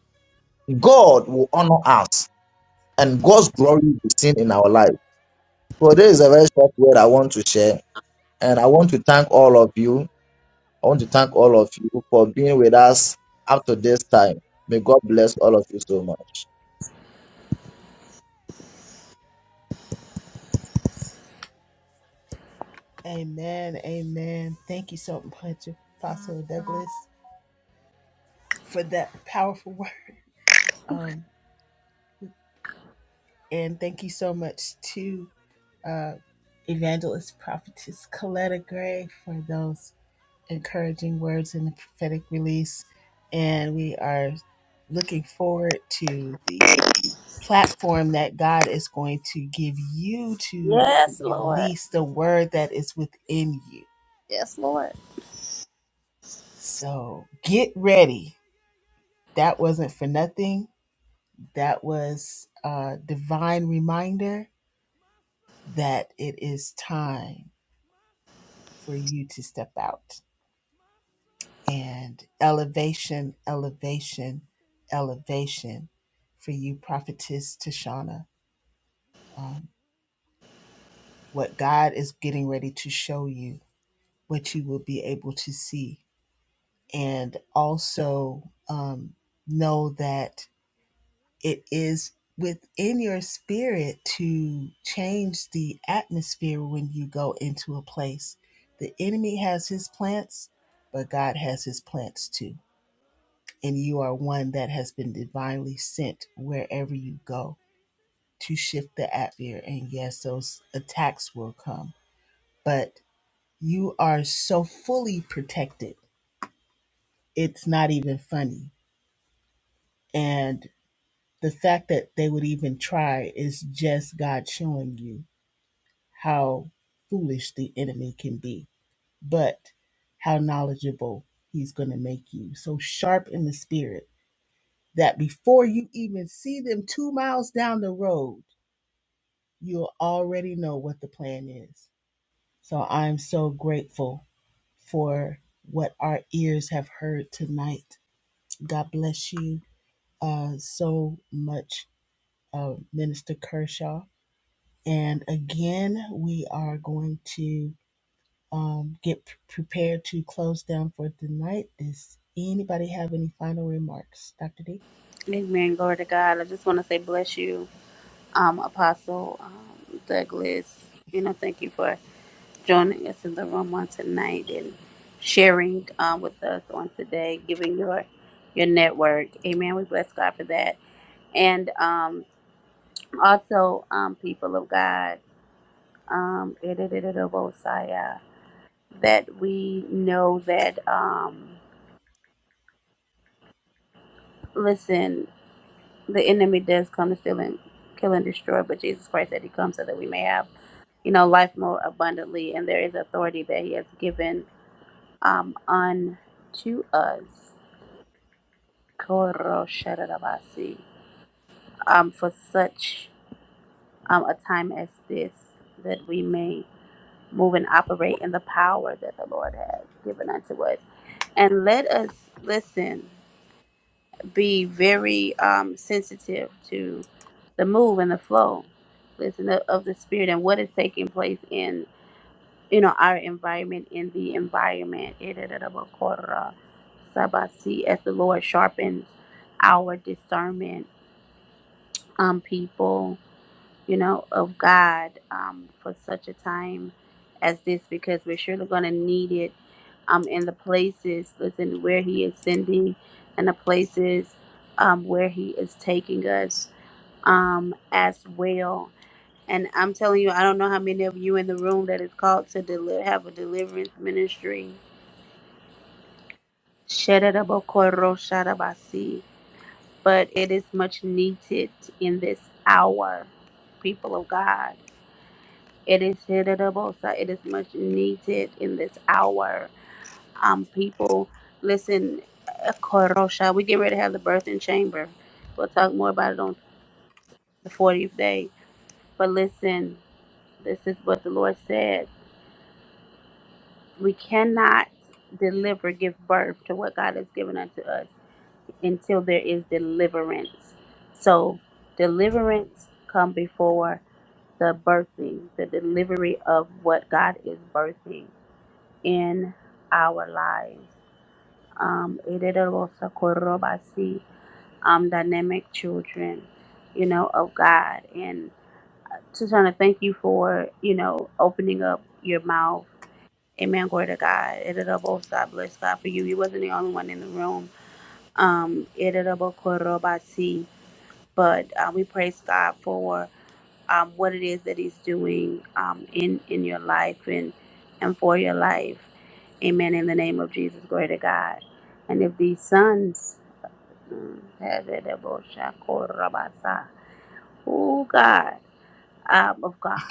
God will honor us and God's glory will be seen in our life. So this is a very short word I want to share. And I want to thank all of you I want to thank all of you for being with us up to this time. May God bless all of you so much. Yes, Lord. Yes, Lord. Amen. Glory to God. I just want to say bless you um, Apostle um, Douglas. You know, thank you for joining us in the room on tonight and sharing um, with us on today, giving your your network. Amen. We bless God for that. And um, also, um, people of God, um, that we know that, um, listen, the enemy does come to steal and kill and destroy, but Jesus Christ said he comes so that we may have you know, life more abundantly, and there is authority that He has given um, unto us. Koro shararabasi. Um, for such um, a time as this, that we may move and operate in the power that the Lord has given unto us. And let us listen, be very um, sensitive to the move and the flow, listen of of the Spirit and what is taking place in you know, our environment in the environment. Irererabakora Sabasi, as the Lord sharpens our discernment, um, people, you know, of God, um, for such a time as this, because we're surely going to need it, um, in the places, listen, where He is sending and the places, um, where He is taking us, um, as well. And I'm telling you, I don't know how many of you in the room that is called to deli- have a deliverance ministry. Shedadabokoro shadabasi. But it is much needed in this hour, people of God. It is shedadabosa. it is much needed in this hour. Um, people, listen, uh, korosha. we get ready to have the birth in chamber. We'll talk more about it on the 40th day. But listen, this is what the Lord said. We cannot deliver, give birth to what God has given unto us until there is deliverance. So, deliverance come before the birthing, the delivery of what God is birthing in our lives. Um, Iditarossakorobasi, um, dynamic children, you know, of God. And just want to thank you for, you know, opening up your mouth Amen. Glory to God. Itadabosa, bless God for you. You wasn't the only one in the room. Um, itadabokorobasi. but uh, we praise God for um, what it is that He's doing um, in in your life and and for your life. Amen. In the name of Jesus, glory to God. And if these sons, mm, itadabokorobasa. oh God, um, of God,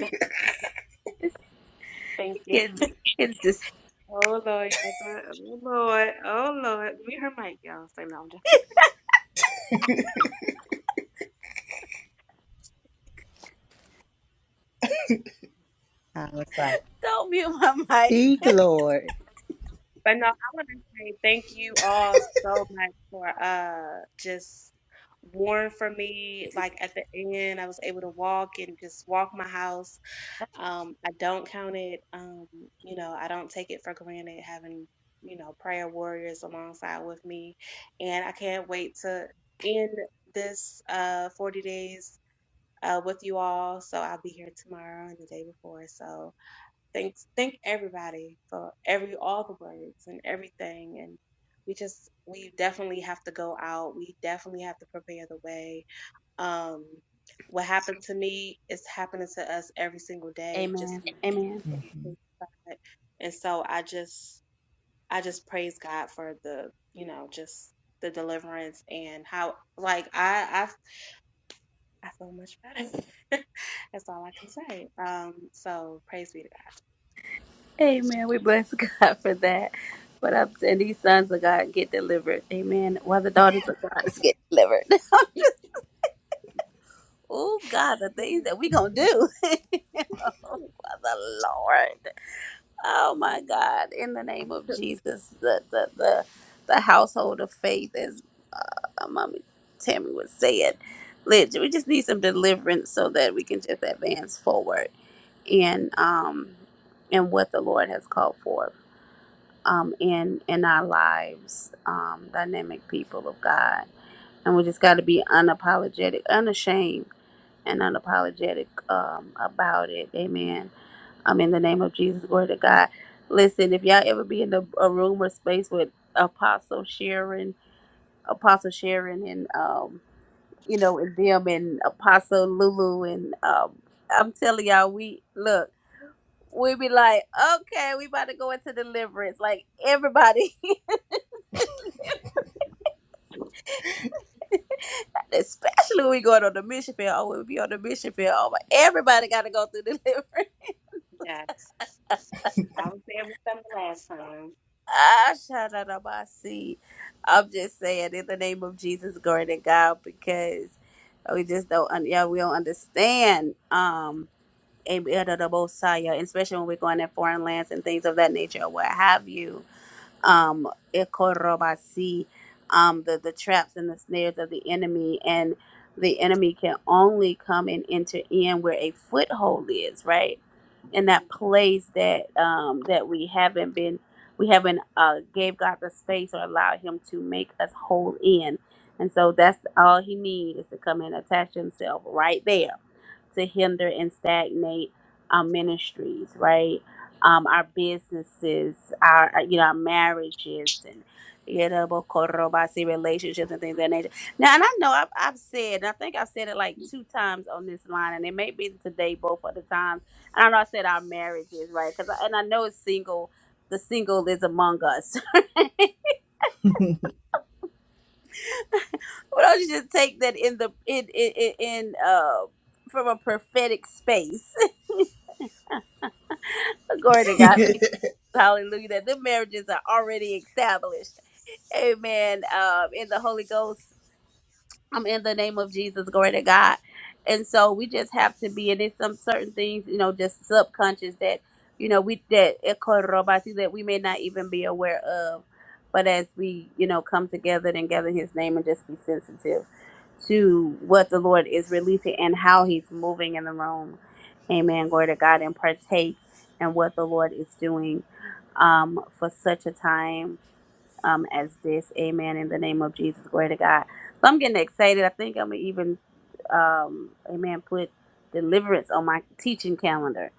Thank you. kids, kids just Oh Lord, y'all, but, oh Lord, oh Lord, mute her mic, y'all. So no, I'm just. I was like, don't mute my mic. speak, Lord. But no, I want to say thank you all so much for uh just warm for me. Like at the end, I was able to walk and just walk my house. Um, I don't count it. Um, you know, I don't take it for granted having you know prayer warriors alongside with me, and I can't wait to end this uh 40 days uh, with you all. So I'll be here tomorrow and the day before. So thanks, thank everybody for every all the words and everything. And we just we definitely have to go out. We definitely have to prepare the way. Um, what happened to me is happening to us every single day. Just Amen. Amen. and so I just I just praise God for the you know just the deliverance and how like I I I feel much better. That's all I can say. Um, so praise be to God. Amen. We bless God for that. But I'm saying these sons of God get delivered. Amen. While the daughters of God is get delivered. oh God, the things that we gonna do. oh, the Lord. Oh my God. In the name of Jesus, the the the, the household of faith, as my mommy Tammy was saying. Liz, we just need some deliverance so that we can just advance forward in um in what the Lord has called for. um, in in our lives, um, dynamic people of God, and we just got to be unapologetic, unashamed, and unapologetic um, about it. Amen. Um, in the name of Jesus, glory to God. Listen, if y'all ever be in a, a room or space with Apostle Sharon, Apostle Sharon, and um, you know, and them, and Apostle Lulu, and um, I'm telling y'all, we look. We be like, okay, we about to go into deliverance. Like everybody Especially when we going on the mission field. Oh, we'll be on the mission field. Oh my everybody gotta go through deliverance. Yes, I was there with them the last time. I shout out on my seat. I'm just saying in the name of Jesus, glory to God, because we just don't un- yeah, we don't understand um and we are the Messiah, especially when we're going in foreign lands and things of that nature or what have you um, ekorobasi, um, the, the traps and the snares of the enemy. And the enemy can only come and enter in where a foothold is, right? In that place that um, that we haven't been, we haven't uh, gave God the space or allowed Him to make us whole in. And so that's all He needs is to come and attach Himself right there to hinder and stagnate our ministries, right? um, our businesses, our uh, you know, our marriages, and you know, but korobasi relationships and things of that nature. Now, and I know I've, I've said, and I think I've said it like two times on this line, and it may be today both of the times. And I know I said our marriages, right? Because and I know it's single. The single is among us. Why don't you just take that in the in in, in in, uh from a prophetic space? Glory to God. Thank you. Hallelujah. That the marriages are already established Amen. Um, in the Holy Ghost, I'm in the name of Jesus. Glory to God. And so we just have to be, and it's some certain things, you know, just subconscious that, you know, we that that we may not even be aware of. But as we, you know, come together and gather in His name and just be sensitive to what the Lord is releasing and how He's moving in the room. Amen. Glory to God and partake in what the Lord is doing um, for such a time um, as this. Amen. In the name of Jesus, glory to God. So I'm getting excited. I think I'm gonna even, um, Amen. Put deliverance on my teaching calendar.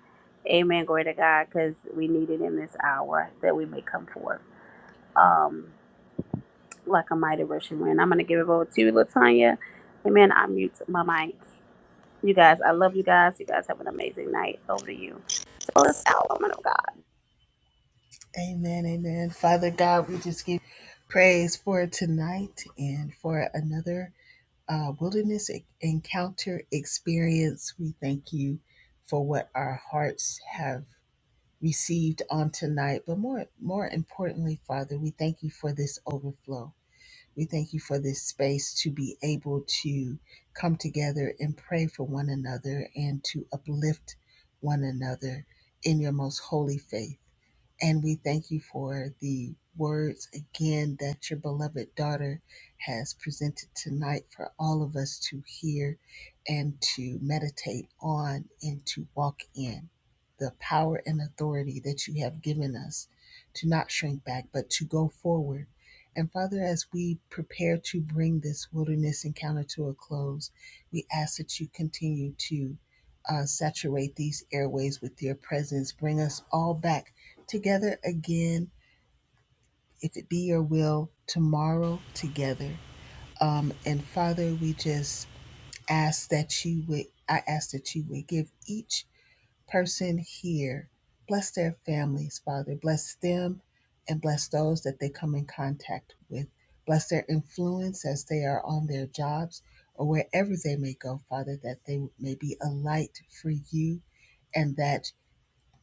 Amen. Glory to God, because we need it in this hour that we may come forth um, like a mighty rushing wind. I'm gonna give it over to you, Latanya. Amen. I mute my mic. You guys, I love you guys. You guys have an amazing night. Over to you. Bless our woman of God. Uh, wilderness encounter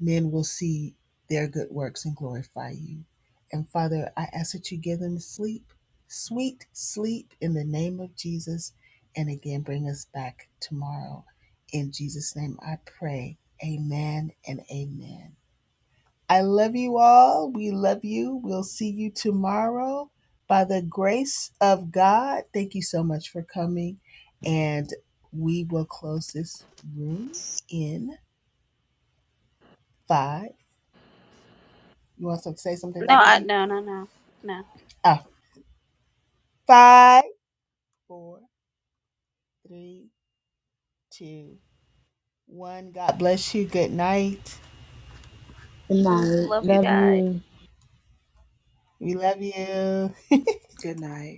men will see their good works and glorify you. And Father, I ask that you give them sleep, sweet sleep in the name of Jesus. And again, bring us back tomorrow. In Jesus' name I pray. Amen and amen. I love you all. We love you. We'll see you tomorrow by the grace of God. Thank you so much for coming. And we will close this. No, I no no no no. Good night. Love you Love guys. you. Good night.